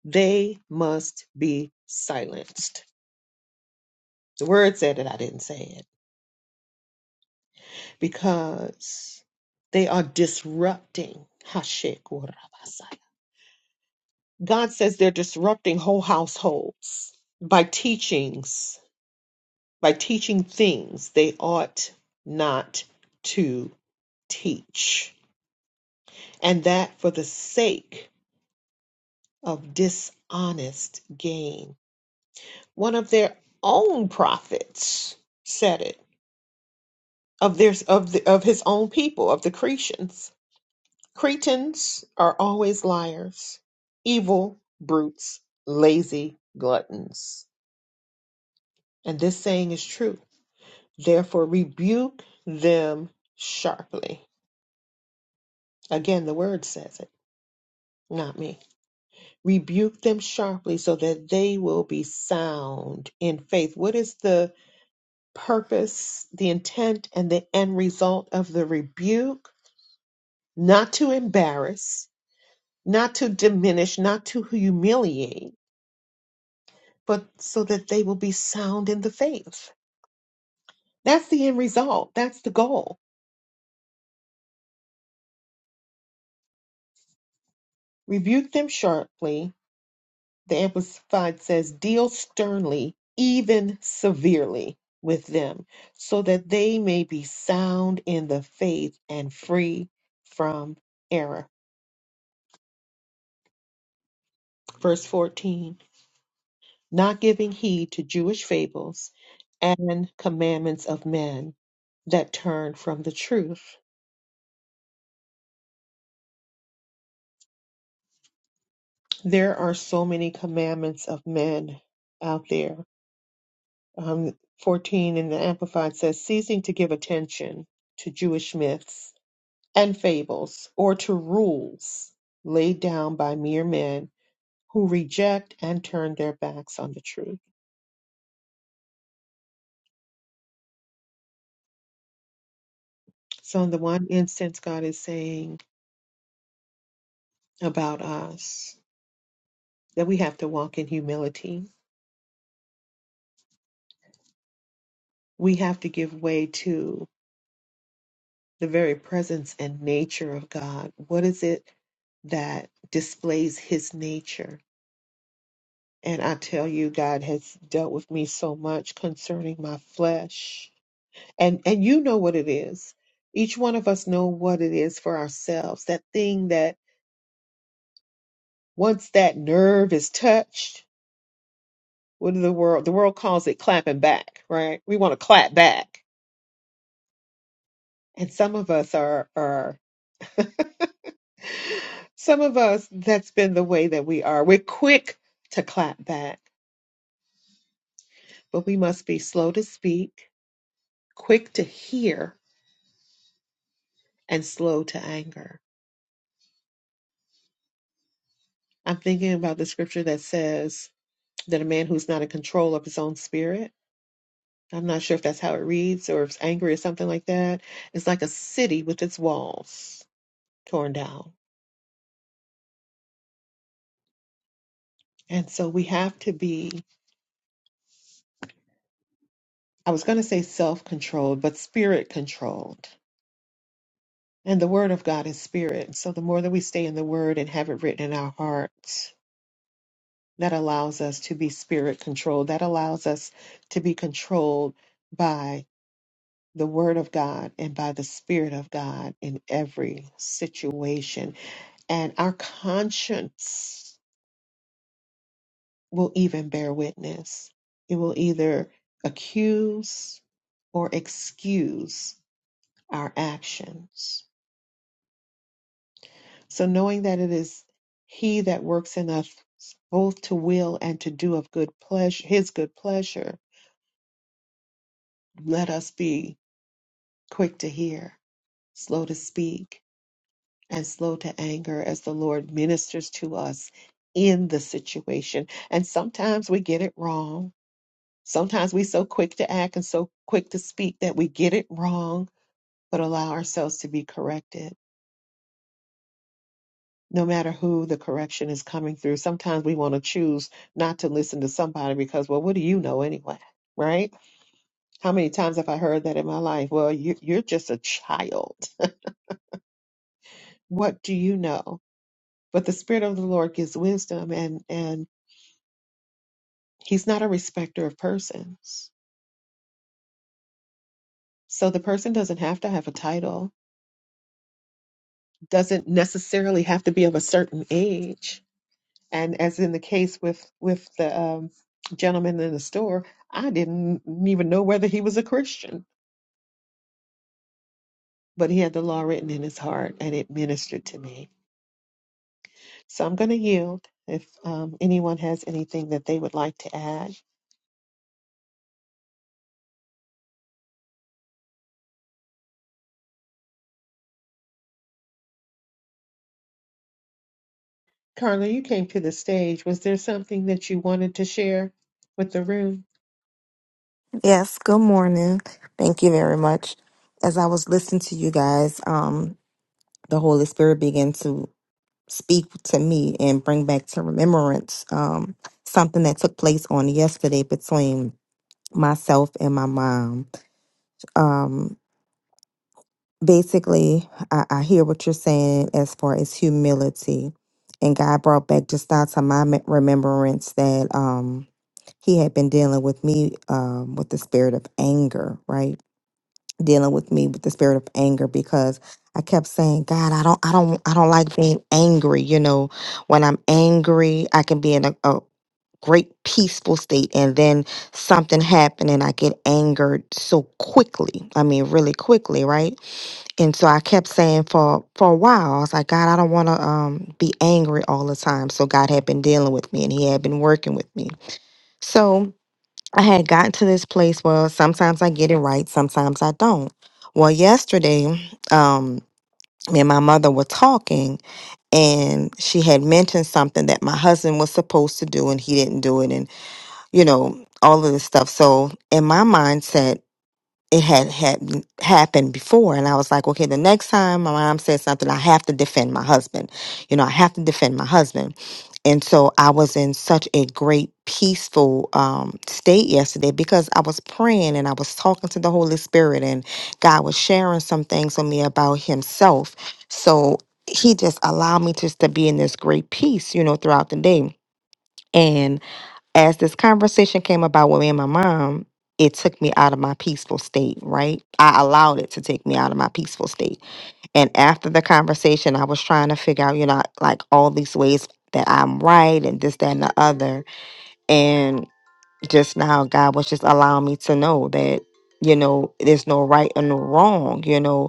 They must be silenced. The word said it, I didn't say it, because they are disrupting. God says they're disrupting whole households by teachings by teaching things they ought not to teach, and that for the sake of dishonest gain. One of their own prophets said it of their of the, of his own people of the Cretans. Cretans are always liars, evil brutes, lazy gluttons, and this saying is true. Therefore, rebuke them sharply. Again, the word says it not me. Rebuke them sharply so that they will be sound in faith. What is the purpose, the intent, and the end result of the rebuke? Not to embarrass, not to diminish, not to humiliate, but so that they will be sound in the faith. That's the end result. That's the goal. Rebuke them sharply The Amplified says, Deal sternly, even severely with them, so that they may be sound in the faith and free from error. Verse 14 Not giving heed to Jewish fables and commandments of men that turn from the truth. There are so many commandments of men out there. Um, 14 in the Amplified says, Ceasing to give attention to Jewish myths and fables, or to rules laid down by mere men who reject and turn their backs on the truth. So, in the one instance, God is saying about us that we have to walk in humility, we have to give way to the very presence and nature of God. What is it that displays his nature? And I tell you, God has dealt with me so much concerning my flesh and and you know what it is each one of us know what it is for ourselves that thing that once that nerve is touched what do the world the world calls it clapping back right we want to clap back and some of us are are some of us that's been the way that we are we're quick to clap back but we must be slow to speak quick to hear and slow to anger i'm thinking about the scripture that says that a man who's not in control of his own spirit I'm not sure if that's how it reads or if it's angry or something like that. It's like a city with its walls torn down. And so we have to be, I was going to say self controlled, but spirit controlled. And the Word of God is spirit. So the more that we stay in the Word and have it written in our hearts, that allows us to be spirit controlled. That allows us to be controlled by the Word of God and by the Spirit of God in every situation. And our conscience. will even bear witness. It will either accuse or excuse our actions. So, knowing that it is He that works in us both to will and to do of good pleasure, His good pleasure, let us be quick to hear, slow to speak, and slow to anger as the Lord ministers to us in the situation. And sometimes we get it wrong Sometimes we so quick to act and so quick to speak that we get it wrong, but allow ourselves to be corrected. No matter who the correction is coming through, sometimes we want to choose not to listen to somebody because, well, what do you know anyway? Right? How many times have I heard that in my life? Well, you, you're just a child. what do you know? But the Spirit of the Lord gives wisdom, and and He's not a respecter of persons. So the person doesn't have to have a title, doesn't necessarily have to be of a certain age and as in the case with with the um, gentleman in the store, I didn't even know whether he was a Christian, but he had the law written in his heart, and it ministered to me. So I'm going to yield. If um, anyone has anything that they would like to add, Carla, you came to the stage. Was there something that you wanted to share with the room? Yes, good morning. Thank you very much. As I was listening to you guys, um, the Holy Spirit began to speak to me and bring back to remembrance um, something that took place on yesterday between myself and my mom. Um, basically, I, I hear what you're saying as far as humility. And God brought back just now to my me- remembrance that um, He had been dealing with me um, with the spirit of anger, right? dealing with me with the spirit of anger because I kept saying, God, I don't, I don't, I don't like being angry. You know, when I'm angry, I can be in a, a great peaceful state and then something happened and I get angered so quickly. I mean, really quickly. Right. And so I kept saying for, for a while, I was like, God, I don't want to um, be angry all the time. So God had been dealing with me and he had been working with me. So I had gotten to this place where sometimes I get it right, sometimes I don't. Well, yesterday, um, me and my mother were talking, and she had mentioned something that my husband was supposed to do, and he didn't do it, and you know all of this stuff. So in my mindset, it had had happened before, and I was like, okay, the next time my mom says something, I have to defend my husband. You know, I have to defend my husband. And so I was in such a great peaceful um, state yesterday because I was praying and I was talking to the Holy Spirit, and God was sharing some things with me about Himself. So He just allowed me just to be in this great peace, you know, throughout the day. And as this conversation came about with me and my mom, it took me out of my peaceful state, right? I allowed it to take me out of my peaceful state. And after the conversation, I was trying to figure out, you know, like all these ways that I'm right and this, that, and the other. And just now, God was just allowing me to know that, you know, there's no right and no wrong. You know,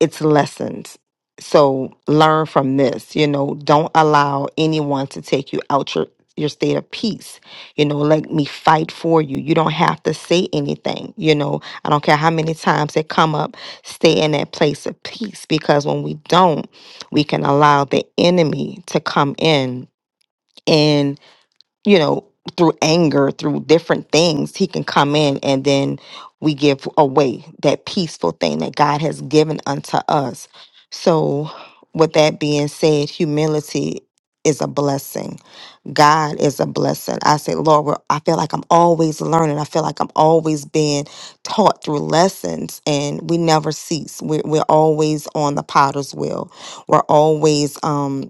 it's lessons. So learn from this. You know, don't allow anyone to take you out your your state of peace. You know, let me fight for you. You don't have to say anything. You know, I don't care how many times they come up, stay in that place of peace because when we don't, we can allow the enemy to come in you know, through anger, through different things, he can come in and then we give away that peaceful thing that God has given unto us. So, with that being said, humility is a blessing. God is a blessing. I say, Lord, we're- I feel like I'm always learning. I feel like I'm always being taught through lessons, and we never cease. We're, we're always on the potter's wheel. We're always, um,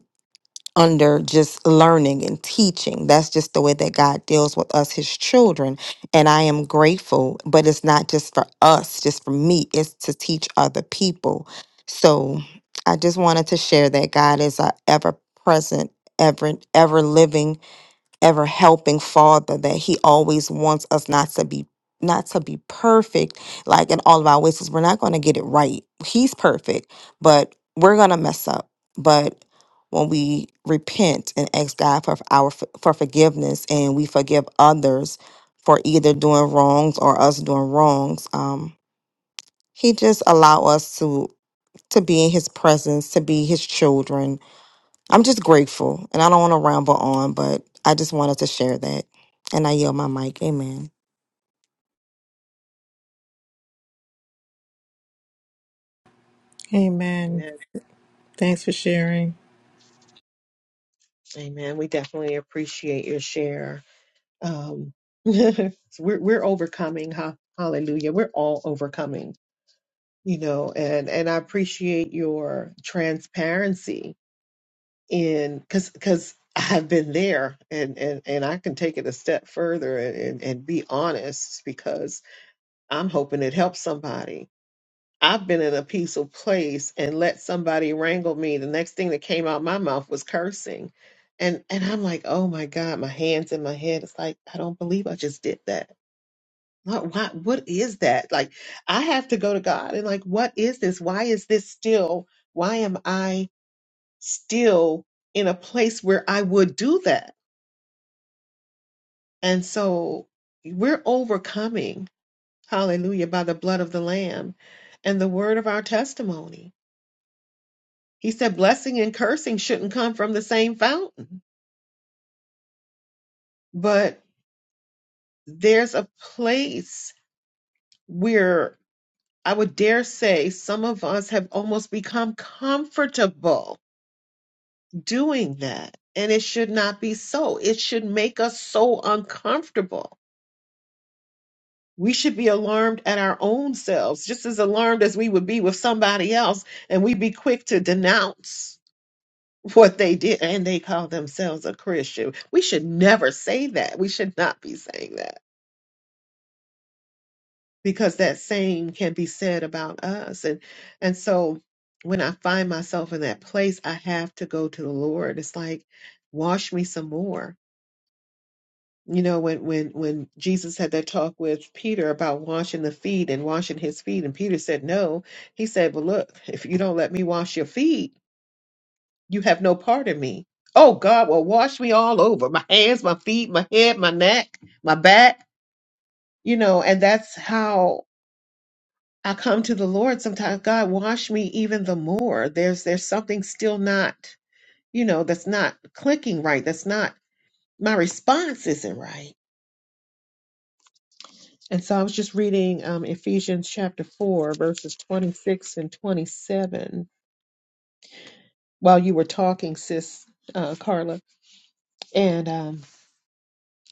under just learning and teaching. That's just the way that God deals with us, His children. And I am grateful, but it's not just for us, just for me, it's to teach other people. So I just wanted to share that God is a ever present, ever, ever living ever helping father that he always wants us not to be not to be perfect like in all of our ways 'cause we're not going to get it right he's perfect but we're going to mess up but when we repent and ask god for our for forgiveness and we forgive others for either doing wrongs or us doing wrongs um he just allow us to to be in his presence to be his children I'm just grateful, and I don't want to ramble on, but I just wanted to share that. And I yield my mic. Amen. Amen. Amen. Thanks for sharing. Amen. We definitely appreciate your share. Um, we're we're overcoming. Huh? Hallelujah. We're all overcoming you know and and i appreciate your transparency in because because i've been there and and and i can take it a step further and and, and be honest because i'm hoping it helps somebody i've been in a peaceful place and let somebody wrangle me the next thing that came out my mouth was cursing and and i'm like oh my god my hands in my head it's like i don't believe i just did that what, why, what is that? Like, I have to go to God and, like, what is this? Why is this still? Why am I still in a place where I would do that? And so we're overcoming, hallelujah, by the blood of the Lamb and the word of our testimony. He said, blessing and cursing shouldn't come from the same fountain. But there's a place where I would dare say some of us have almost become comfortable doing that. And it should not be so. It should make us so uncomfortable. We should be alarmed at our own selves, just as alarmed as we would be with somebody else. And we'd be quick to denounce what they did and they call themselves a Christian. We should never say that. We should not be saying that because that same can be said about us. And, and so when I find myself in that place, I have to go to the Lord. It's like, wash me some more You know, when when when Jesus had that talk with Peter about washing the feet and washing his feet, and Peter said no. He said, "Well, look, if you don't let me wash your feet, you have no part of me." Oh God, well, wash me all over, my hands, my feet, my head, my neck, my back. You know, and that's how I come to the Lord sometimes. God, wash me even the more. There's there's something still not, you know, that's not clicking right. That's not my response isn't right And so I was just reading um, Ephesians chapter 4, verses 26 and 27 while you were talking, sis uh, Carla. And um,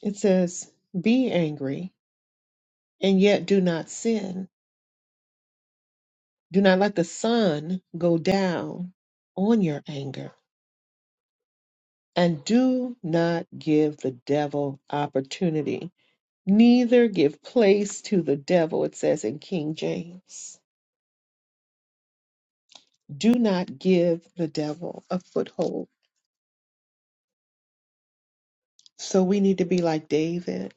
it says, Be angry and yet do not sin. Do not let the sun go down on your anger. And do not give the devil opportunity. Neither give place to the devil, it says in King James. Do not give the devil a foothold. So we need to be like David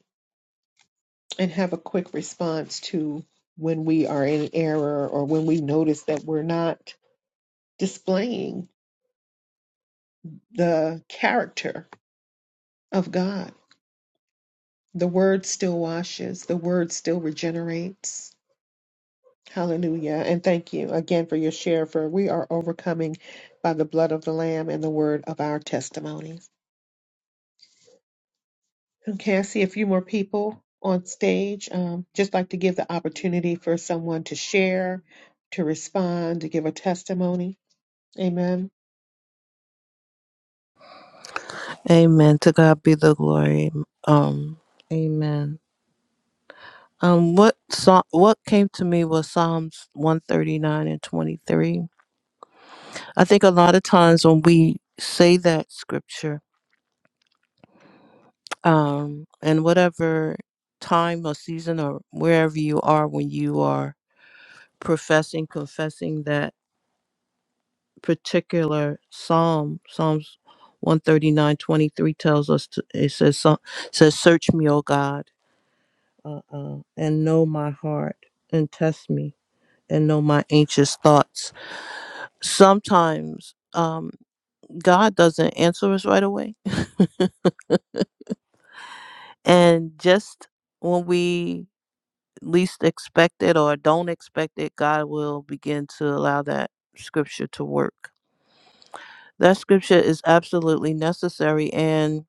and have a quick response to when we are in error or when we notice that we're not displaying the character of God. The word still washes, the word still regenerates. Hallelujah. And thank you again for your share, for we are overcoming by the blood of the Lamb and the word of our testimony. Okay, I see a few more people on stage. Um, just like to give the opportunity for someone to share, to respond, to give a testimony. Amen. Amen. To God be the glory. Um, amen. Um, what song, what came to me was Psalms 139 and 23. I think a lot of times when we say that scripture, um, and whatever time or season or wherever you are when you are professing, confessing that particular psalm psalms one thirty nine twenty three tells us to, it says so- says search me o god uh, uh, and know my heart and test me and know my anxious thoughts sometimes um, god doesn't answer us right away and just when we least expect it or don't expect it god will begin to allow that scripture to work that scripture is absolutely necessary and.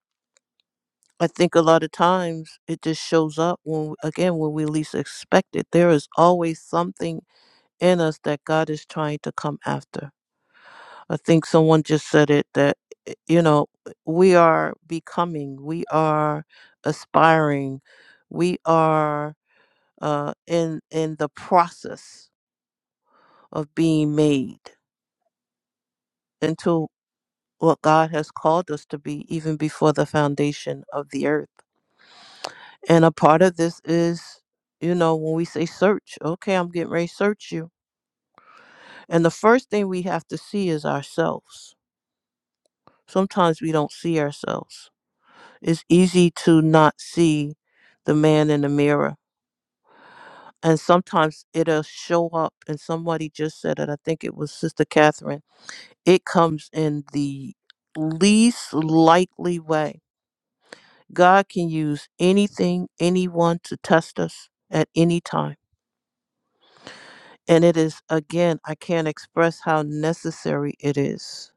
I think a lot of times it just shows up when, again, when we least expect it. There is always something in us that God is trying to come after. I think someone just said it that, eh, you know, we are becoming, we are aspiring, we are uh, in in the process of being made into what God has called us to be, even before the foundation of the earth. And a part of this is, you know, when we say search, okay, I'm getting ready to search you. And the first thing we have to see is ourselves. Sometimes we don't see ourselves. It's easy to not see the man in the mirror. And sometimes it'll show up, and somebody just said it. I think it was Sister Catherine. It comes in the least likely way. God can use anything, anyone to test us at any time And it is, again, I can't express how necessary it is.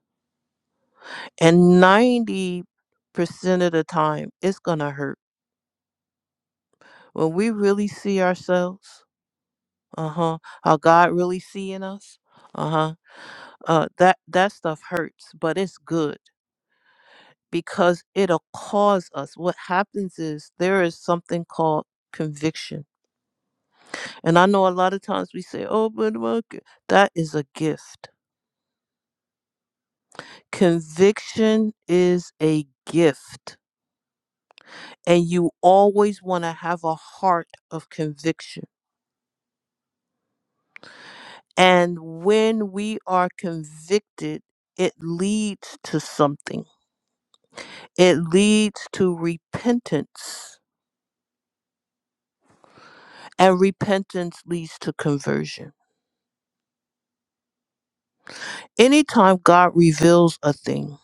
And 90% of the time, it's going to hurt. When we really see ourselves, uh huh, how God really seeing us, uh huh, uh, that, that stuff hurts, but it's good because it'll cause us. What happens is there is something called conviction. And I know a lot of times we say, oh, but what that is a gift. Conviction is a gift and you always want to have a heart of conviction. And when we are convicted, it leads to something. It leads to repentance, and repentance leads to conversion. Anytime God reveals a thing,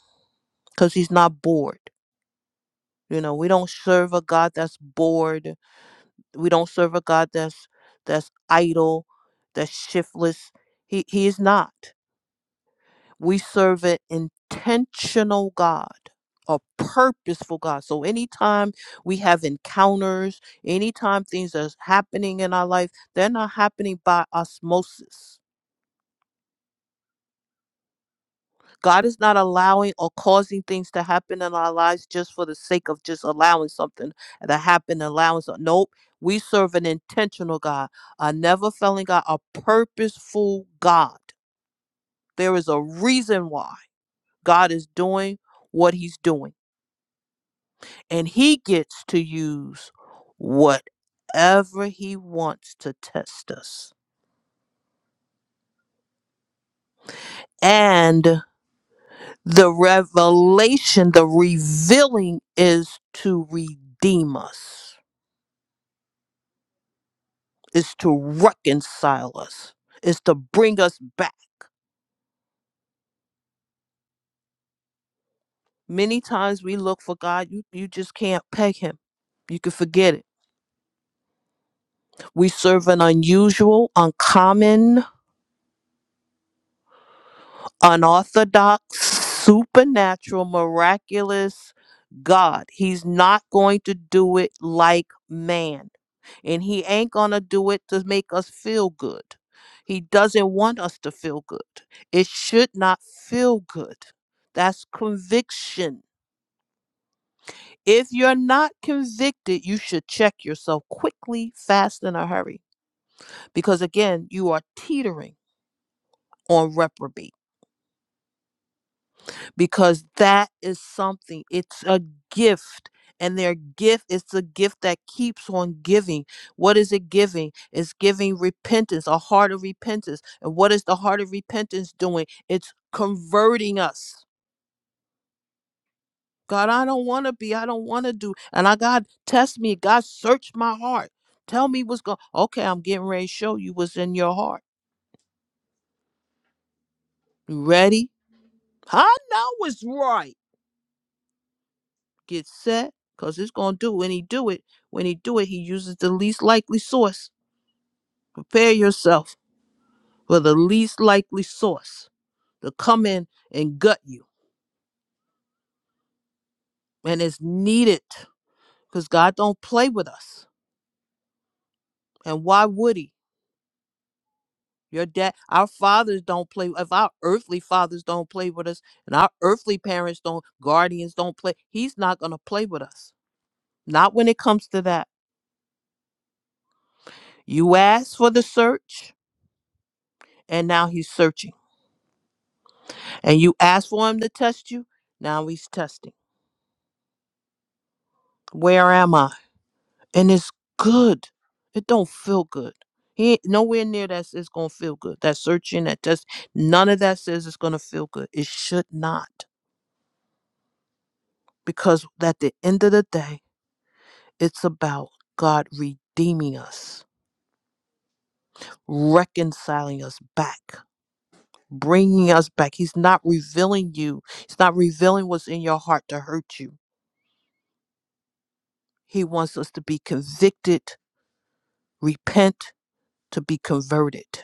because He's not bored. You know, we don't serve a God that's bored. We don't serve a God that's that's idle, that's shiftless. He he is not. We serve an intentional God, a purposeful God. So anytime we have encounters, anytime things are happening in our life, they're not happening by osmosis. God is not allowing or causing things to happen in our lives just for the sake of just allowing something to happen, allowing something. Nope. We serve an intentional God, a never failing God, a purposeful God. There is a reason why God is doing what he's doing. and he gets to use whatever he wants to test us. And the revelation, the revealing is to redeem us, is to reconcile us, is to bring us back. Many times we look for God, you, you just can't peg him. You can forget it. We serve an unusual, uncommon, unorthodox, supernatural, miraculous God. He's not going to do it like man. And he ain't going to do it to make us feel good. He doesn't want us to feel good. It should not feel good. That's conviction. If you're not convicted, you should check yourself quickly, fast, in a hurry. Because again, you are teetering on reprobate. because that is something it's a gift and their gift is the gift that keeps on giving what is it giving it's giving repentance a heart of repentance and what is the heart of repentance doing it's converting us god i don't want to be i don't want to do and i god test me god search my heart tell me what's going okay i'm getting ready to show you what's in your heart you ready i know it's right Get set, cause it's gonna do. When he do it, when he do it, he uses the least likely source. Prepare yourself for the least likely source to come in and gut you. And it's needed. Cause God don't play with us. And why would he? Your dad, our fathers don't play. If our earthly fathers don't play with us, and our earthly parents don't, guardians don't play, he's not gonna play with us. Not when it comes to that. You asked for the search, and now he's searching. and you ask for him to test you now he's testing where am i and it's good it don't feel good he ain't nowhere near that it's gonna feel good that searching that test none of that says it's gonna feel good it should not because at the end of the day it's about god redeeming us reconciling us back bringing us back he's not revealing you he's not revealing what's in your heart to hurt you he wants us to be convicted repent to be converted.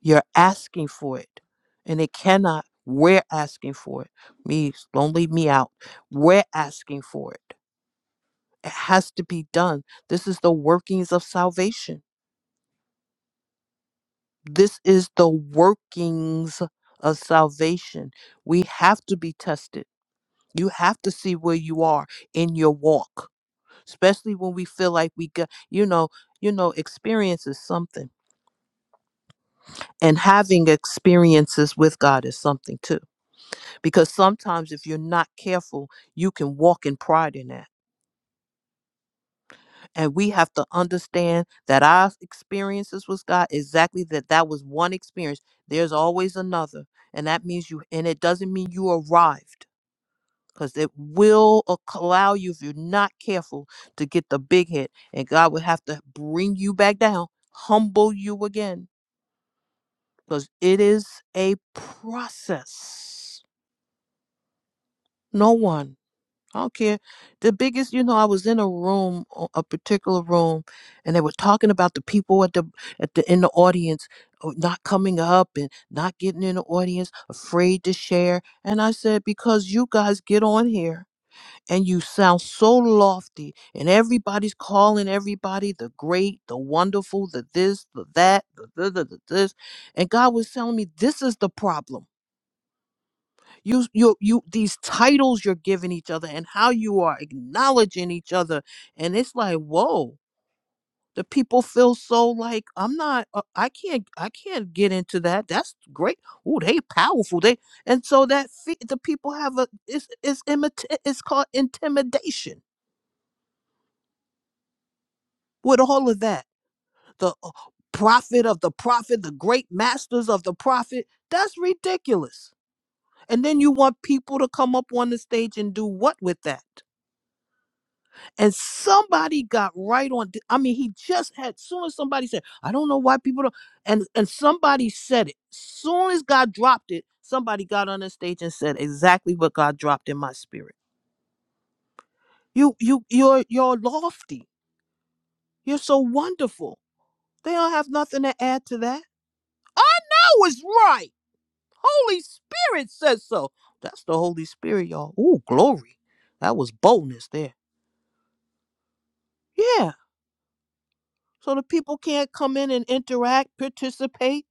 You're asking for it, and it cannot. We're asking for it. Me, don't leave me out. We're asking for it. It has to be done. This is the workings of salvation. This is the workings of salvation. We have to be tested. You have to see where you are in your walk, especially when we feel like we got, you know, you know, experience is something, and having experiences with God is something too because sometimes if you're not careful you can walk in pride in that and we have to understand that our experiences with god exactly that that was one experience there's always another and that means you and it doesn't mean you arrived because it will acc- allow you if you're not careful to get the big hit and god will have to bring you back down humble you again because it is a process no one I don't care. The biggest, you know, I was in a room, o- a particular room, and they were talking about the people at the at the in the audience uh, not coming up and not getting in the audience, afraid to share. And I said, because you guys get on here and you sound so lofty, and everybody's calling everybody the great, the wonderful, the this, the that, the, the, the, the this, and God was telling me this is the problem you you you these titles you're giving each other and how you are acknowledging each other and it's like whoa the people feel so like i'm not uh, i can't i can't get into that that's great oh they powerful they and so that fe- the people have a it's it's imit- it's called intimidation with all of that the uh, prophet of the prophet the great masters of the prophet that's ridiculous and then you want people to come up on the stage and do what with that and somebody got right on i mean he just had soon as somebody said i don't know why people don't and and somebody said it soon as god dropped it somebody got on the stage and said exactly what god dropped in my spirit you you you're you're lofty you're so wonderful they don't have nothing to add to that i know it's right holy spirit says so that's the holy spirit y'all ooh glory that was boldness there yeah so the people can't come in and interact participate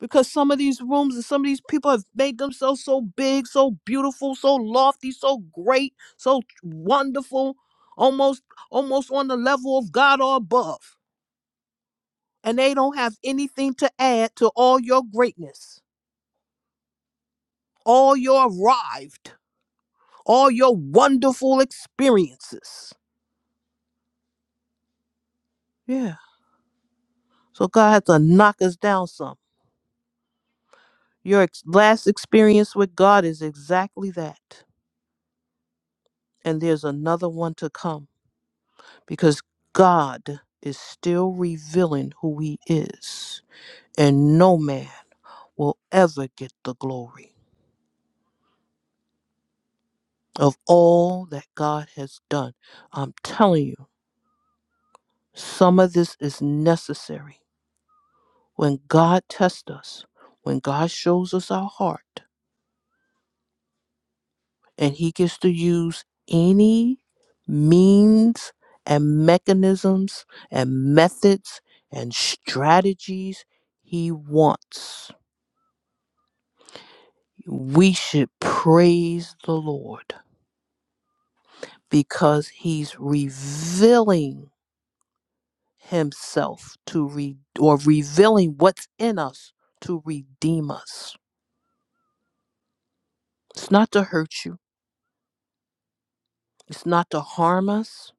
because some of these rooms and some of these people have made themselves so big, so beautiful, so lofty, so great, so wonderful, almost almost on the level of God or above. And they don't have anything to add to all your greatness, all your arrived, all your wonderful experiences. Yeah. So God had to knock us down some. Your ex- last experience with God is exactly that. And there's another one to come. because God is still revealing who He is, and no man will ever get the glory of all that God has done. I'm telling you, some of this is necessary. When God tests us, when God shows us our heart, and He gets to use any means and mechanisms and methods and strategies He wants we should praise the Lord because he's revealing himself to re- or revealing what's in us to redeem us. It's not to hurt you. It's not to harm us.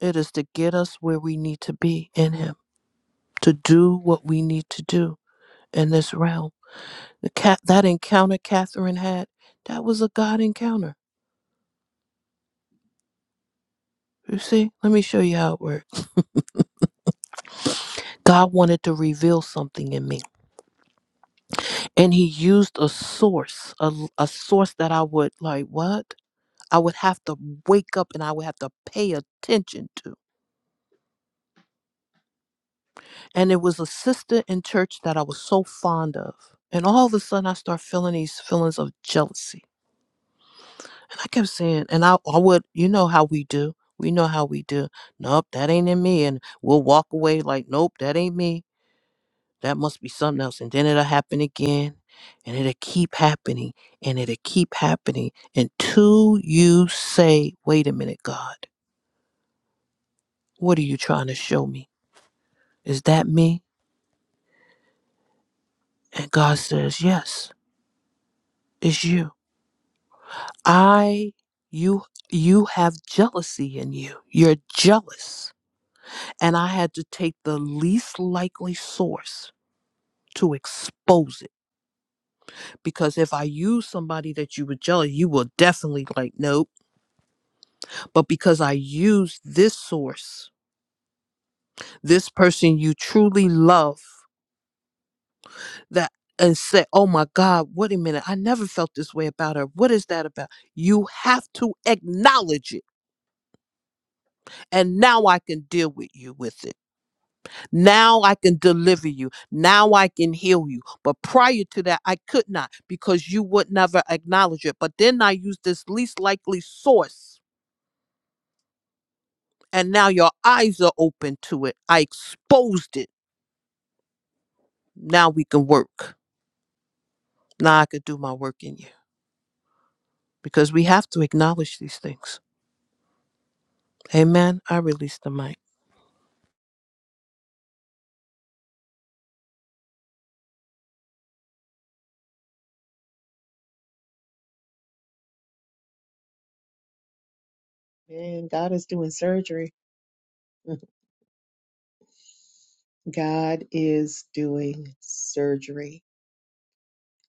It is to get us where we need to be in him, to do what we need to do in this realm. The cat that encounter Catherine had, that was a God encounter. You see, let me show you how it works. God wanted to reveal something in me and he used a source a, l- a source that i would like what i would have to wake up and i would have to pay attention to and it was a sister in church that i was so fond of and all of a sudden i start feeling these feelings of jealousy and i kept saying and i, I would you know how we do we know how we do nope that ain't in me and we'll walk away like nope that ain't me That must be something else. And then it'll happen again, and it'll keep happening, and it'll keep happening until you say, Wait a minute, God, what are you trying to show me? Is that me? And God says, Yes, it's you. I, you, you have jealousy in you. You're jealous. And I had to take the least likely source to expose it. Because if I use somebody that you were jealous, you will definitely like, nope. But because I used this source, this person you truly love, that and say, oh my God, wait a minute, I never felt this way about her. What is that about? You have to acknowledge it. And now I can deal with you with it. Now I can deliver you. Now I can heal you. But prior to that, I could not because you would never acknowledge it. But then I used this least likely source, and now your eyes are open to it. I exposed it. Now we can work. Now I could do my work in you because we have to acknowledge these things. Amen. I release the mic. And God is doing surgery. God is doing surgery,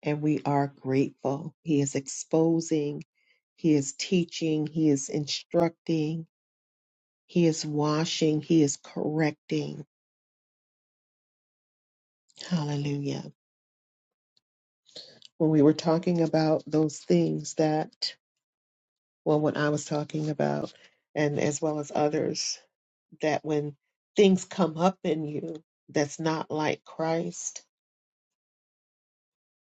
and we are grateful. He is exposing, He is teaching, He is instructing, He is washing, He is correcting. Hallelujah. When we were talking about those things that well, what I was talking about, and as well as others, that when things come up in you that's not like Christ,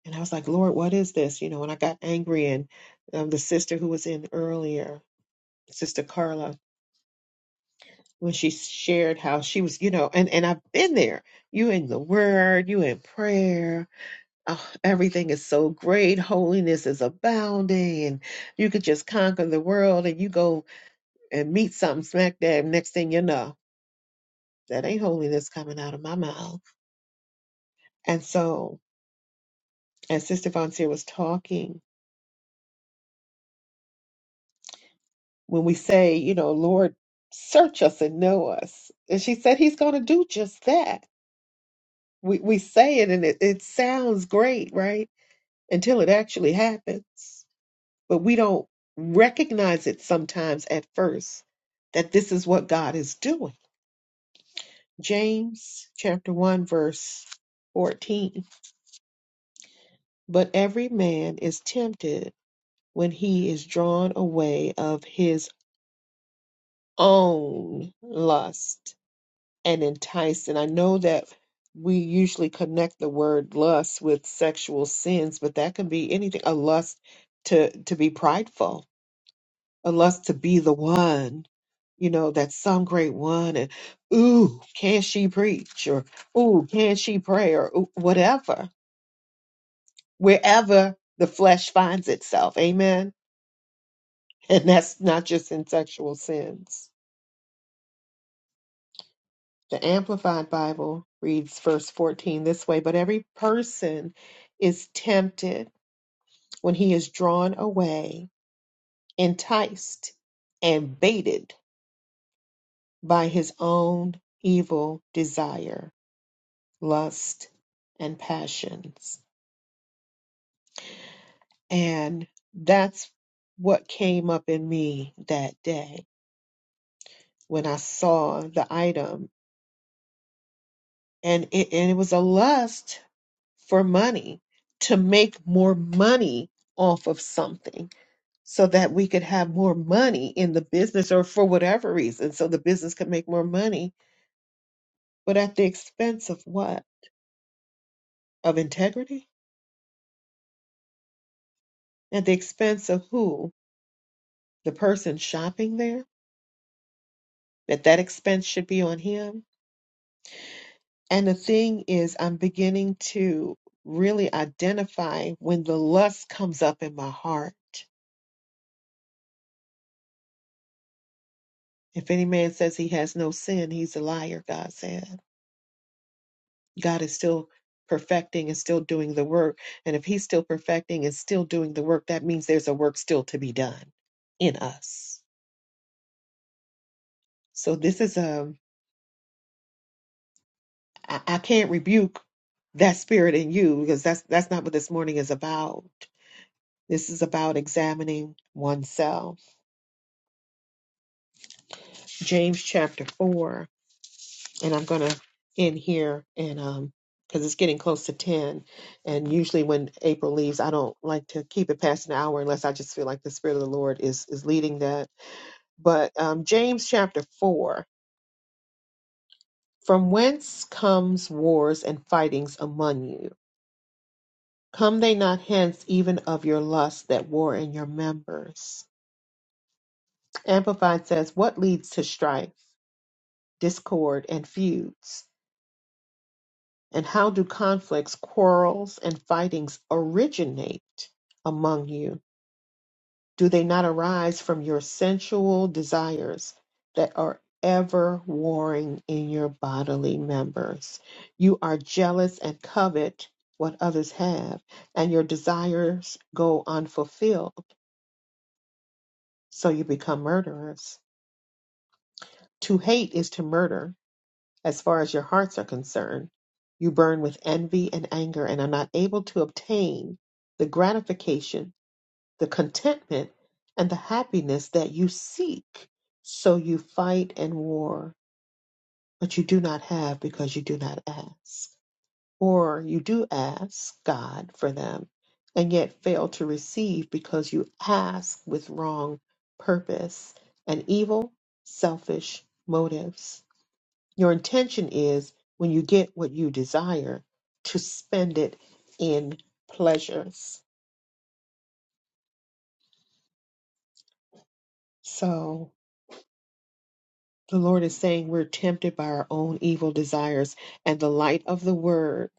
and I was like, Lord, what is this? You know, and I got angry, and um, the sister who was in earlier, Sister Carla, when she shared how she was, you know, and and I've been there. You in the Word, you in prayer. Oh, everything is so great. Holiness is abounding, and you could just conquer the world. And you go and meet something smack dab. Next thing you know, That ain't holiness coming out of my mouth. And so, as Sister Vontier was talking, when we say, you know, Lord, search us and know us, and she said He's going to do just that. We we say it and it, it sounds great, right? Until it actually happens, but we don't recognize it sometimes at first that this is what God is doing. James chapter one verse fourteen. But every man is tempted when he is drawn away of his own lust and enticed. And I know that we usually connect the word lust with sexual sins, but that can be anything a lust to, to be prideful, a lust to be the one. You know, that's some great one, and ooh, can she preach? Or ooh, can she pray? Or ooh, whatever, wherever the flesh finds itself. Amen. And that's not just in sexual sins. The Amplified Bible reads verse 14 this way But every person is tempted when he is drawn away, enticed, and baited by his own evil desire, lust, and passions. And that's what came up in me that day when I saw the item and it, and it was a lust for money to make more money off of something so that we could have more money in the business or for whatever reason so the business could make more money but at the expense of what of integrity at the expense of who the person shopping there that that expense should be on him and the thing is i'm beginning to really identify when the lust comes up in my heart If any man says he has no sin, he's a liar, God said. God is still perfecting and still doing the work. And if he's still perfecting and still doing the work, that means there's a work still to be done in us. So this is um can't rebuke that spirit in you because that's that's not what this morning is about. This is about examining oneself. James chapter 4 and I'm going to end here and um because it's getting close to 10 and usually when April leaves I don't like to keep it past an hour unless I just feel like the spirit of the Lord is is leading that but um James chapter 4 from whence comes wars and fightings among you come they not hence even of your lust that war in your members amplified says what leads to strife discord and feuds And how do conflicts, quarrels, and fightings originate among you? Do they not arise from your sensual desires that are ever warring in your bodily members? You are jealous and covet what others have, and your desires go unfulfilled, so you become murderers. To hate is to murder, as far as your hearts are concerned. You burn with envy and anger and are not able to obtain the gratification, the contentment, and the happiness that you seek. So you fight and war, but you do not have because you do not ask. Or you do ask God for them and yet fail to receive because you ask with wrong purpose and evil, selfish motives. Your intention is when you get what you desire to spend it in pleasures. So the Lord is saying we're tempted by our own evil desires, and the light of the word,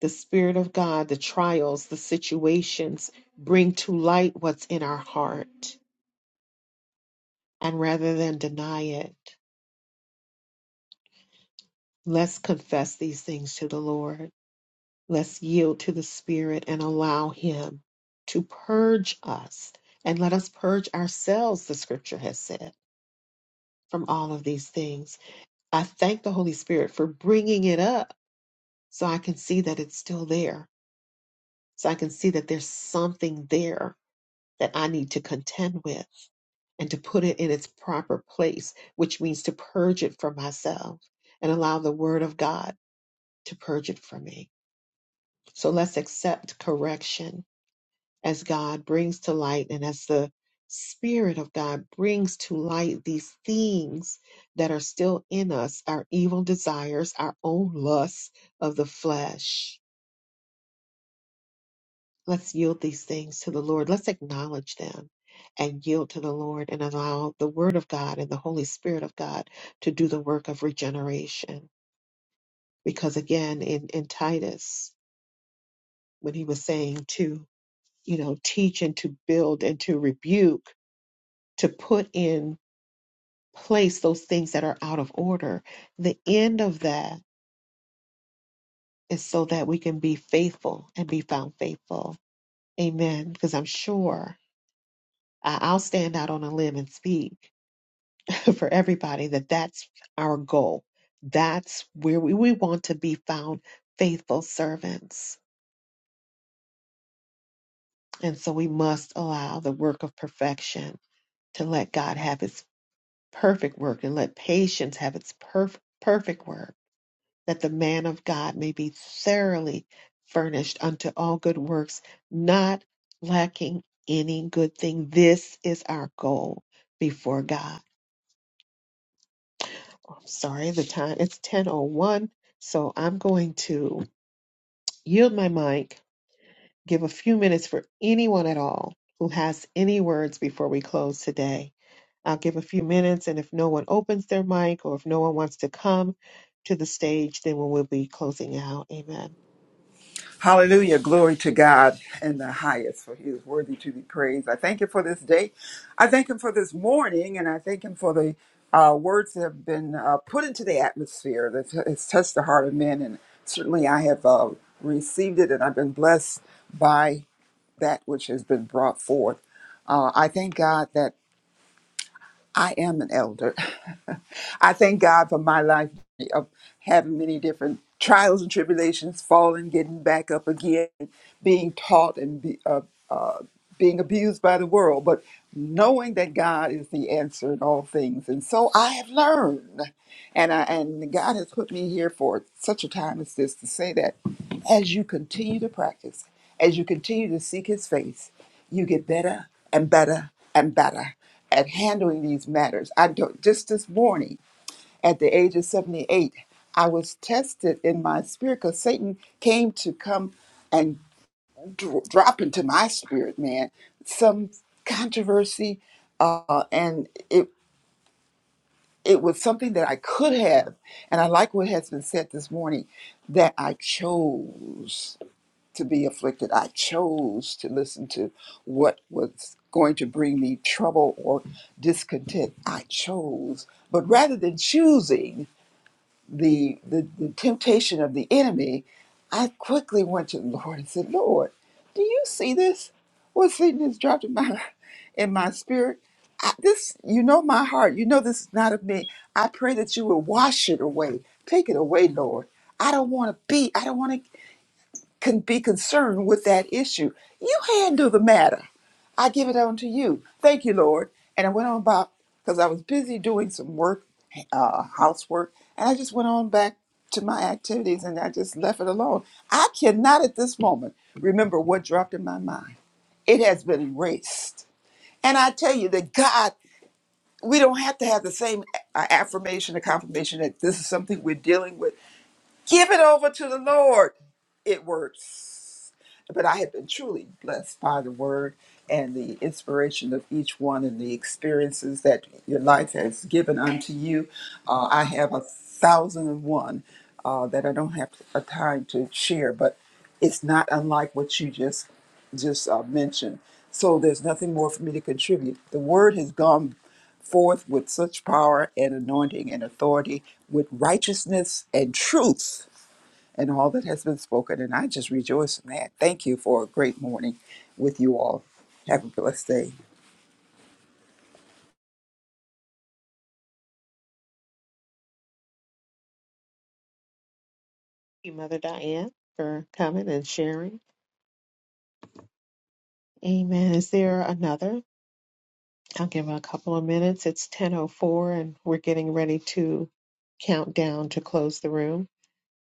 the Spirit of God, the trials, the situations bring to light what's in our heart. And rather than deny it, let's confess these things to the Lord. Let's yield to the Spirit and allow Him to purge us. And let us purge ourselves, the scripture has said, from all of these things. I thank the Holy Spirit for bringing it up so I can see that it's still there. So I can see that there's something there that I need to contend with and to put it in its proper place, which means to purge it from myself and allow the Word of God to purge it from me. So let's accept correction as God brings to light and as the Spirit of God brings to light these things that are still in us, our evil desires, our own lusts of the flesh. Let's yield these things to the Lord. Let's acknowledge them and yield to the Lord and allow the Word of God and the Holy Spirit of God to do the work of regeneration. Because again, in, in Titus, when he was saying to, you know, teach and to build and to rebuke, to put in place those things that are out of order. The end of that is so that we can be faithful and be found faithful. Amen. Because I'm sure I- I'll stand out on a limb and speak for everybody that that's our goal. That's where we, we want to be found faithful servants. And so we must allow the work of perfection to let God have its perfect work and let patience have its perf- perfect work that the man of God may be thoroughly furnished unto all good works, not lacking any good thing. This is our goal before God. I'm sorry, the time it's 10:01, so I'm going to yield my mic, give a few minutes for anyone at all who has any words before we close today. I'll give a few minutes, and if no one opens their mic or if no one wants to come to the stage, then we will be closing out. Amen. Hallelujah. Glory to God in the highest, for he is worthy to be praised. I thank him for this day. I thank him for this morning, and I thank him for the uh, words that have been uh, put into the atmosphere that has touched the heart of men. And certainly I have uh, received it, and I've been blessed by that which has been brought forth. Uh, I thank God that. I am an elder. I thank God for my life of having many different trials and tribulations, falling, getting back up again, being taught and be, uh, uh, being abused by the world, but knowing that God is the answer in all things. And so I have learned, and I, and God has put me here for such a time as this to say that as you continue to practice, as you continue to seek His face, you get better and better and better at handling these matters. I don't, just this morning, at the age of 78, I was tested in my spirit because Satan came to come and dro- drop into my spirit, man, some controversy, uh, and it it was something that I could have, and I like what has been said this morning, that I chose to be afflicted. I chose to listen to what was going to bring me trouble or discontent. I chose. But rather than choosing the, the, the temptation of the enemy, I quickly went to the Lord and said, Lord, do you see this? What Satan has dropped in my in my spirit? I, this you know my heart. You know this is not of me. I pray that you would wash it away. Take it away, Lord. I don't want to be. I don't want to can be concerned with that issue. You handle the matter. I give it on to you. Thank you, Lord. And I went on about because I was busy doing some work, uh, housework, and I just went on back to my activities and I just left it alone. I cannot at this moment remember what dropped in my mind. It has been erased. And I tell you that God, we don't have to have the same a- affirmation or confirmation that this is something we're dealing with Give it over to the Lord. It works. But I have been truly blessed by the word and the inspiration of each one and the experiences that your life has given unto you. Uh, I have a thousand and one uh, that I don't have a time to share, but it's not unlike what you just just uh, mentioned. So there's nothing more for me to contribute. The word has gone forth with such power and anointing and authority, with righteousness and truth and all that has been spoken. And I just rejoice in that. Thank you for a great morning with you all. Have a blessed day. you, Mother Diane, for coming and sharing. Amen. Is there another? I'll give a couple of minutes. It's 10:04, and we're getting ready to count down to close the room.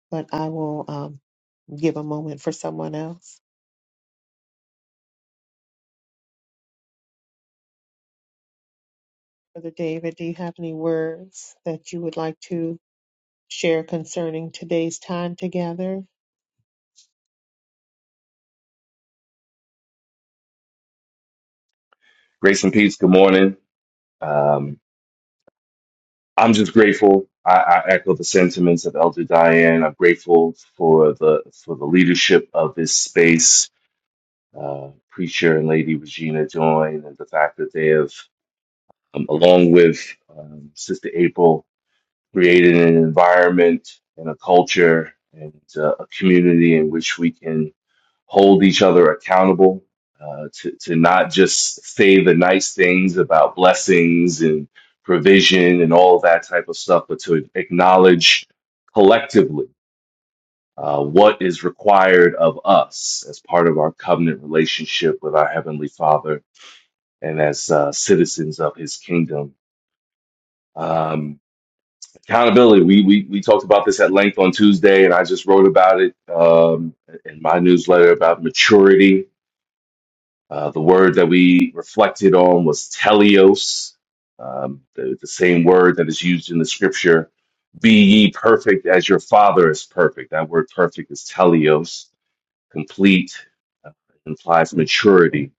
But I will um, give a moment for someone else. Brother David, do you have any words that you would like to share concerning today's time together? Grace and peace. Good morning. Um, I'm just grateful. I, I echo the sentiments of Elder Diane. I'm grateful for the for the leadership of this space, uh, preacher and Lady Regina Join, and the fact that they have, um, along with um, Sister April, created an environment and a culture and uh, a community in which we can hold each other accountable, uh, to, to not just say the nice things about blessings and provision and all that type of stuff, but to acknowledge collectively uh, what is required of us as part of our covenant relationship with our Heavenly Father and as uh, citizens of His kingdom. Um, accountability. We, we we talked about this at length on Tuesday, and I just wrote about it um, in my newsletter about maturity Uh, the word that we reflected on was teleos, um, the, the same word that is used in the scripture. Be ye perfect as your Father is perfect. That word perfect is teleos, complete, uh, implies maturity.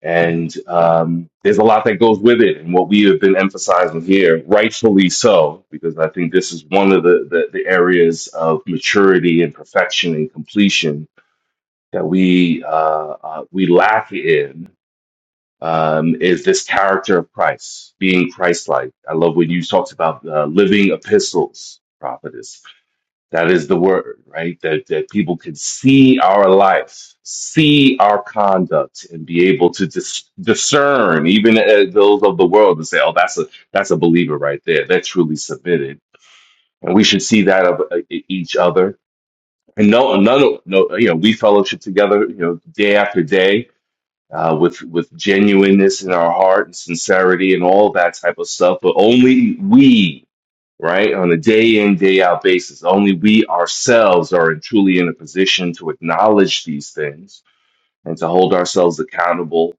And um, there's a lot that goes with it, and what we have been emphasizing here, rightfully so, because I think this is one of the, the, the areas of maturity and perfection and completion that we uh, uh, we lack in um, is this character of Christ, being Christ-like. I love when you talked about uh, living epistles, prophetess. That is the word, right? That that people can see our life, see our conduct, and be able to dis- discern, even uh, those of the world, and say, "Oh, that's a that's a believer right there. They're truly submitted." And we should see that of uh, each other. And no, no, no, no. You know, we fellowship together. You know, day after day uh, with with genuineness in our heart and sincerity and all that type of stuff. But only we, right, on a day in day out basis, only we ourselves are truly in a position to acknowledge these things and to hold ourselves accountable.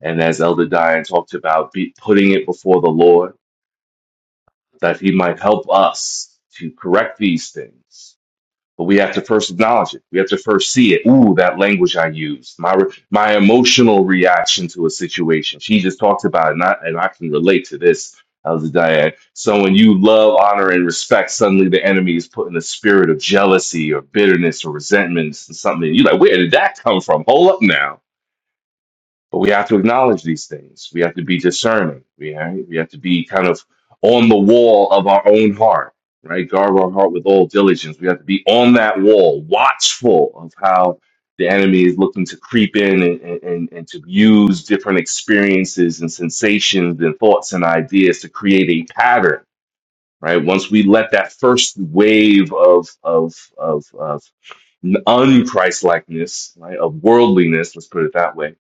And as Elder Diane talked about, be putting it before the Lord that He might help us to correct these things but we have to first acknowledge it. We have to first see it. Ooh, that language I used, my re- my emotional reaction to a situation. She just talked about it, and I, and I can relate to this. How's it, Diane? Someone you love, honor, and respect, suddenly the enemy is put in a spirit of jealousy or bitterness or resentment and something. You're like, where did that come from? Hold up now but we have to acknowledge these things. We have to be discerning. We right? we have to be kind of on the wall of our own heart, right? Guard our heart with all diligence. We have to be on that wall, watchful of how the enemy is looking to creep in and, and, and to use different experiences and sensations and thoughts and ideas to create a pattern right? Once we let that first wave of of of of unChristlikeness, right, of worldliness, let's put it that way,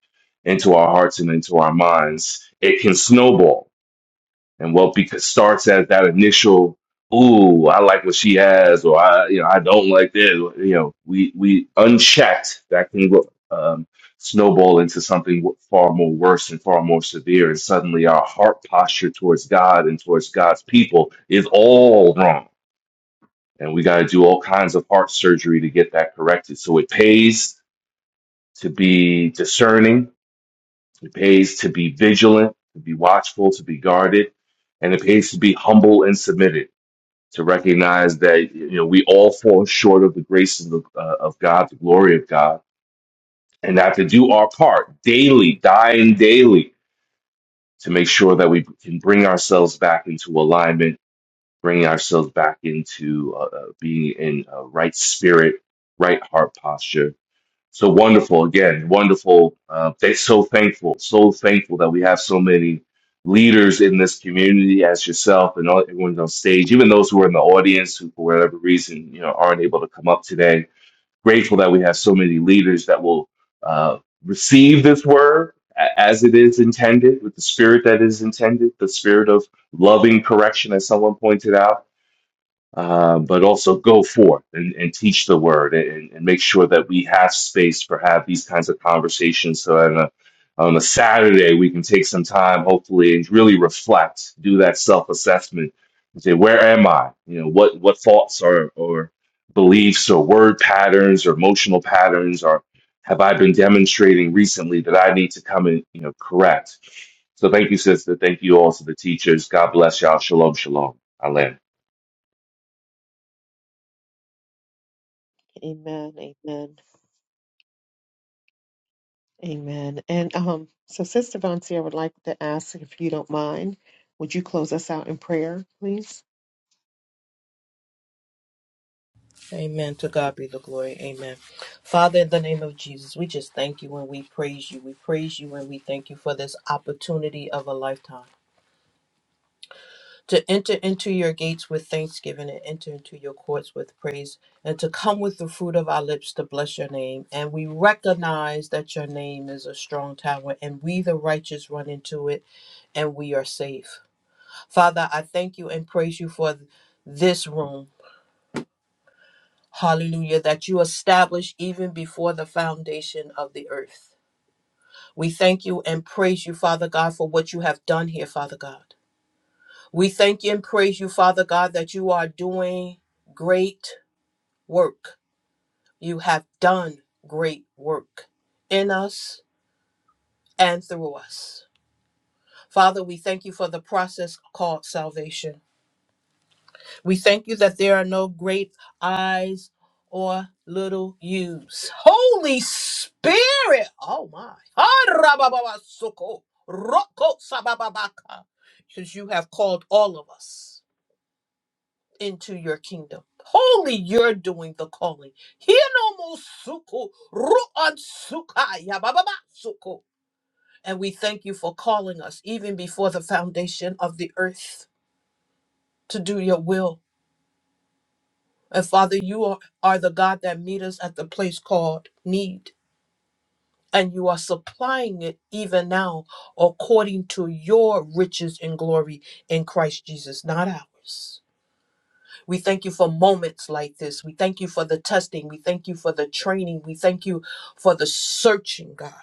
into our hearts and into our minds, it can snowball and what because starts at that initial ooh i like what she has or i you know i don't like this you know we we unchecked that can go- um, snowball into something w- far more worse and far more severe and suddenly our heart posture towards god and towards god's people is all wrong and we got to do all kinds of heart surgery to get that corrected so it pays to be discerning it pays to be vigilant, to be watchful, to be guarded, and it pays to be humble and submitted, to recognize that you know we all fall short of the grace of, the, uh, of God, the glory of God, and that to do our part daily, dying daily, to make sure that we can bring ourselves back into alignment, bringing ourselves back into uh, uh, being in a right spirit, right heart posture so wonderful, again, wonderful. Uh, they so thankful, so thankful that we have so many leaders in this community, as yourself and all, everyone's on stage, even those who are in the audience who, for whatever reason, you know, aren't able to come up today. Grateful that we have so many leaders that will uh, receive this word a- as it is intended, with the spirit that is intended, the spirit of loving correction, as someone pointed out uh, but also go forth and, and teach the word and, and make sure that we have space for have these kinds of conversations so on a, on a saturday we can take some time hopefully and really reflect do that self-assessment and say where am i you know what what thoughts or or beliefs or word patterns or emotional patterns or have i been demonstrating recently that i need to come and you know correct so thank you sister thank you all to the teachers god bless y'all shalom shalom Amen. Amen. Amen. Amen. And um, so, Sister Vonsi, I would like to ask if you don't mind, would you close us out in prayer, please? Amen. To God be the glory. Amen. Father, in the name of Jesus, we just thank you and we praise you. We praise you and we thank you for this opportunity of a lifetime to enter into your gates with thanksgiving and enter into your courts with praise and to come with the fruit of our lips to bless your name. And we recognize that your name is a strong tower and we, the righteous, run into it and we are safe. Father, I thank you and praise you for this room. Hallelujah, that you established even before the foundation of the earth. We thank you and praise you, Father God, for what you have done here, Father God. We thank you and praise you, Father God, that you are doing great work. You have done great work in us and through us. Father, we thank you for the process called salvation. We thank you that there are no great I's or little U's. Holy Spirit! Oh my. Harabababasoko, roko sabababaka, Because you have called all of us into your kingdom. Holy, you're doing the calling. Hinomosuku, ruansukaya, bababasuku. And we thank you for calling us even before the foundation of the earth to do your will And Father, you are, are the God that meet us at the place called need. And you are supplying it even now according to your riches and glory in Christ Jesus, not ours. We thank you for moments like this. We thank you for the testing. We thank you for the training. We thank you for the searching, God.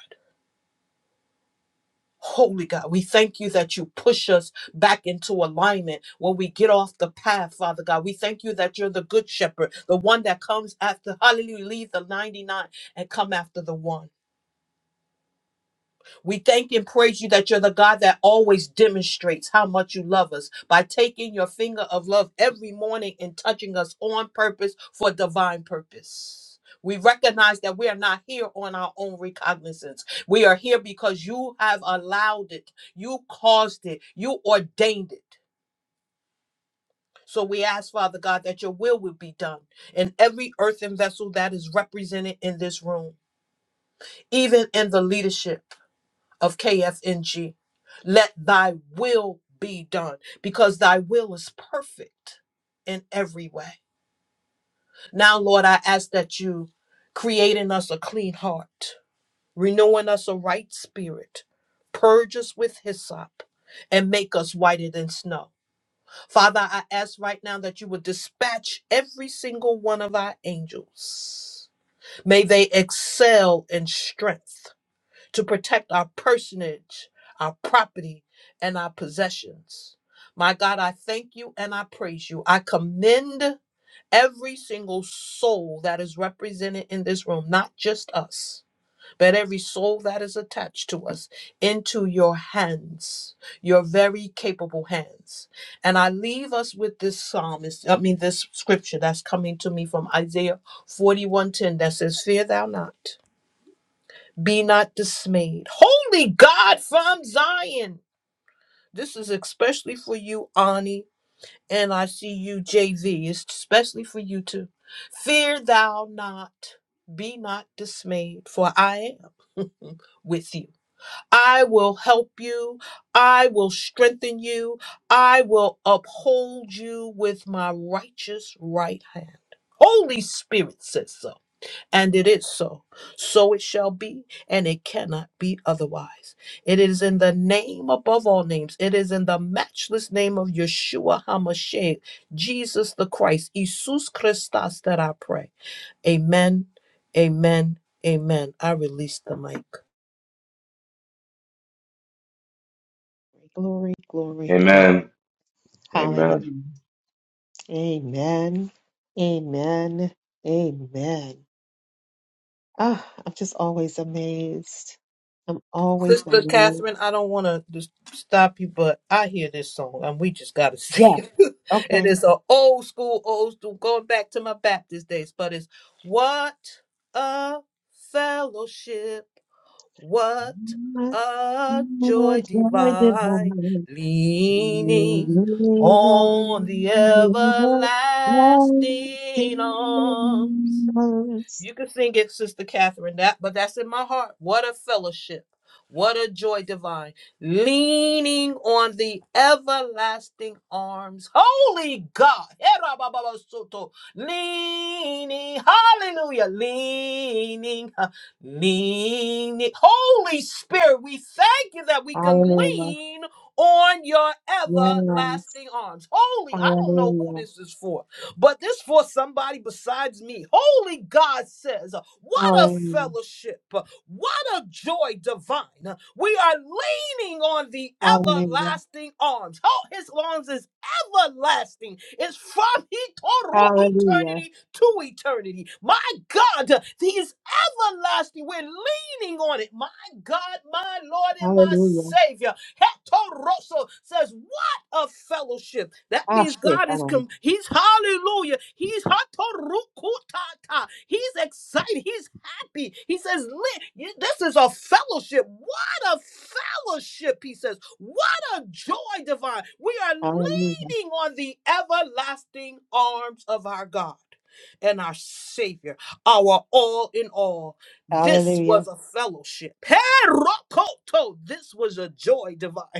Holy God, we thank you that you push us back into alignment when we get off the path, Father God. We thank you that you're the good shepherd, the one that comes after, hallelujah, leave the 99 and come after the one. We thank and praise you that you're the God that always demonstrates how much you love us by taking your finger of love every morning and touching us on purpose for divine purpose. We recognize that we are not here on our own recognizance. We are here because you have allowed it, you caused it, you ordained it. So we ask, Father God, that your will would be done in every earthen vessel that is represented in this room, even in the leadership. of KFNG. Let thy will be done because thy will is perfect in every way. Now, Lord, I ask that you create in us a clean heart, renewing us a right spirit, purge us with hyssop, and make us whiter than snow. Father, I ask right now that you would dispatch every single one of our angels. May they excel in strength to protect our personage, our property, and our possessions. My God, I thank you and I praise you. I commend every single soul that is represented in this room, not just us, but every soul that is attached to us into your hands, your very capable hands. And I leave us with this psalmist, I mean, this scripture that's coming to me from Isaiah 41:10 that says, Fear thou not. Be not dismayed. Holy God from Zion. This is especially for you, Ani, and I see you, JV. It's especially for you too. Fear thou not. Be not dismayed, for I am with you. I will help you. I will strengthen you. I will uphold you with my righteous right hand. Holy Spirit says so. And it is so. So it shall be, and it cannot be otherwise. It is in the name above all names. It is in the matchless name of Yeshua HaMashiach, Jesus the Christ, Jesus Christus, that I pray. Amen, amen, amen. I release the mic. Glory, glory, glory. amen Hallelujah. Amen. Amen. Amen. Amen. Ah, I'm just always amazed. I'm always Sister amazed. Catherine, I don't want to just stop you, but I hear this song and we just got to sing Yeah. it. it Okay. is an old school, old school, going back to my Baptist days, but it's what a fellowship, what My a joy Lord, joy divine, divine, leaning Hallelujah. on the Blessings. everlasting arms. You can sing it, Sister Catherine, that, but that's in my heart. What a fellowship. What a joy divine. Leaning on the everlasting arms. Holy God. Leaning. Hallelujah. Leaning. huh, Leaning. Holy Spirit, we thank you that we can Hallelujah. lean on your Yes. everlasting arms. Holy, I don't know who Hallelujah. this is for. But this for somebody besides me. Holy God says, what a Hallelujah. fellowship, what a joy divine. We are leaning on the Hallelujah. everlasting arms. Oh, his arms is everlasting. It's from etoro- Hallelujah. eternity to eternity. My God, he is everlasting. We're leaning on it. My God, my Lord, and my Hallelujah. Savior. Hetoroso says, of fellowship. That Ah, means shit, God is com- He's hallelujah. He's hatorukutata. He's excited. He's happy. He says, "Li- you- this is a fellowship. What a fellowship, he says. What a joy divine. We are Hallelujah. leaning on the everlasting arms of our God. And our Savior, our all in all. This Hallelujah. was a fellowship. Herokoto, This was a joy divine.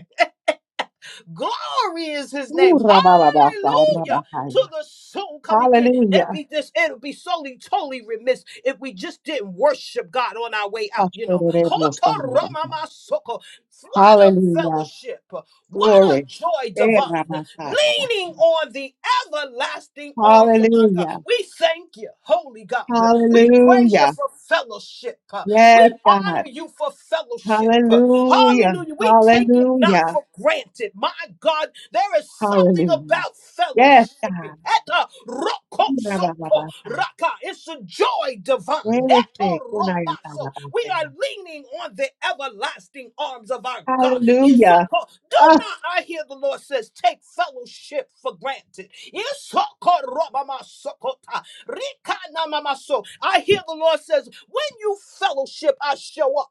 Glory is his name. Ooh, rabababasa, Hallelujah. rabahai. To the soon coming King. It'd Hallelujah. be this, it'll be solely totally remiss if we just didn't worship God on our way out, you know. Ashtererebosa, rabahai. Hotoramamasoko. What a Hallelujah. fellowship. What Glory. a joy Eh, divine. rabasa, Leaning rabahai. on the everlasting arms of our God. Hallelujah. We thank you, holy God. We praise you Hallelujah. for fellowship. Yes, We honor God. you for fellowship. Hallelujah. Hallelujah. We take it not Hallelujah. for granted. My God, there is something Hallelujah. about Yes, fellowshipping. God. Eta roko Ooh, soko rabababasa. raka. It's a joy divine. Yes, eh, Eto kunayata, romaso. We rabahai. are leaning on the everlasting arms of our God. Hallelujah. Isoko. Do Ah, not, I hear the Lord says, take fellowship for granted. Isoko robama sokota. Rika na mama so. I hear the Lord says, when you fellowship, I show up.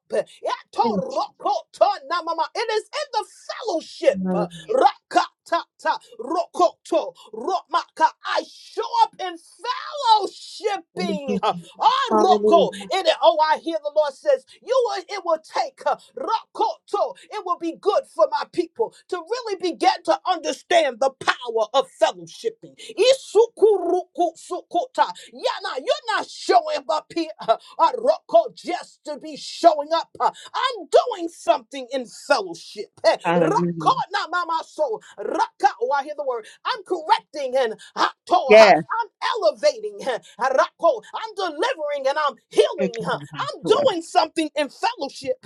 sí. Yato roko to na mama. It is in the fellowship. Hallelujah. Raka ta ta roko to romaka. I show up in fellowship Thank fellowshipping. you. Ah, Roko. Hallelujah. In it, oh, I hear the Lord says, You will, it will take uh, Rokoto. It will be good for my people to really begin to understand the power of fellowshipping. Isukuruku sukota. Yana, you're not showing up here. uh, uh, roko, just to be showing up. Uh, I'm doing something in fellowship. Eh, Rako Hallelujah. na mama so raka. Oh, I hear the word. I'm correcting and hato, ha, Yes. I'm elevating. eh, Rako. I'm delivering and I'm Thank healing. huh. you, I'm God. doing something in fellowship.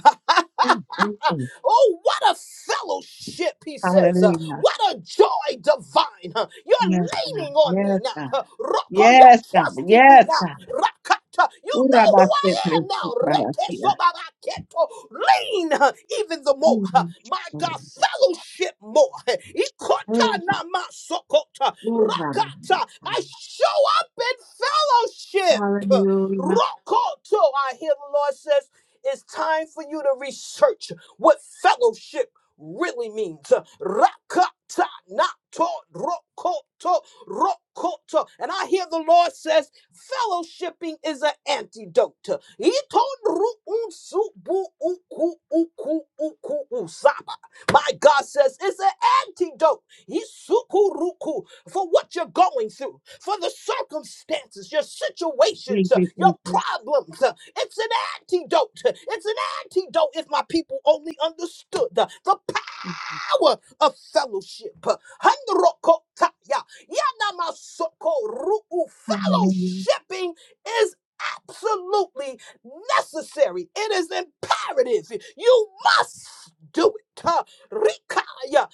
Mm, mm, mm. Oh, what a fellowship, he says. Uh, Hallelujah. What a joy divine. huh? You're Yes, God. leaning on me Yes, now. God. huh? Rocco, you're Yes, God. trusting me Yes, now. God. Rakata, you know who Urabase I am presi now. prarasia. Rekesobabaketo. Lean huh, even the more. huh? Mm, My mm, God, fellowship more. huh? Ikota mm. namasokota. Rakata, Urabasa. I show up in fellowship. Uh, Hallelujah. Rokoto, I hear the Lord says, it's time for you to research what fellowship really means. Rakata nato rokoto rokoto. And I hear the Lord says, fellowshipping is an antidote. Ito ru'un subu uku uku uku usaba. My God says it's an antidote. Isukuruku, for what you're going through, for the circumstances, your situations, Thank uh, you, your Jesus. problems. uh, It's an antidote. It's an antidote if my people only understood uh, the Thank you. power of fellowship. Handrokotaya, yanamasoko ru'u. Hallelujah. Fellowshipping is absolutely necessary. It is imperative. You must do it. Huh. Rikaya,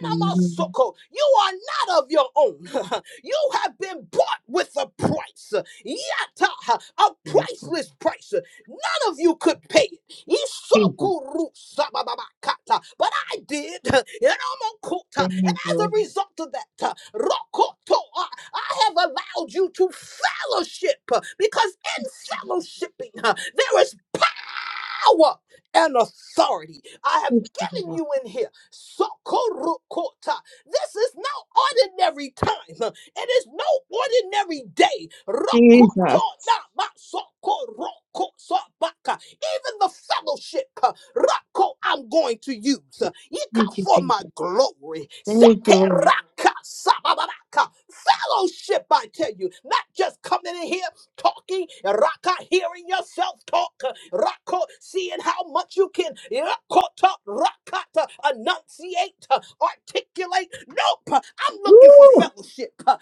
Hallelujah. You are not of your own. you have been bought with a price. Yata, a Beautiful. priceless price. None of you could pay it. Jesus. Isokuru sababakata. But I did, and i and Thank as a you. result of that, uh, rokoto, I I have allowed you to fellowship uh, because in fellowshipping uh, there is power and authority I have Jesus. Thank you. given Lord. you in here. Sokorokota. This is no ordinary time. It is no ordinary day. Jesus. Rokotonamasokorokosabaka. Even the fellowship, uh, Roko, I'm going to use. uh, Ika Thank you, for my Jesus. glory. Thank you, Lord. Sekeraka sababaka. Fellowship, I tell you, not just coming in here talking, Raka hearing yourself talk, Raka seeing how much you can Rakota, Rakata enunciate, uh, articulate. Nope, I'm looking for Ooh, fellowship. I'm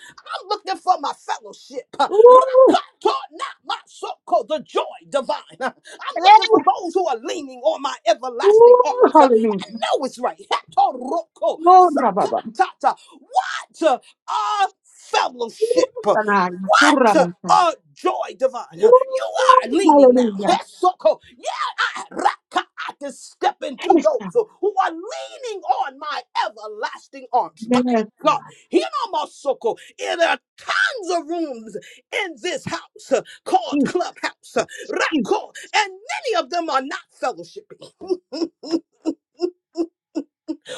looking for my fellowship. ooh, Rakato, not my so-called the joy divine. I'm eh, looking for those who are leaning on my everlasting ooh, arms. I hallelujah. know it's right. Hatoroko, Oh, rababa. Sakatata. What? our Ooh, fellowship. sanaya, What kurabasa. a joy divine. You are Ooh, leaning now. hallelujah. Hesoko. Yeah, I, raka, I can step into Esta, those who are leaning on my everlasting arms. My yes, God. God. Hinamasoko. And There are tons of rooms in this house uh, called Jesus, Clubhouse. uh, Jesus. Rako. And many of them are not fellowshipping.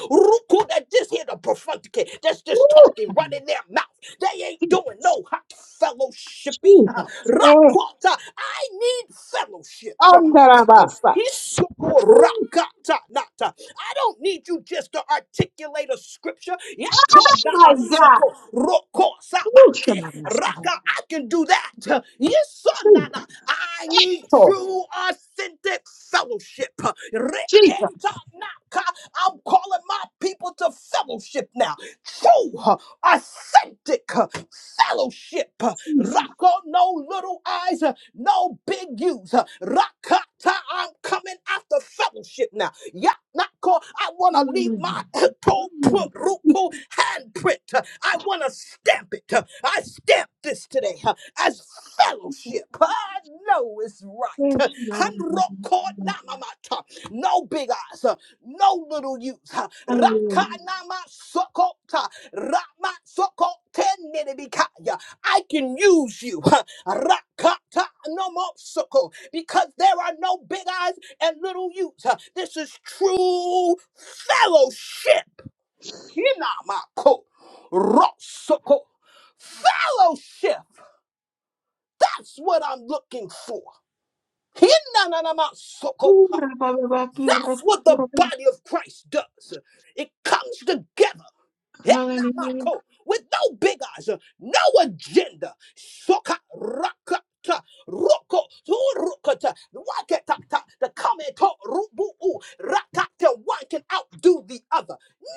Ruku that just here the prophetic, that's just Ooh, talking, right sanaya, in their mouth. They ain't Jesus. doing no hot fellowshipping. Jesus. Eh, Rakata, I need fellowship from my people. andarabasa. Isuku Ooh, rakata nata. I don't need you just to articulate a scripture. oh my Yakonama God. soko roko Ooh, sabake shanarasa. raka. I can do that. Yisonana. Jesus. I need Oh, true, authentic fellowship. Jesus. Reketa I'm calling my people to fellowship now. True, uh, authentic uh, fellowship. uh, Jesus. Rocko, no little eyes, uh, no big U's. uh, Rakata, I'm coming after fellowship now. Yeah, I want to leave Hallelujah. my toe Mm, print, ruku handprint. uh, I want to stamp it. uh, I stamp this today uh, as fellowship. I know it's yes, right. shanarasa. Handrokonamamata. No big eyes, uh, no little youth. uh, Hallelujah. Rakanamasokota, Ramasokotenedebikaya. I can use you. uh, Rakata no more because there are no big eyes and little youths. uh, This is true fellowship. Hinamako. Rosoko. Fellowship. That's what I'm looking for. Ooh, Hinananamasoko. That's what the rababa, body of Christ does. It comes together yeah, not my Hallelujah. coat. With no big eyes, uh, no agenda. Soka rakata roko to rokata waketata the comment to rubu u, rakata one can outdo the other.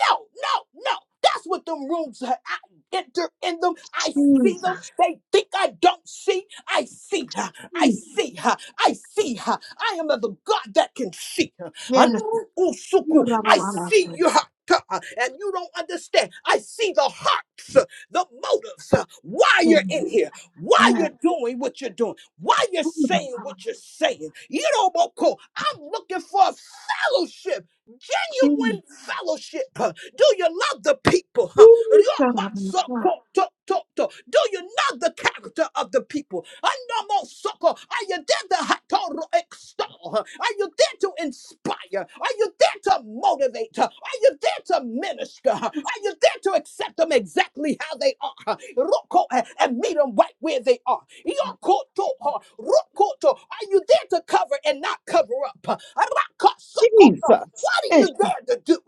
No, no, no. That's what them rooms ha- I enter in them. I see Jesus. them. They think I don't see. I see her. I Jesus. see her. I see her. I am of the God that can see. Yes. Ooh, Anrukusuku. I rababababa. see your heart. uh, And you don't understand. I see the hearts, uh, the motives, uh, why Yes. you're in here, why Yes. you're doing what you're doing, why you're Ooh, saying rabababa. what you're saying. You don't want call. I'm looking for a fellowship, genuine Jesus. fellowship. Uh, Do you love the people? Huh? Ooh, rabababa. Ryomasokotototo. Do you know the character of the people? Anomosoko. Are you there to hatoro extol? Are you there to inspire? Are you there to motivate? Are you there to minister? Are you there to accept them exactly how they are? Roko, eh, And meet them right where they are. Yokoto, huh, rokoto. Are you there to cover and not cover up? Arakasokoto. Jesus. What are Yes. you there to do?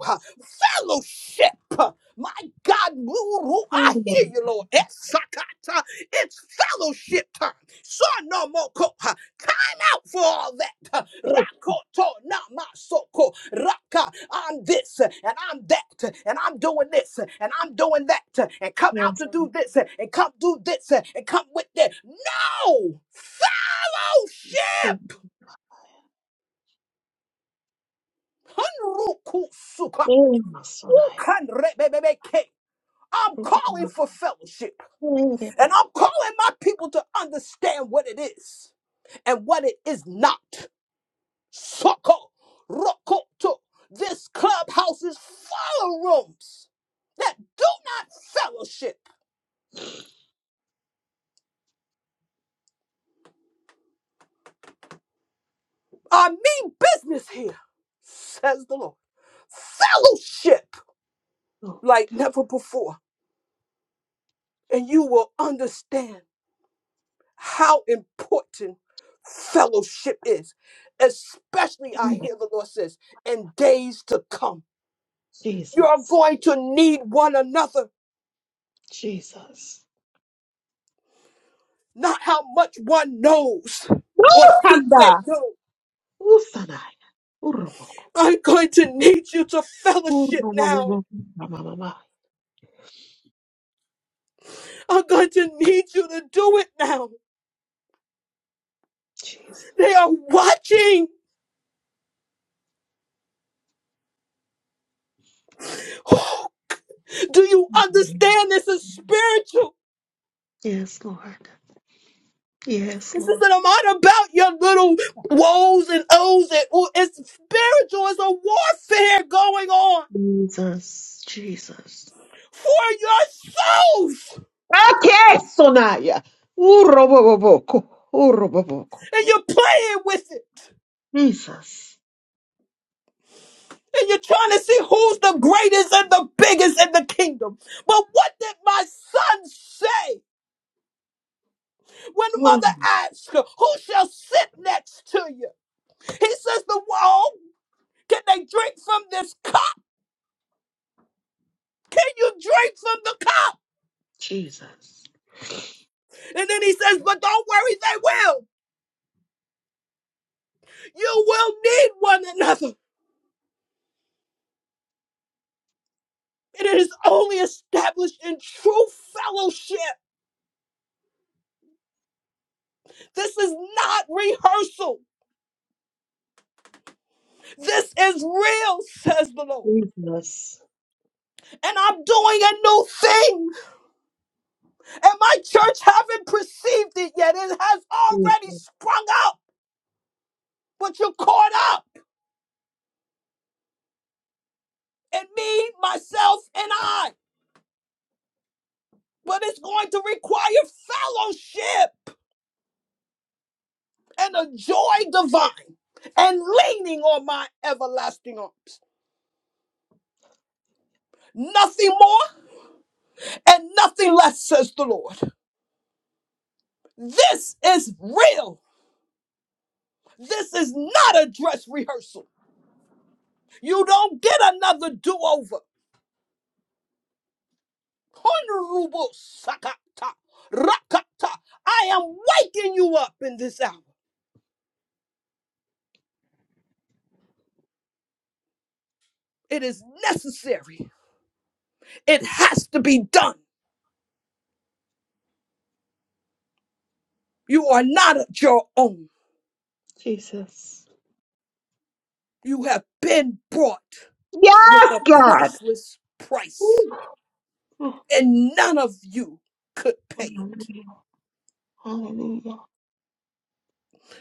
Fellowship. My God, Guru, I hear Lord. you, Lord. Esakata. It's fellowship time. So no more co- ha. Time out for all that. huh? Yes. Rakoto namasoko. Raka. I'm this uh, and I'm that uh, and I'm doing this uh, and I'm doing that uh, and come out Yes. to do this uh, and come do this uh, and come with that. No! Oh, Fellowship! Hunruku suka. very much, Lord. Ukanrebebeke. I'm Oh, calling for fellowship. my very much. And I'm calling my people to understand what it is and what it is not. Soko, rokoto. This clubhouse is full of rooms that do not fellowship. I mean business here, says the Lord. Fellowship Oh, like never before. And you will understand how important fellowship is, especially, I yes. hear the Lord says, in days to come. You're Jesus. going to need one another, Jesus. not how much one knows or think they Handa. know. Ooh, Sanai. Ooh, I'm going to need you to fellowship now. I'm going to need you to do it now. They Jesus. are watching. Do you understand this is spiritual? Yes, Lord. Yes, This Lord. isn't not about your little woes and ohs and ooh. It's spiritual. It's a warfare going on Jesus, Jesus. for your souls, Okay, Sonaya. Uroboboko. Uroboboko. and you're playing with it. Jesus. and you're trying to see who's the greatest and the biggest in the kingdom. But what did my son say when Oh, mother asked, Who shall sit next to you? He says, The wall. Can they drink from this cup? Can you drink from the cup? Jesus. And then he says, But don't worry, they will. You will need one another. And it is only established in true fellowship. This is not rehearsal. This is real, says the Lord Jesus. and I'm doing a new thing. And my church haven't perceived it yet. It has Jesus. already sprung up, but you're caught up in me, myself, and I. But it's going to require fellowship and a joy divine and leaning on my everlasting arms. Nothing more and nothing less, says the Lord. This is real. This is not a dress rehearsal. You don't get another do over. Honorable Sakata Rakata. I am waking you up in this hour. It is necessary. It has to be done. You are not your own. Jesus. You have been bought with Yes, a God. priceless price, Ooh. Oh, and none of you could pay it. hallelujah. Hallelujah.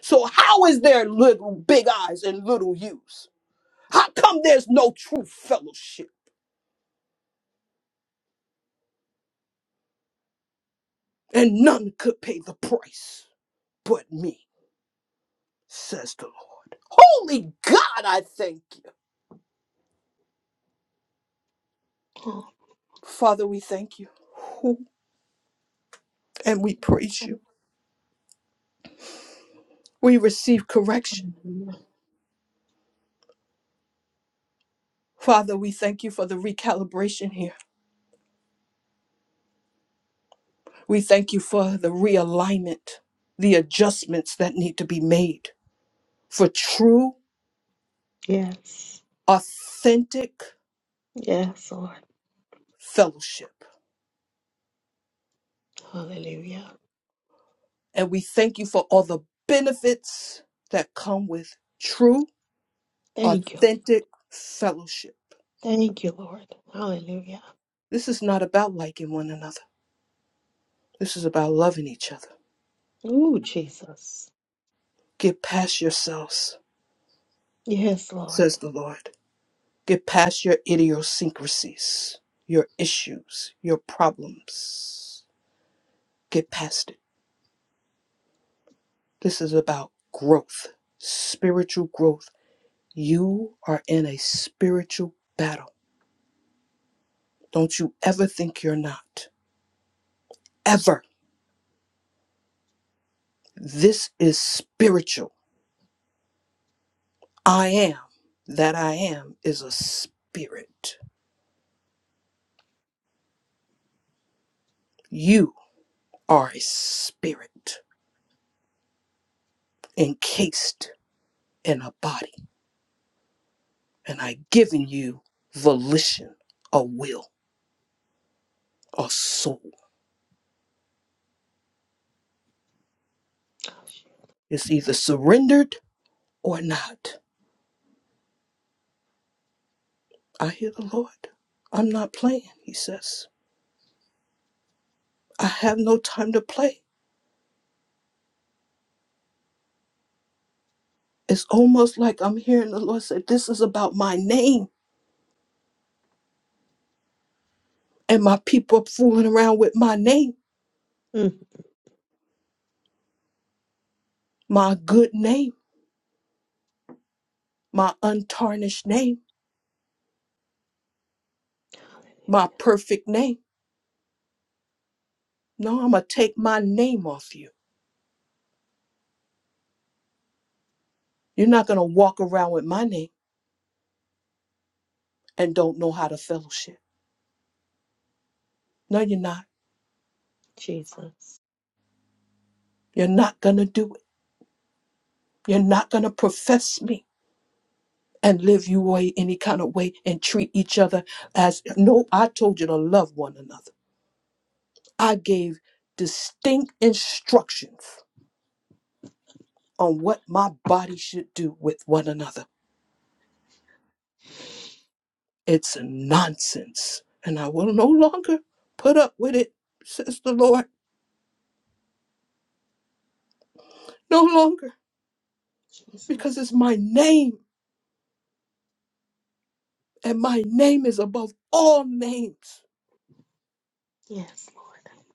So how is there little big eyes and little yous? How come there's no true fellowship and none could pay the price but me? says the Lord. Holy God, I thank you. Oh, Father, we thank you and we praise you. We receive correction. hallelujah. Father, we thank you for the recalibration here. We thank you for the realignment, the adjustments that need to be made for true, Yes. authentic Yes, Lord. fellowship. Hallelujah. And we thank you for all the benefits that come with true, Thank you. authentic fellowship. Thank you, Lord. Hallelujah. This is not about liking one another. This is about loving each other. Ooh, Jesus. Get past yourselves, Yes, Lord. says the Lord. Get past your idiosyncrasies, your issues, your problems. Get past it. This is about growth, spiritual growth. You are in a spiritual battle. Don't you ever think you're not. Ever. This is spiritual. I am that I am is a spirit. You are a spirit encased in a body. and I given you volition, a will, a soul. It's either surrendered or not. I hear the Lord. I'm not playing, he says. I have no time to play. It's almost like I'm hearing the Lord say, This is about my name. And my people are fooling around with my name, Mm, my good name, my untarnished name, my perfect name. No, I'm going to take my name off you. You're not going to walk around with my name and don't know how to fellowship. No, you're not. Jesus. You're not going to do it. You're not going to profess me and live you way any kind of way and treat each other as no, I told you to love one another. I gave distinct instructions on what my body should do with one another. It's nonsense. And I will no longer put up with it, says the Lord. No longer, because Jesus. it's my name, and my name is above all names. Yes, Lord.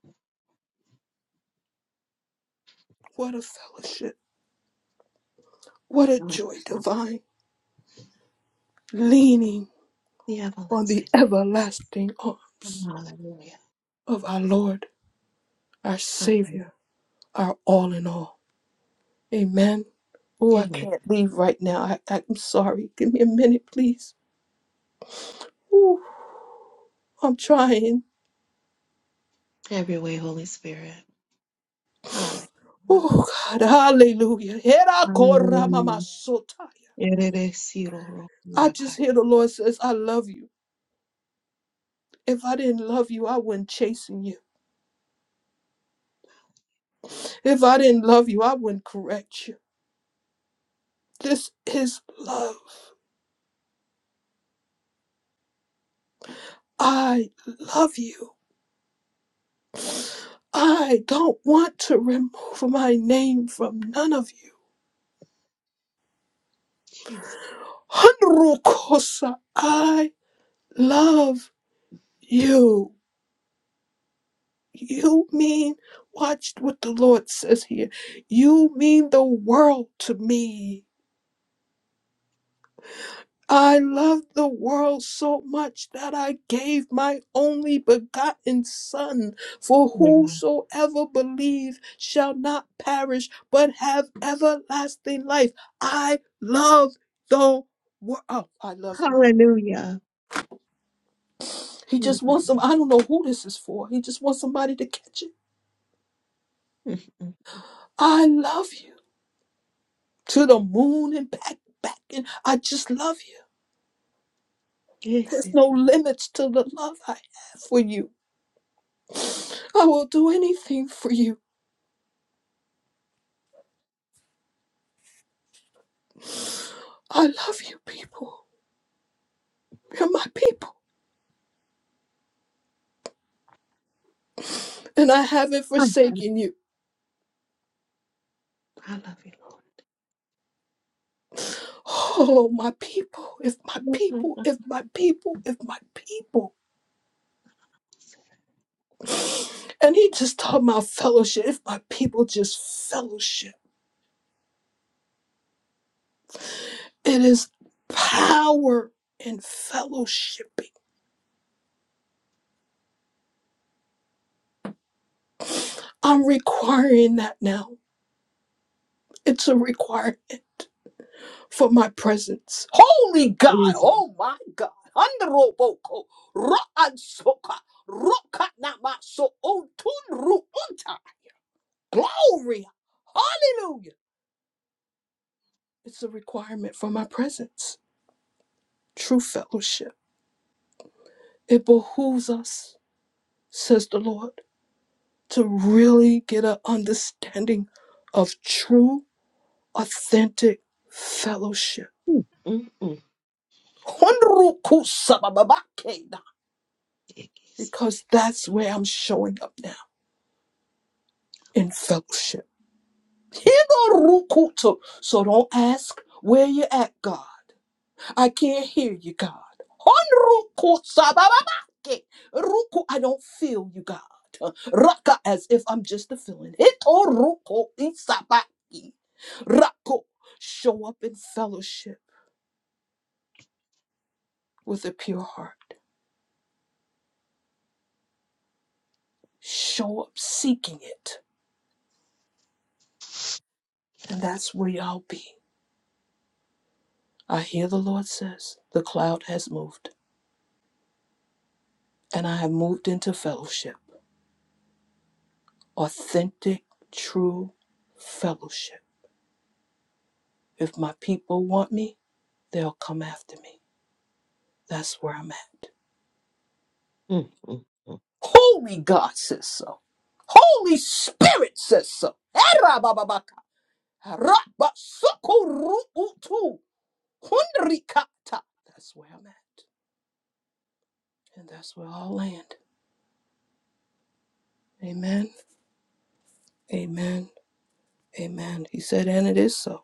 What a fellowship. What a joy divine. Leaning The on the everlasting. everlasting arms Lord. Hallelujah. of our Lord, our Um, Savior, our all in all. Amen. Oh, I Amen. can't leave right now. I, I'm sorry. Give me a minute, please. Ooh, I'm trying. Have your way, Holy Spirit. Hallelujah. Oh, God. Hallelujah. Hera korra mama Hallelujah. sotaya. I Ereresirorokurabai. just hear the Lord says, I love you. If I didn't love you, I wouldn't chasten you. If I didn't love you, I wouldn't correct you. This is love. I love you. I don't want to remove my name from none of you. Jesus. Hanrukosa, I love you. You mean, watch what the Lord says here. You mean the world to me. I loved the world so much that I gave my only begotten Son, for whosoever believe shall not perish, but have everlasting life. I love the world. Oh, I love you. Hallelujah. He just wants some. I don't know who this is for. He just wants somebody to catch it. Mhm. I love you to the moon and back, back, and I just love you. Yes, There's it no limits to the love I have for you. I will do anything for you. I love you, people. You're my people. And I haven't is. forsaken you. I love you, Oh, my people, if my Lord. people, if my people, if my people. And he just taught my fellowship. If my people just fellowship, it is power in fellowshipping. I'm requiring that now. It's a requirement. for my presence. Holy God, Easy. oh my God. Androboko, Ro'ansoka, Rokanamaso, Otunru Unta. Glory, hallelujah. It's a requirement for my presence, true fellowship. It behooves us, says the Lord, to really get an understanding of true, authentic fellowship. Mm-mm. Honruku sabababake. It is. Because that's where I'm showing up now in fellowship. Hibarukuto. So don't ask where you at, God. I can't hear you, God. Honrukusabababake. Ruku- I don't feel you, God. Raka as if I'm just a feeling. Hitoruko isabaki. Rako. Show up in fellowship with a pure heart. Show up seeking it. And that's where y'all be. I hear the Lord says, The cloud has moved, and I have moved into fellowship. authentic, true fellowship. If my people want me, they'll come after me. That's where I'm at. Mm-mm. Holy God says so. Holy Spirit says so. Erabababaka, rabasukuruutu, hundrikata. That's where I'm at. And that's where I'll land. Amen. Amen. Amen. He said, and it is so.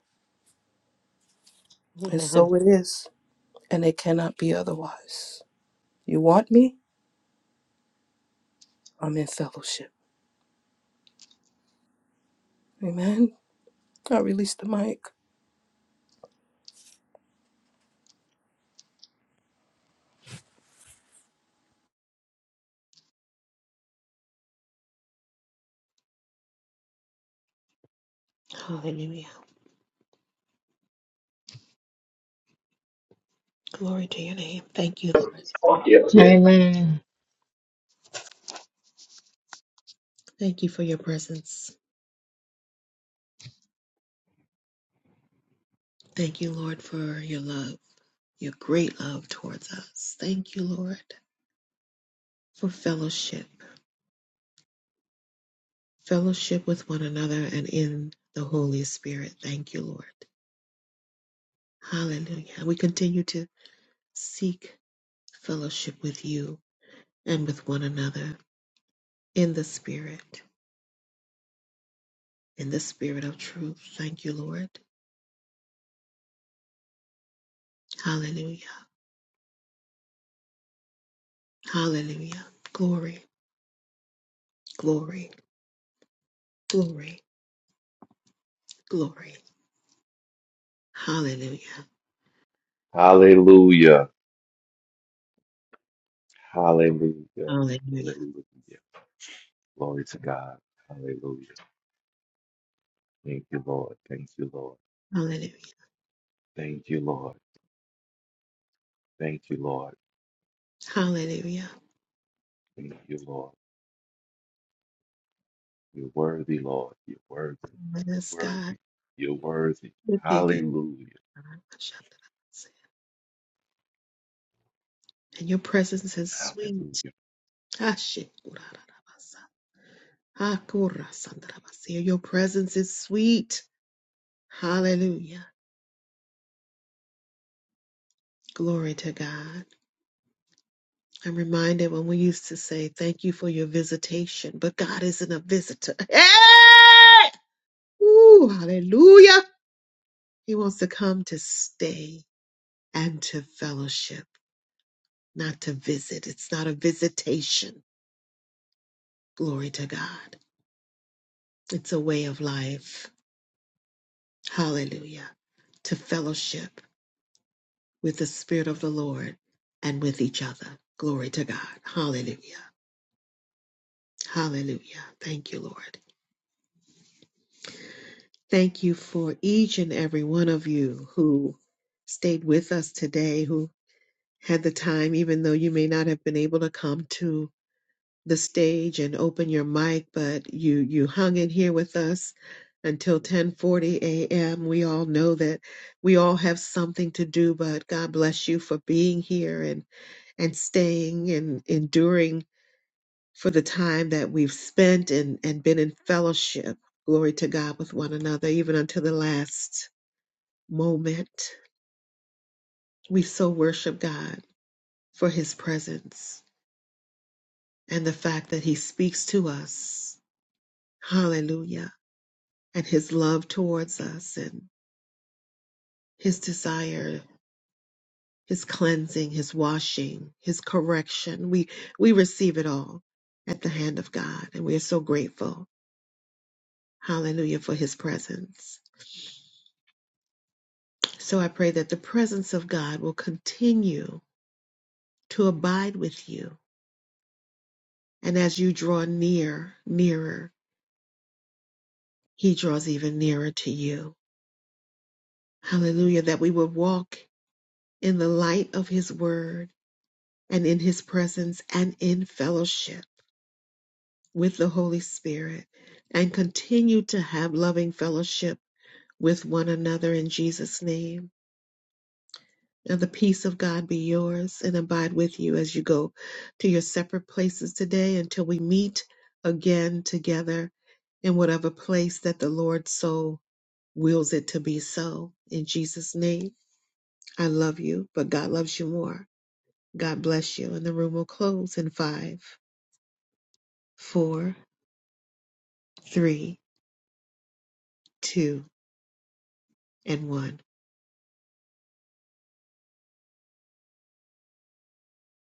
And Amen. so it is. And it cannot be otherwise. You want me? I'm in fellowship. Amen. I released the mic. Hallelujah. Glory to your name. Thank you, Lord. Yes. Thank you for your presence. Thank you, Lord, for your love, your great love towards us. Thank you, Lord, for fellowship, fellowship with one another and in the Holy Spirit. Thank you, Lord. Hallelujah. We continue to seek fellowship with you and with one another in the Spirit, in the Spirit of truth. Thank you, Lord. Hallelujah. Hallelujah. Glory, glory, glory, glory. Hallelujah. Hallelujah. Hallelujah. Hallelujah. Hallelujah. Glory to God. Hallelujah. Thank you, Lord. Thank you, Lord. Hallelujah. Thank you, Lord. Thank you, Lord. Hallelujah. Thank you, Lord. You're worthy, Lord. You're worthy. Yes, You're God. worthy. You're worthy. You're kicking. Hallelujah. And your presence is Hallelujah. sweet. Ah, shit. Akurasandravasi. Your presence is sweet. Hallelujah. Glory to God. I'm reminded when we used to say, Thank you for your visitation, but God isn't a visitor. Hey! Ooh, hallelujah. He wants to come to stay and to fellowship, not to visit. It's not a visitation. Glory to God. It's a way of life. Hallelujah. To fellowship with the Spirit of the Lord and with each other. Glory to God. Hallelujah. Hallelujah. Thank you, Lord. Thank you for each and every one of you who stayed with us today, who had the time, even though you may not have been able to come to. the stage and open your mic, but you you hung in here with us until 10:40 a.m. We all know that we all have something to do, but God bless you for being here and and staying and enduring for the time that we've spent and and been in fellowship. Glory to God with one another even until the last moment. We so worship God for his presence and the fact that he speaks to us. Hallelujah and his love towards us and his desire, his cleansing, his washing, his correction. We we receive it all at the hand of God and we are so grateful. Hallelujah for his presence. So I pray that the presence of God will continue to abide with you and as you draw near, nearer, he draws even nearer to you. Hallelujah that we will walk in the light of his word and in his presence and in fellowship with the Holy Spirit and continue to have loving fellowship with one another in Jesus' name. And the peace of God be yours and abide with you as you go to your separate places today until we meet again together in whatever place that the Lord so wills it to be so. In Jesus' name, I love you, but God loves you more. God bless you. And the room will close in five, four, three, two, and one.